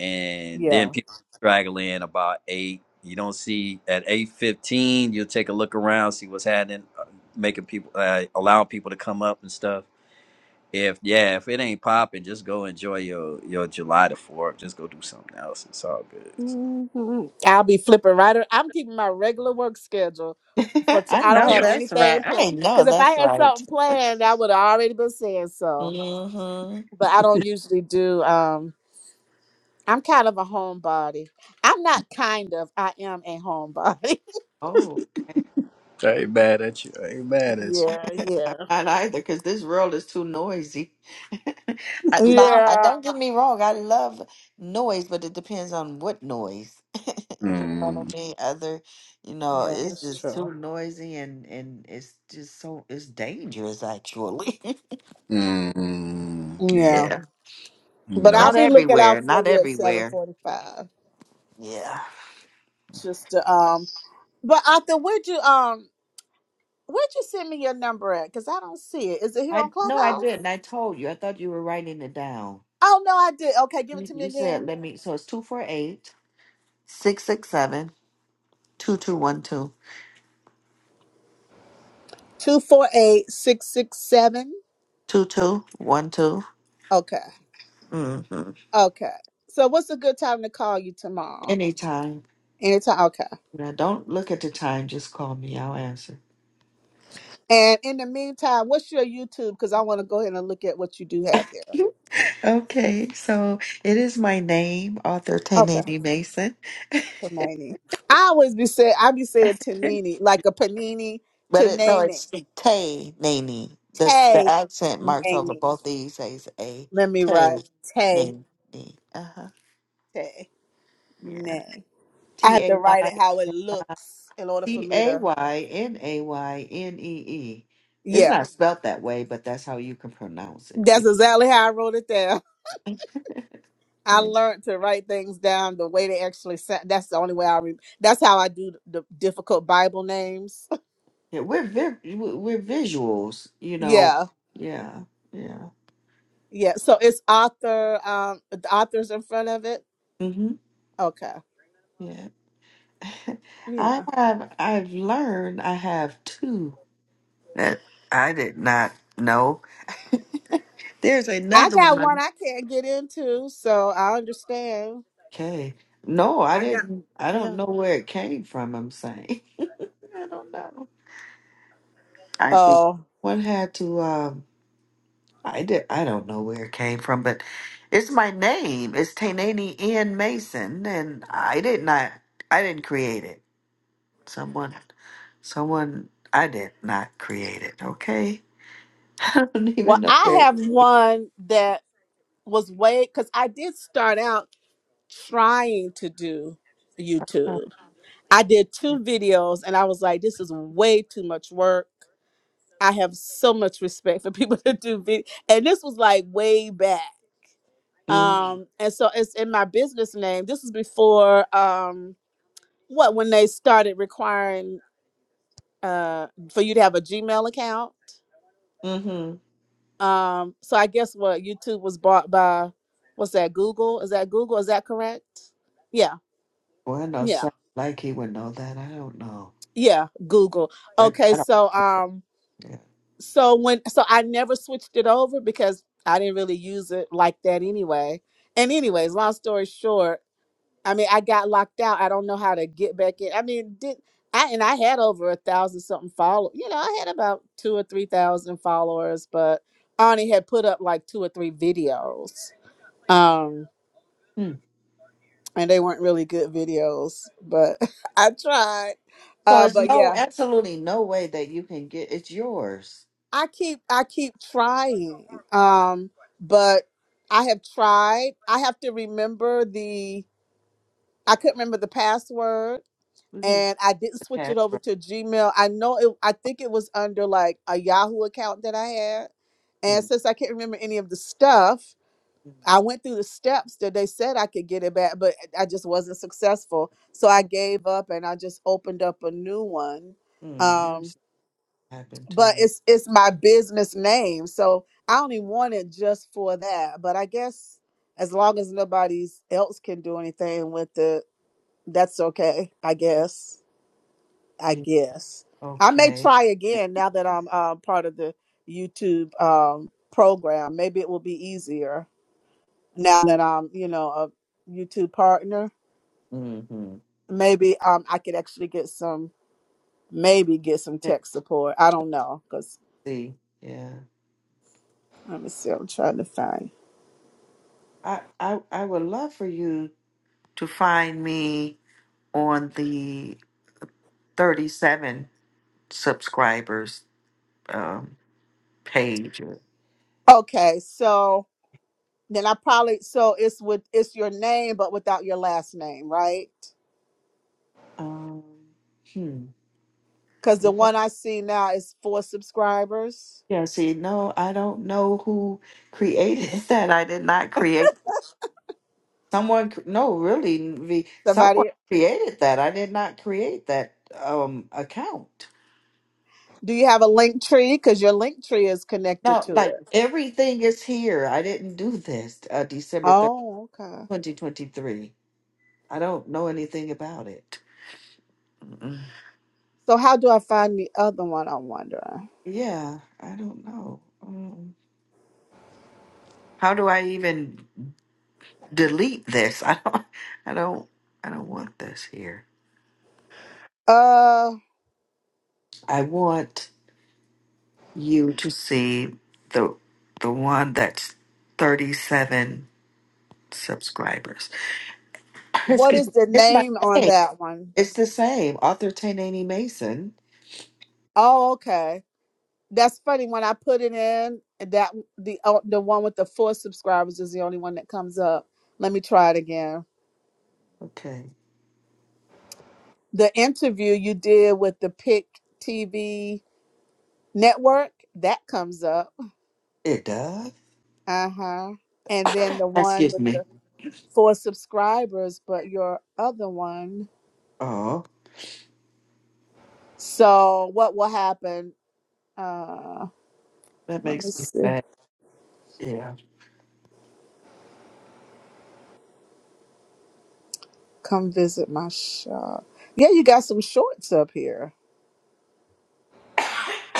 S3: and then
S1: Yeah.
S3: people straggle in about 8 you don't see at 8.15 you'll take a look around see what's happening uh, making people uh, allowing people to come up and stuff if yeah, if it ain't popping, just go enjoy your your July the Fourth. Just go do something else. It's all good. So.
S1: hmm I'll be flipping right. ar- I'm keeping my regular work schedule for. T-
S2: I
S1: I don't
S2: know
S3: Yeah.
S1: have
S2: that's right.
S1: anything planned.
S2: I know
S1: Because if I
S2: that's
S1: had
S2: right.
S1: something planned, I would have already been saying so.
S2: Mm-hmm.
S1: But I don't usually do. Um, I'm kind of a homebody. I'm not kind of. I am a homebody.
S2: Oh.
S3: I ain't mad at you. I ain't mad at you.
S1: Yeah, yeah.
S2: I'm not either because this world is too noisy. I, now, I-
S1: Yeah.
S2: don't get me wrong, I love noise, but it depends on what noise. you know what
S3: Mm,
S2: I mean? Other, you know,
S1: Yeah,
S2: it's
S1: that's
S2: just
S1: true.
S2: too noisy and and it's just so it's dangerous actually.
S3: mm, yeah,
S1: yeah,
S2: yeah,
S3: you
S1: but
S3: know.
S1: I'll
S2: not
S1: be looking
S2: everywhere,
S1: out for
S2: not
S1: you at seven
S2: everywhere.
S1: forty-five.
S2: Yeah,
S1: Just to, um, but Arthur, where'd you um, where'd you send me your number at? Cause I don't see it. Is it here
S2: I
S1: on
S2: no, I
S1: Clubhouse?
S2: didn't. I told you. I thought you were writing it down.
S1: Oh no, I did. Okay, give it
S2: You,
S1: to me
S2: you said
S1: again.
S2: let me. So it's two four eight six six seven two two one two
S1: Two four eight six six seven.
S2: two two one two.
S1: Okay,
S2: Mm-hmm.
S1: okay. So what's a good time to call you tomorrow?
S2: Anytime.
S1: Anytime. okay.
S2: Now, don't look at the time. Just call me. I'll answer.
S1: And in the meantime, what's your YouTube? Because I want to go ahead and look at what you do have there.
S2: okay. So it is my name, author Tay
S1: Okay.
S2: Naney Mason.
S1: Tanini. I always be say I be saying
S2: but
S1: Tanini, like a panini,
S2: it, no,
S1: Tanini.
S2: it's Tay Naney. The, the
S1: Tay
S2: accent marks over
S1: Nani.
S2: both these. Says A.
S1: Let me
S2: Tay
S1: write Tay
S2: Naney. Uh huh.
S1: Tay
S2: Yeah.
S1: Nay. I
S2: T
S1: have to
S2: A
S1: write
S2: Y
S1: it how it looks in order for
S2: T
S1: me
S2: A
S1: to
S2: Y N A Y N E E. It's
S1: Yeah.
S2: not spelt that way, but that's how you can pronounce it.
S1: That's exactly how I wrote it down. I
S2: Yeah.
S1: learned to write things down the way they actually sound. That's the only way I re- that's how I do the difficult Bible names.
S2: Yeah, we're vi- we're visuals, you know.
S1: Yeah.
S2: Yeah, yeah,
S1: Yeah, so it's author, um, the author's in front of it.
S2: hmm
S1: Okay.
S2: yeah. I
S1: Yeah.
S2: have I've learned I have two that I did not know. There's
S1: I
S2: another
S1: got one
S2: one.
S1: I can't get into, so I understand.
S2: Okay, no, I
S1: I got,
S2: didn't. I don't
S1: yeah.
S2: know where it came from. I'm saying I don't know. I think
S1: Oh,
S2: one had to. Um, I did. I don't know where it came from, but it's my name. It's Tainani Ian Mason, and I did not. I didn't create it. Someone, someone, I did not create it, okay? I don't even
S1: well,
S2: know
S1: I
S2: where.
S1: have one that was way, because I did start out trying to do YouTube. I did two videos and I was like, this is way too much work. I have so much respect for people that do video. And this was like way back.
S2: Mm
S1: um and so it's in my business name this is before um what when they started requiring uh for you to have a gmail account
S2: hmm.
S1: um so i guess what youtube was bought by what's that google is that google is that correct yeah
S2: Well, I know,
S1: yeah
S2: sound like he would know that. I don't know.
S1: yeah google
S2: Like,
S1: okay
S2: I don't.
S1: so um
S2: Yeah.
S1: so when so i never switched it over because i didn't really use it like that anyway and anyways long story short I mean, I got locked out. I don't know how to get back in. I mean, did I? And I had over a thousand something follow. You know, I had about two or three thousand followers, but I only had put up like two or three videos, um,
S2: Hmm.
S1: and they weren't really good videos. But I tried.
S2: So
S1: Uh,
S2: it's
S1: but
S2: no,
S1: yeah,
S2: absolutely no way that you can get it's yours.
S1: I keep I keep trying. Um, but I have tried. I have to remember the. I couldn't remember the password
S2: You can just
S1: and I didn't switch
S2: pass
S1: it over
S2: right.
S1: to Gmail. I know it. I think it was under like a Yahoo account that I had, and
S2: Hmm.
S1: since I can't remember any of the stuff, I went through the steps that they said I could get it back, but I just wasn't successful. So I
S2: Hmm.
S1: gave up and I just opened up a new one.
S2: Hmm. I'm
S1: Um,
S2: sorry it happened to
S1: but
S2: you.
S1: it's it's my business name, so I only want it just for that. But I guess as long as nobody else can do anything with it, that's okay. I guess. I
S2: Yeah.
S1: guess I may
S2: Okay.
S1: try again now that I'm uh, part of the YouTube um, program. Maybe it will be easier now that I'm, you know, a YouTube partner.
S2: Mm-hmm.
S1: Maybe um, I could actually get some, maybe get some
S2: Yeah.
S1: tech support. I don't know because
S2: See, yeah.
S1: let me see. I'm trying to find.
S2: I, I I would love for you to find me. on the 37 subscribers um, page.
S1: Okay, so then I probably so it's with it's your name but without your last name, right?
S2: Um, hmm.
S1: Because the
S2: Well,
S1: one I see now is four subscribers.
S2: Yeah, see, no, I don't know who created that. I did not create. Someone, cr- no, really, Nvi, someone
S1: Somebody.
S2: created that. I did not create that um account.
S1: Do you have a link tree? Because your link tree is connected
S2: No,
S1: to
S2: like
S1: it.
S2: everything is here. I didn't do this. Uh, December third,
S1: Oh, okay.
S2: twenty twenty three. I don't know anything about it. Mm-mm.
S1: So how do I find the other one? I'm wondering.
S2: Yeah, I don't know. Um, How do I even delete this? I don't I don't I don't want this here.
S1: Uh,
S2: I want you to see the the one that's 37 subscribers.
S1: what
S2: Excuse
S1: is
S2: me.
S1: the
S2: It's my
S1: name on
S2: name.
S1: that one?
S2: It's the same. Author Tainani Mason.
S1: Oh, okay. That's funny. When I put it in, that the oh, the one with the four subscribers is the only one that comes up. Let me try it again.
S2: Okay.
S1: The interview you did with the Pick TV network that comes up.
S2: It does.
S1: Uh huh. And then the one
S2: Excuse
S1: with the
S2: me.
S1: for subscribers, but your other one.
S2: Oh,
S1: So what will happen? Uh,
S2: that
S1: let me
S2: makes me
S1: see.
S2: sad. Yeah.
S1: Come visit my shop. Yeah, you got some shorts up here.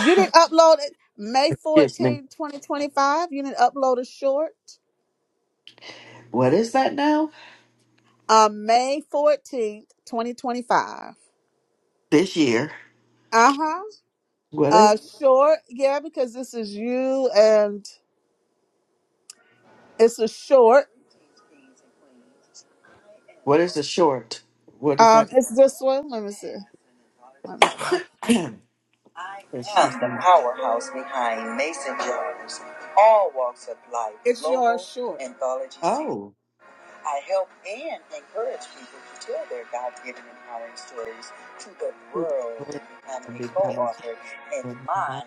S1: You didn't upload it May
S2: Excuse me.
S1: 14th, 2025. You didn't upload a short.
S2: What is that now?
S1: on May 14th, 2025.
S2: This year.
S1: Uh-huh.
S2: What is
S1: Uh short, yeah, because this is you and it's a short.
S2: what is the short? What is that?
S1: Um, it's this one. Let me see. Let me hold up.
S2: Excuse me.
S1: Short.
S2: Oh, to the word and become exalted in my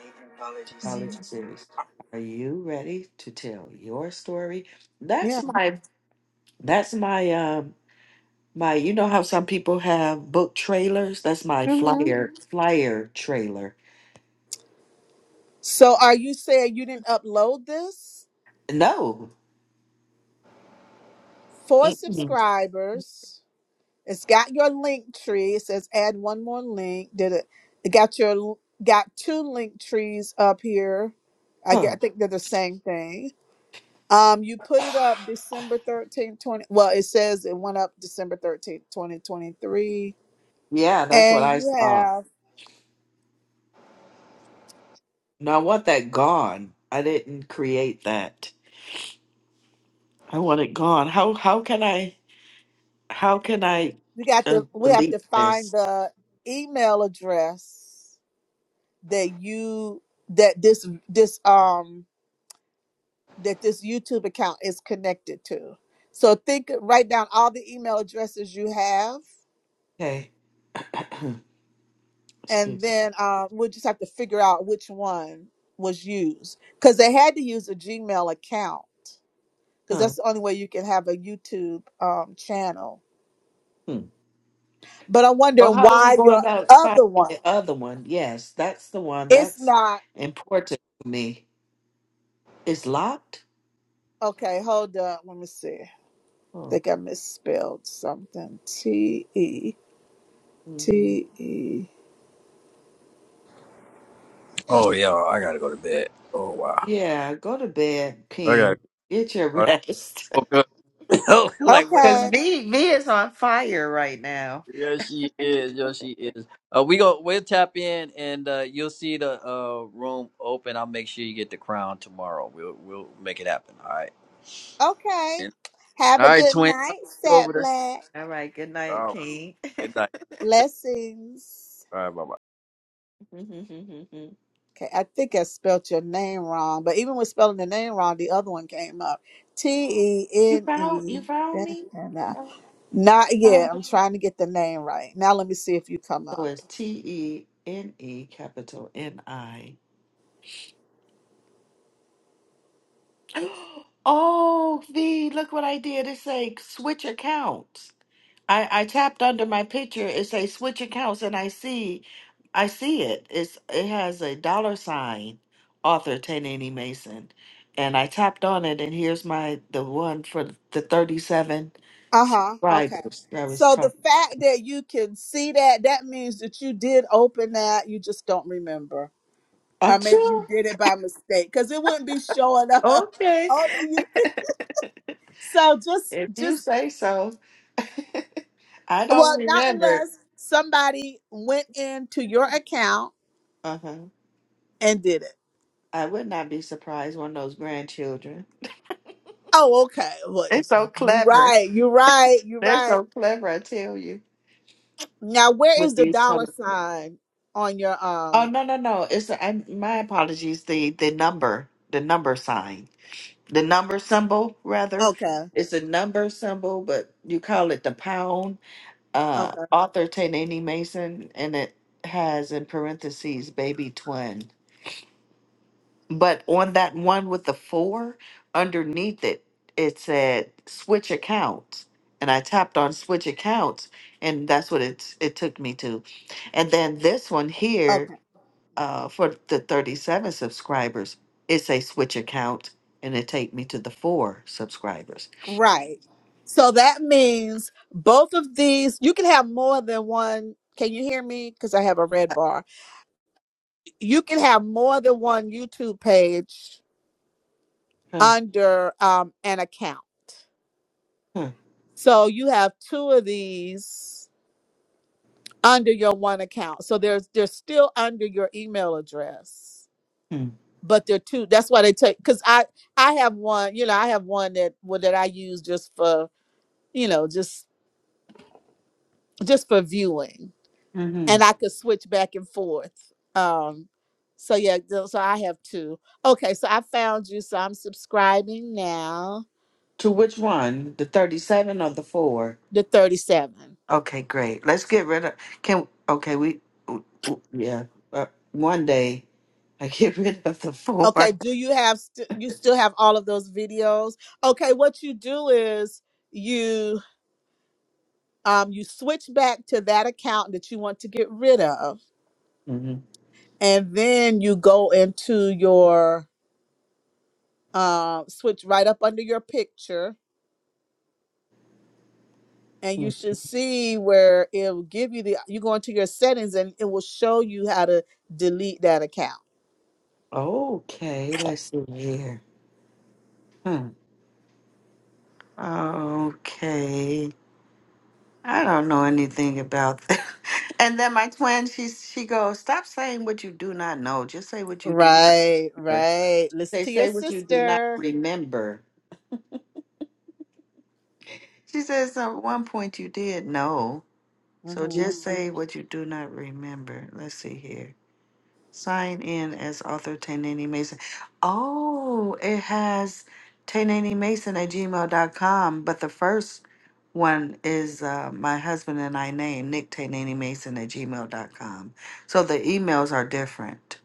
S2: knowledge series. Are you ready to tell your story?
S1: Yeah.
S2: That's my that's my um my you know how some people have book trailers? That's my
S1: Mm-hmm.
S2: flyer flyer trailer.
S1: So are you saying you didn't upload this
S2: No.
S1: for
S2: Mm-mm.
S1: subscribers? It's got your link tree. It says add one more link. Did it? It got your l- got two link trees up here. I get.
S2: Huh.
S1: I think they're the same thing. Um, you put it up December 13th, 20. Well, it says it went up December 13th, 2023.
S2: Yeah, that's what
S1: And
S2: I
S1: you
S2: saw.
S1: have
S2: No, I want that gone. I didn't create that. I want it gone. How how can I? How can I
S1: we got
S2: uh,
S1: to we have
S2: delete
S1: to find
S2: this?
S1: the email address that you that this this um that this YouTube account is connected to. So think, write down all the email addresses you have,
S2: Okay.
S1: and
S2: Excuse me.
S1: then uh, we'll just have to figure out which one was used because they had to use a Gmail account because
S2: Huh.
S1: that's the only way you can have a YouTube um, channel.
S2: Hmm.
S1: But I'm
S2: Oh,
S1: wondering
S2: how do we
S1: why
S2: go
S1: your
S2: about finding
S1: other one
S2: the other one? Yes, that's the one.
S1: it's
S2: That's
S1: not
S2: important to me. It's locked?
S1: okay. Hold up, let me see. I
S2: Oh.
S1: think I misspelled something. T E
S2: hmm
S1: T E.
S3: Oh yeah, I gotta go to bed. Oh wow.
S2: Yeah, go to bed,
S3: I gotta
S2: King. Get your
S3: I
S2: rest.
S3: woke up. Oh, like wait a
S1: Okay.
S2: Because
S3: minute.
S2: me, me is on fire right now.
S3: I- Yeah, she
S2: All
S3: is. Yeah, she is. Uh, we go. We'll tap in, and uh, you'll see the uh, room open. I'll make sure you get the crown tomorrow. We'll we'll make it happen. All right.
S1: Okay. Have
S3: All
S1: a
S3: right,
S1: good
S3: twin. I'll
S1: night,
S3: see you
S1: Sat
S3: over there.
S1: Black.
S2: right, good
S3: All
S2: night,
S3: right.
S2: King.
S3: Good night. I'll take-
S1: Blessings.
S3: you. All right, bye bye.
S1: Okay, I think I spelt your name wrong, but even with spelling the name wrong, the other one came up. T E
S2: you
S1: N
S2: found
S1: E.
S2: you found
S1: dash,
S2: me?
S1: dash, Not yet. I'm trying to get the name right. Now let me see if you come
S2: So
S1: up.
S2: it's T E N E capital N I. Oh, V, look what I did. It say switch accounts. I, I tapped under my picture. It say switch accounts and I see I see it. It's it has a dollar sign author Tanani Mason. And I tapped on it and here's my the one for the 37
S1: Uh-huh. Okay.
S2: riders. that was
S1: So the
S2: talking.
S1: fact that you can see that, that means that you did open that, you just don't remember. Or maybe you
S2: Achoo.
S1: did it by mistake. Because it wouldn't be showing up.
S2: Okay.
S1: Only you can so just
S2: If you
S1: just
S2: say so. I don't
S1: well, not
S2: remember.
S1: unless somebody went into your account
S2: Uh-huh.
S1: and did it.
S2: I would not be surprised one of those grandchildren.
S1: Oh, okay. Well,
S2: They're so
S1: you're
S2: clever.
S1: right, you're right, you're
S2: They're
S1: right.
S2: so clever, I tell you,
S1: Now where is
S2: with
S1: the
S2: these
S1: dollar
S2: telephones.
S1: sign on your
S2: Oh
S1: um
S2: no, no, no. It's I, my apologies. The the number, the number sign. The number symbol rather.
S1: okay,
S2: It's a number symbol, but you call it the pound. Uh
S1: okay,
S2: author Tanani Mason and it has in parentheses baby twin. But on that one with the four, underneath it, it said switch accounts. And I tapped on switch accounts, and that's what it, it took me to. And then this one
S1: okay.
S2: here, uh, for the 37 subscribers, it's a switch account, and it take me to the four subscribers.
S1: Right. So that means both of these, you can have more than one. Can you hear me? Because I have a red bar. You can have more than one YouTube page
S2: Huh,
S1: under um, an account.
S2: huh,
S1: So you have two of these under your one account. So there's they're still under your email address,
S2: hmm,
S1: but they're two. That's why they take because I I have one. You know, I have one that well, that I use just for you know just just for viewing
S2: mhm.
S1: and I could switch back and forth. Um, so yeah, tho- so I have two. Okay, so I found you. So I'm subscribing now.
S2: To which one? The 37 or the four?
S1: The 37.
S2: Okay, great. Let's get rid of, can, okay, we, w- w- yeah, uh, one day. I get rid of the 4
S1: Okay, do you have st- you still have all of those videos? Okay, what you do is you um you switch back to that account that you want to get rid of
S2: Mm-hmm.
S1: and then you go into your um switch right up under your picture and you should see where it'll give you the you go into your settings and it will show you how to delete that account
S2: Okay, let's see here. Hmm. Okay, I don't know anything about that. And then my twin, she she goes, "Stop saying what you do not know. Just say what you do not
S1: right
S2: remember.
S1: right listen
S2: They
S1: to your
S2: say what you do not
S1: sister
S2: remember." She says, "At one point you did know, so
S1: hmm
S2: just Mhm. say what you do not remember." Let's see here. Sign in as author Tainani Mason. Oh, it has Tainani Mason at gmail dot com. but the first one is uh, my husband and I name, Nick Tainani Mason at gmail dot com. So the emails are different.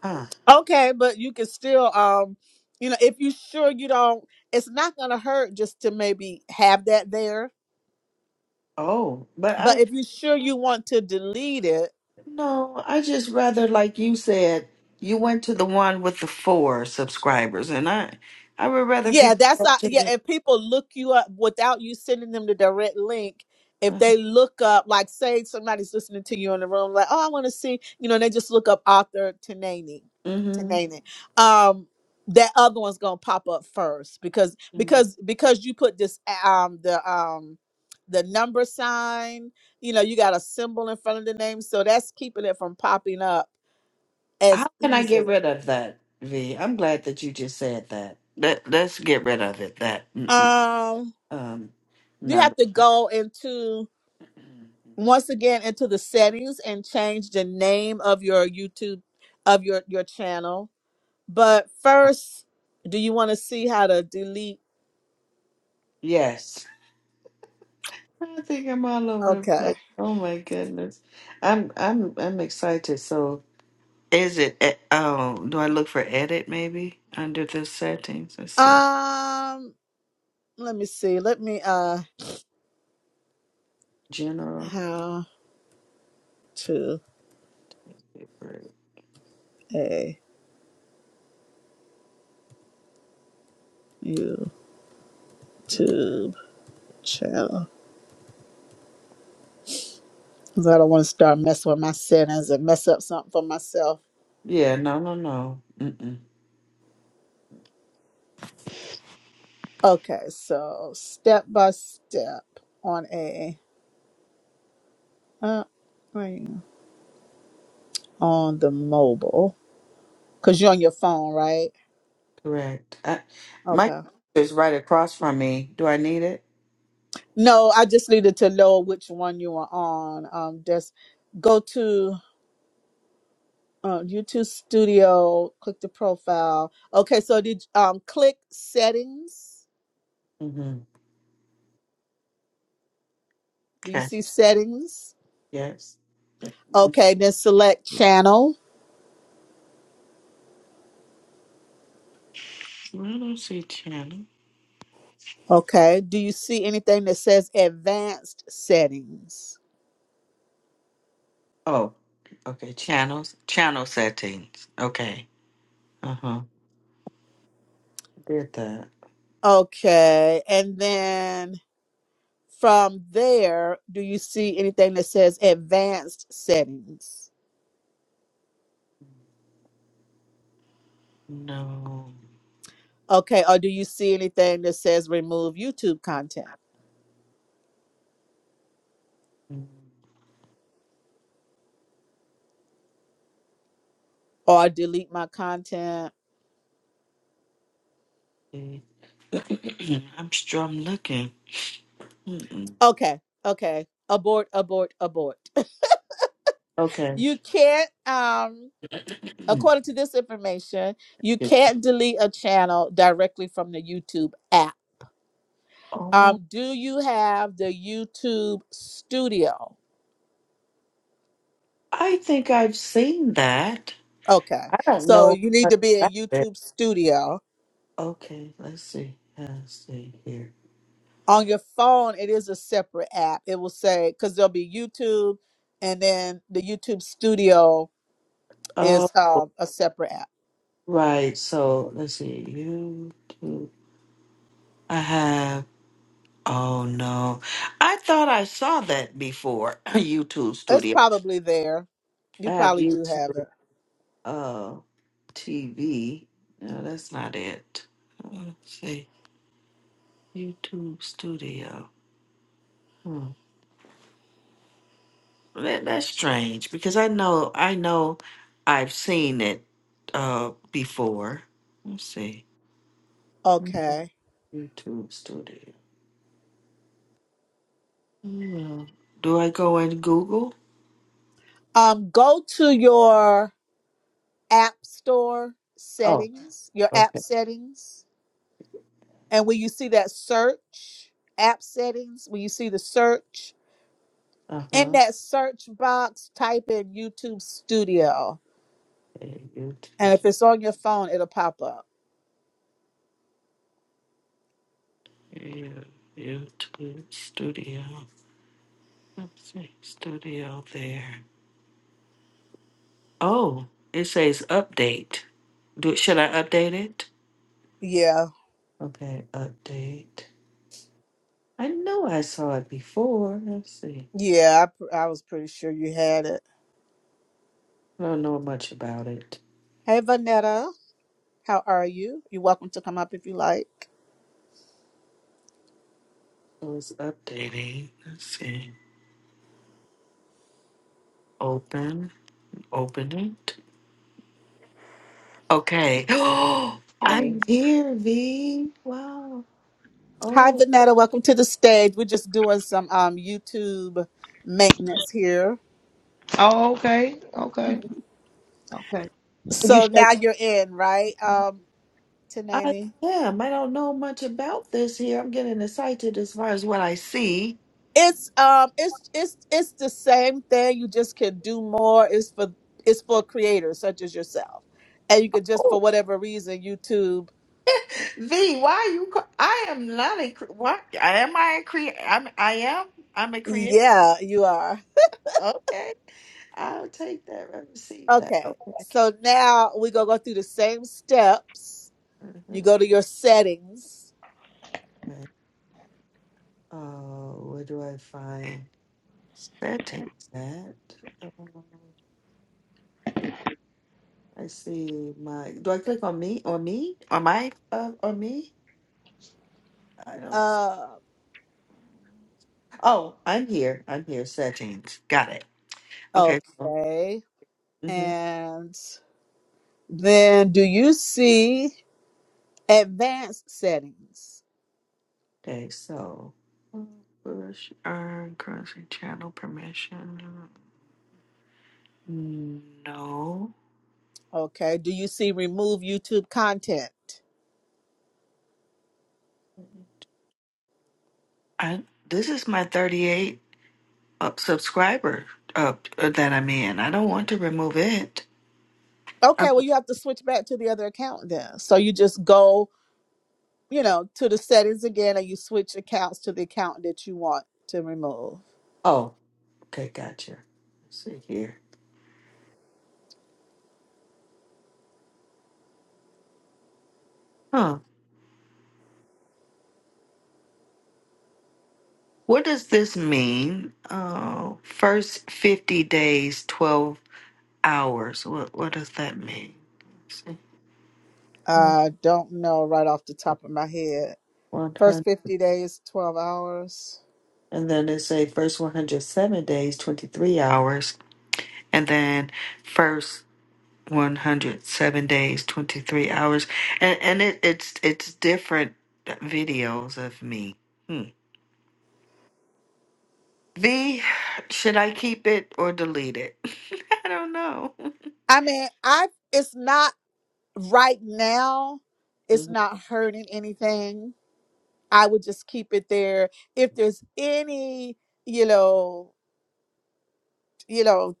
S2: Huh.
S1: okay but you can still um you know if you are sure you don't it's not gonna hurt just to maybe have that there
S2: Oh, but
S1: but
S2: I,
S1: if you are sure you want to delete it
S2: no, I just rather, like you said, you went to the one with the four subscribers, and I, I would rather
S1: Yeah,
S2: people
S1: that's
S2: go
S1: uh,
S2: to
S1: yeah.
S2: the,
S1: If people look you up without you sending them the direct link, if
S2: uh-huh.
S1: they look up, like say somebody's listening to you in the room, like, oh, I want to see, you know, and they just look up author Tanani,
S2: mm-hmm.
S1: Tanani, um, that other one's gonna pop up first because because because you put this um the um the number sign, you know, you got a symbol in front of the name, so that's keeping it from popping up
S2: How
S1: as
S2: can I get
S1: easily.
S2: rid of that, V? I'm glad that you just said that. Let, let's get rid of it, that mm, mm,
S1: Um,
S2: um,
S1: you
S2: number.
S1: have to go into.
S2: mm-hmm.
S1: once again into the settings and change the name of your YouTube of your your channel. But first, do you want to see how to delete?
S2: Yes. I think I'm all over the
S1: Okay.
S2: place. Oh my goodness. I'm I'm I'm excited. So is it e- oh, do I look for edit maybe under the settings? Let's see.
S1: Um, let me see. Let me uh
S2: General.
S1: how to a YouTube channel. 'Cause I don't want to start messing with my settings and mess up something for myself.
S2: Yeah, no, no, no. Mm-mm.
S1: Okay, so step by step on a uh, wait, on the mobile. Cause you're on your phone, right?
S2: Correct. I, my
S1: Okay.
S2: computer is right across from me. Do I need it?
S1: No, I just needed to know which one you were on. Um, just go to uh, YouTube Studio, click the profile. Okay, so did um click settings?
S2: Mm-hmm.
S1: Do you
S2: Okay.
S1: see settings?
S2: Yes. I
S1: Okay, then select channel.
S2: don't see channel.
S1: Okay. Do you see anything that says advanced settings?
S2: Oh, okay. Channels, channel settings. Okay. Uh huh. Did that?
S1: Okay, and then from there, do you see anything that says advanced settings?
S2: No.
S1: Okay, or do you see anything that says remove YouTube content
S2: Mm,
S1: or delete my content?
S2: see. I'm sure I'm looking. Mm-mm.
S1: Okay, okay. Abort, abort, abort.
S2: Okay.
S1: You can't um according to this information, you
S2: Yes.
S1: can't delete a channel directly from the YouTube app.
S2: oh,
S1: Um do you have the YouTube Studio?
S2: I think I've seen that.
S1: Okay.
S2: I don't
S1: So
S2: know
S1: you need
S2: much
S1: to be
S2: about
S1: in
S2: it.
S1: YouTube Studio.
S2: Okay. Let's see. Let's see here.
S1: On your phone, it is a separate app. It will say cuz there'll be YouTube and then the YouTube Studio
S2: All
S1: is uh, a separate app.
S2: right. So let's see. YouTube. I have. Oh no. I thought I saw that before. YouTube
S1: It's
S2: studio.
S1: probably there.
S2: I
S1: You
S2: have
S1: probably do
S2: YouTube
S1: have it.
S2: uh TV. No, that's not it. I wanna say YouTube studio. Hmm. That, that's strange because I know I know I've seen it uh before. Let's see. Mhm.
S1: Okay.
S2: YouTube studio. Hmm. Do I go in Google?
S1: Um, go to your app store
S2: Oh,
S1: settings, your app
S2: okay.
S1: settings, and when you see that search app settings, when you see the search in
S2: Uh-huh.
S1: that search box, type in YouTube Studio,
S2: Okay, YouTube.
S1: and if it's on your phone, it'll pop up.
S2: Yeah, YouTube Studio. Upstate Studio there. Oh, it says update. Do should I update it?
S1: Yeah,
S2: Okay, update. I know I saw it before. Let's see.
S1: yeah, I, pr- I was pretty sure you had it.
S2: I don't know much about it.
S1: Hey, Vanetta, how are you? You're welcome to come up if you like.
S2: So it's updating. Let's see. Open. Open it. Okay.
S4: today.
S2: I'm here, V. Wow. Oh.
S1: Hi, Vanetta. Welcome to the stage. We're just doing some um, YouTube maintenance here.
S4: Oh, okay, okay, okay. You
S1: So
S4: sure
S1: now you're in, right, um,
S2: I
S1: Tanani?
S2: am. I don't know much about this here. I'm getting excited as far as what I see.
S1: It's um, it's it's it's the same thing. You just can do more. It's for it's for creators such as yourself, and you could just
S2: Oh,
S1: for whatever reason YouTube.
S2: V, why are you? ca- I am not a. cre- What am I a creator? I'm. I am. I'm a creator.
S1: Yeah, you are
S2: Okay, I'll take that. I receive that.
S1: okay.
S2: Okay.
S1: So now we gonna go through the same steps. You
S2: Mhm.
S1: go to your settings.
S2: Okay. Oh, where do I find settings at? Um, see. I see my. Do I click on me? On me? On my? Uh, on me? I don't.
S1: Uh,
S2: Oh, I'm here. I'm here. Settings. Got it. Okay. So,
S1: okay,
S2: mm-hmm.
S1: and Then do you see advanced settings?
S2: Okay. So, push earn currency channel permission. No.
S1: Okay. Do you see remove YouTube content?
S2: I. This is my 38 up subscriber up that I'm in. I don't want to remove it.
S1: Okay,
S2: i
S1: well you have to switch back to the other account then. So you just go, you know, to the settings again and you switch accounts to the account that you want to remove.
S2: oh. Okay. Gotcha. Let's see here. Huh. What does this mean? Uh, first 50 days, 12. hours. What what does that mean? Let's see.
S1: I don't know right off the top of my head.
S2: One
S1: First
S2: hundred,
S1: 50 days, 12 hours.
S2: and then they say first one hundred seven days, twenty three hours, and then first one hundred seven days, twenty three hours, and and it, it's it's different videos of me. Hmm. V, should I keep it or delete it? I don't know.
S1: I mean, I it's not right now. It's
S2: Mhm,
S1: not hurting anything I would just keep it there. If there's any, you know, you know,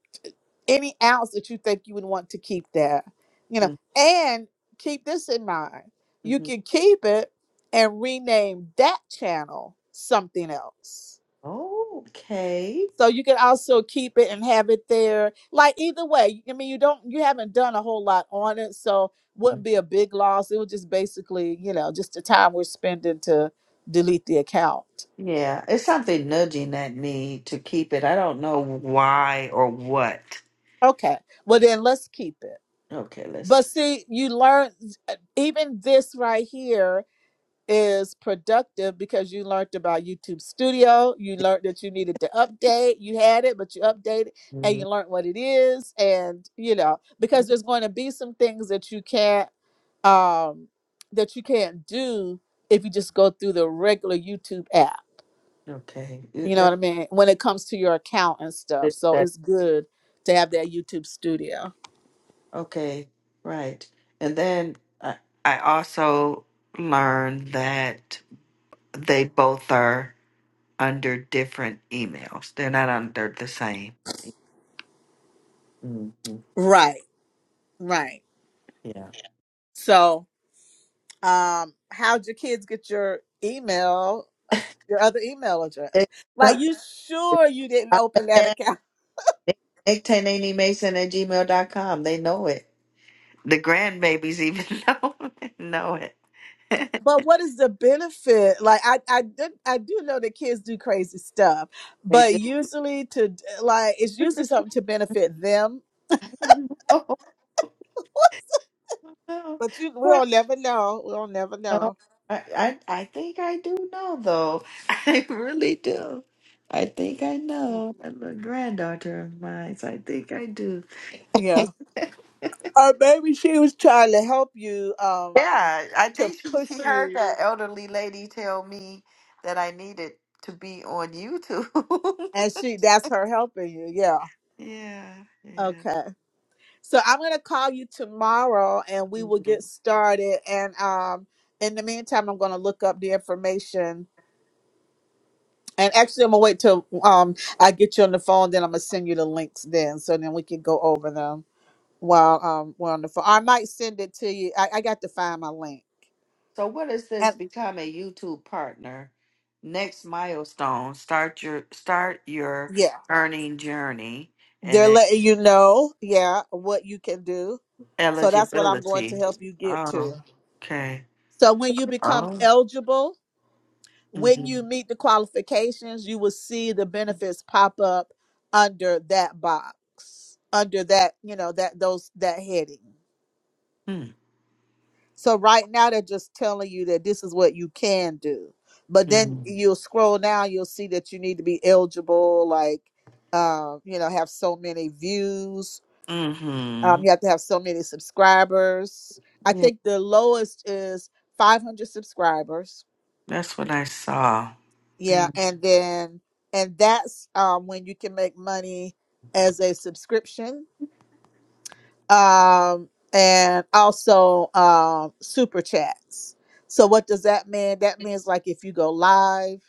S1: any ounce that you think you would want to keep there, you know,
S2: mhm,
S1: and keep this in mind. You
S2: mhm.
S1: can keep it and rename that channel something else.
S2: Okay.
S1: So you can also keep it and have it there. Like either way, I mean, you don't, you haven't done a whole lot on it, so wouldn't be a big loss. It was just basically, you know, just the time we're spending to delete the account.
S2: Yeah, it's something nudging at me to keep it. I don't know why or what.
S1: Okay. Well, then let's keep it.
S2: Okay, let's
S1: But
S2: keep
S1: see, you learn uh, even this right here is productive because you learned about YouTube Studio. You
S2: it.
S1: learned that you needed to update. You had it, but you updated and
S2: Mm,
S1: you learned what it is. And, you know, because there's going to be some things that you can't, um, that you can't do if you just go through the regular YouTube app.
S2: Okay,
S1: You
S2: it-
S1: know
S2: that,
S1: what I mean? When it comes to your account and stuff.
S2: that
S1: So
S2: that
S1: it's good to have that YouTube Studio.
S2: okay, right. And then I I also learned that they both are under different emails. They're not under the same. Mm-hmm.
S1: Right. Right.
S2: Yeah.
S1: So, um, how'd your kids get your email, your other email address?
S2: It's
S1: Like,
S2: simple.
S1: you
S2: It's
S1: sure you didn't open that
S2: common.
S1: account?
S2: Nick- Nick Tanini Mason at Gmail dot com. They know it. The grandbabies even know know it.
S1: But what is the benefit? Like, I I did I do know that kids do crazy stuff,
S2: they
S1: but
S2: just
S1: usually to like it's usually something to benefit them.
S2: know. No,
S1: But you,
S2: Well,
S1: we'll never know. We'll never
S2: no.
S1: know.
S2: I, I I think I do know though. I really do. I think I know. I'm a granddaughter of mine, so I think I do.
S1: Yeah. Or maybe she was trying to help you, um,
S2: Yeah, I
S1: to
S2: think she, she
S1: push
S2: heard
S1: you,
S2: that elderly lady tell me that I needed to be on YouTube.
S1: and she that's her helping you. Yeah.
S2: yeah,
S1: Okay. So I'm gonna call you tomorrow and we will
S2: yeah.
S1: get started. And um in the meantime I'm gonna look up the information. And actually I'm gonna wait till um I get you on the phone, then I'm gonna send you the links then so then we can go over them while um we're on the phone. I might send it to you. I, I got to find my link.
S2: So what is this?
S1: And
S2: Become a YouTube partner. Next milestone, start your start your
S1: yeah,
S2: earning journey and
S1: they're
S2: it's
S1: letting you know, yeah, what you can do. So that's what I'm going to
S2: eligibility.
S1: help you get
S2: Oh,
S1: to.
S2: okay.
S1: So when you become
S2: Oh.
S1: eligible, when
S2: Mm-hmm.
S1: you meet the qualifications, you will see the benefits pop up under that box, under that, you know, that those that heading.
S2: Mm,
S1: So right now they're just telling you that this is what you can do. But then
S2: Mm-hmm.
S1: you'll scroll down, you'll see that you need to be eligible, like um, you know, have so many views. Um,
S2: hmm
S1: you have to have so many subscribers. I
S2: Yeah,
S1: think the lowest is 500 subscribers
S2: that's what I saw. Yeah.
S1: Yeah, and then and that's um, when you can make money as a subscription, um, and also um, super chats. So what does that mean? That means like if you go live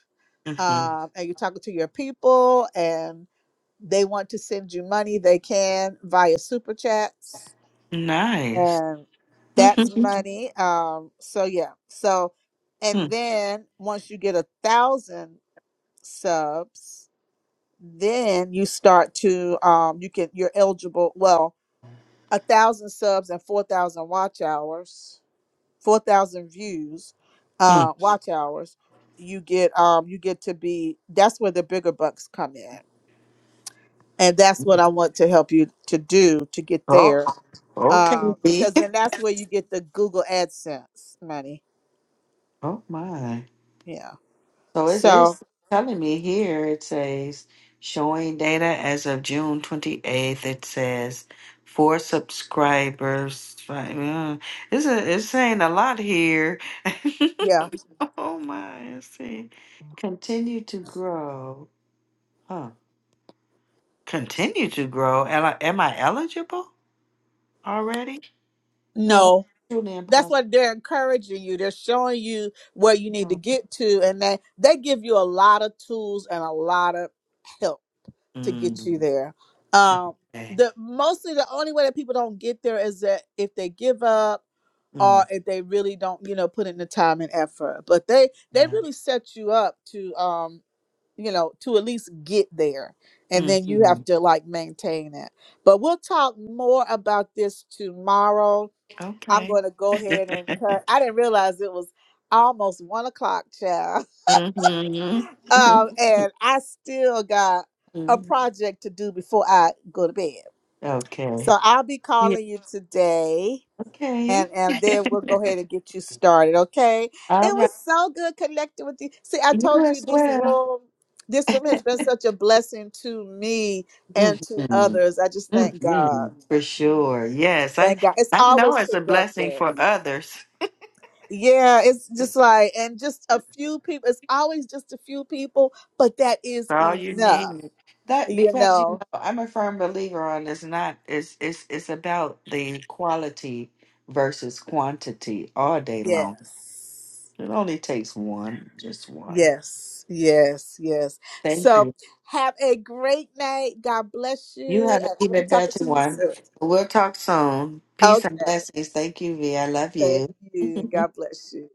S2: hmm
S1: um, and you're talking to your people and they want to send you money, they can via super chats,
S2: Nice.
S1: and that's
S2: Mm-hmm.
S1: money. Um, so yeah, so and
S2: mm
S1: then once you get a thousand subs then you start to um you can you're eligible well a thousand subs and four thousand watch hours four thousand views
S2: mm.
S1: uh watch hours you get um you get to be that's where the bigger bucks come in and that's what i want to help you to do to get
S2: Oh,
S1: there
S2: okay.
S1: uh,
S2: B.
S1: because then that's where you get the google adsense money
S2: Oh my.
S1: yeah
S2: So it
S1: so
S2: is telling me here, it says showing data as of June 28th. It says four subscribers. Five, uh, it's, a, it's saying a lot here.
S1: yeah
S2: oh my, I see. Continue to grow. Huh. Continue to grow. Am I, am I eligible already? No,
S1: no
S2: truly
S1: that's
S2: impossible.
S1: what they're encouraging you they're showing you where you need to
S2: No.
S1: get to and they they give you a lot of tools and a lot of help to get you
S2: Mm,
S1: there um
S2: Okay.
S1: the mostly the only way that people don't get there is that if they give up or
S2: Mm,
S1: if they really don't you know put in the time and effort but they they
S2: yeah.
S1: really set you up to um you know to at least get there and then you have
S2: Mhm.
S1: to like maintain it but we'll talk more about this tomorrow I'm
S2: Okay.
S1: going to go ahead and cut. I didn't realize it was almost one o'clock, child. Um,
S2: Mm-hmm.
S1: and I still got a project to do before I go to bed. So
S2: okay.
S1: I'll be
S2: Yeah,
S1: calling you today, and
S2: okay.
S1: and then we'll go ahead and get you started. Okay? It
S2: All right.
S1: was so good connecting with you. See, I
S2: You
S1: told you
S2: as
S1: this
S2: well.
S1: room. This room has been such a blessing to me and to
S2: hmm
S1: others. I just thank
S2: hmm
S1: God.
S2: For sure. Yes. I,
S1: Thank God. It's
S2: I know
S1: always
S2: it's a blessing
S1: productive.
S2: for others.
S1: Yeah, it's just
S2: It's
S1: like, and just a few people. It's always just a few people, but that is
S2: all you
S1: enough,
S2: need. That
S1: you
S2: because you know,
S1: know.
S2: I'm a firm believer on it's not it's it's it's about the quality versus quantity all day long.
S1: Yes,
S2: It only takes one, just one.
S1: yes, yes, yes.
S2: Thank you.
S1: So have a great night. God bless
S2: You
S1: you,
S2: have an
S1: and I'll be
S2: even
S1: talking
S2: better
S1: to you
S2: one.
S1: soon.
S2: We'll talk soon. Peace
S1: Okay,
S2: and blessings. Thank you, V. I love
S1: thank
S2: you.
S1: you. God bless you.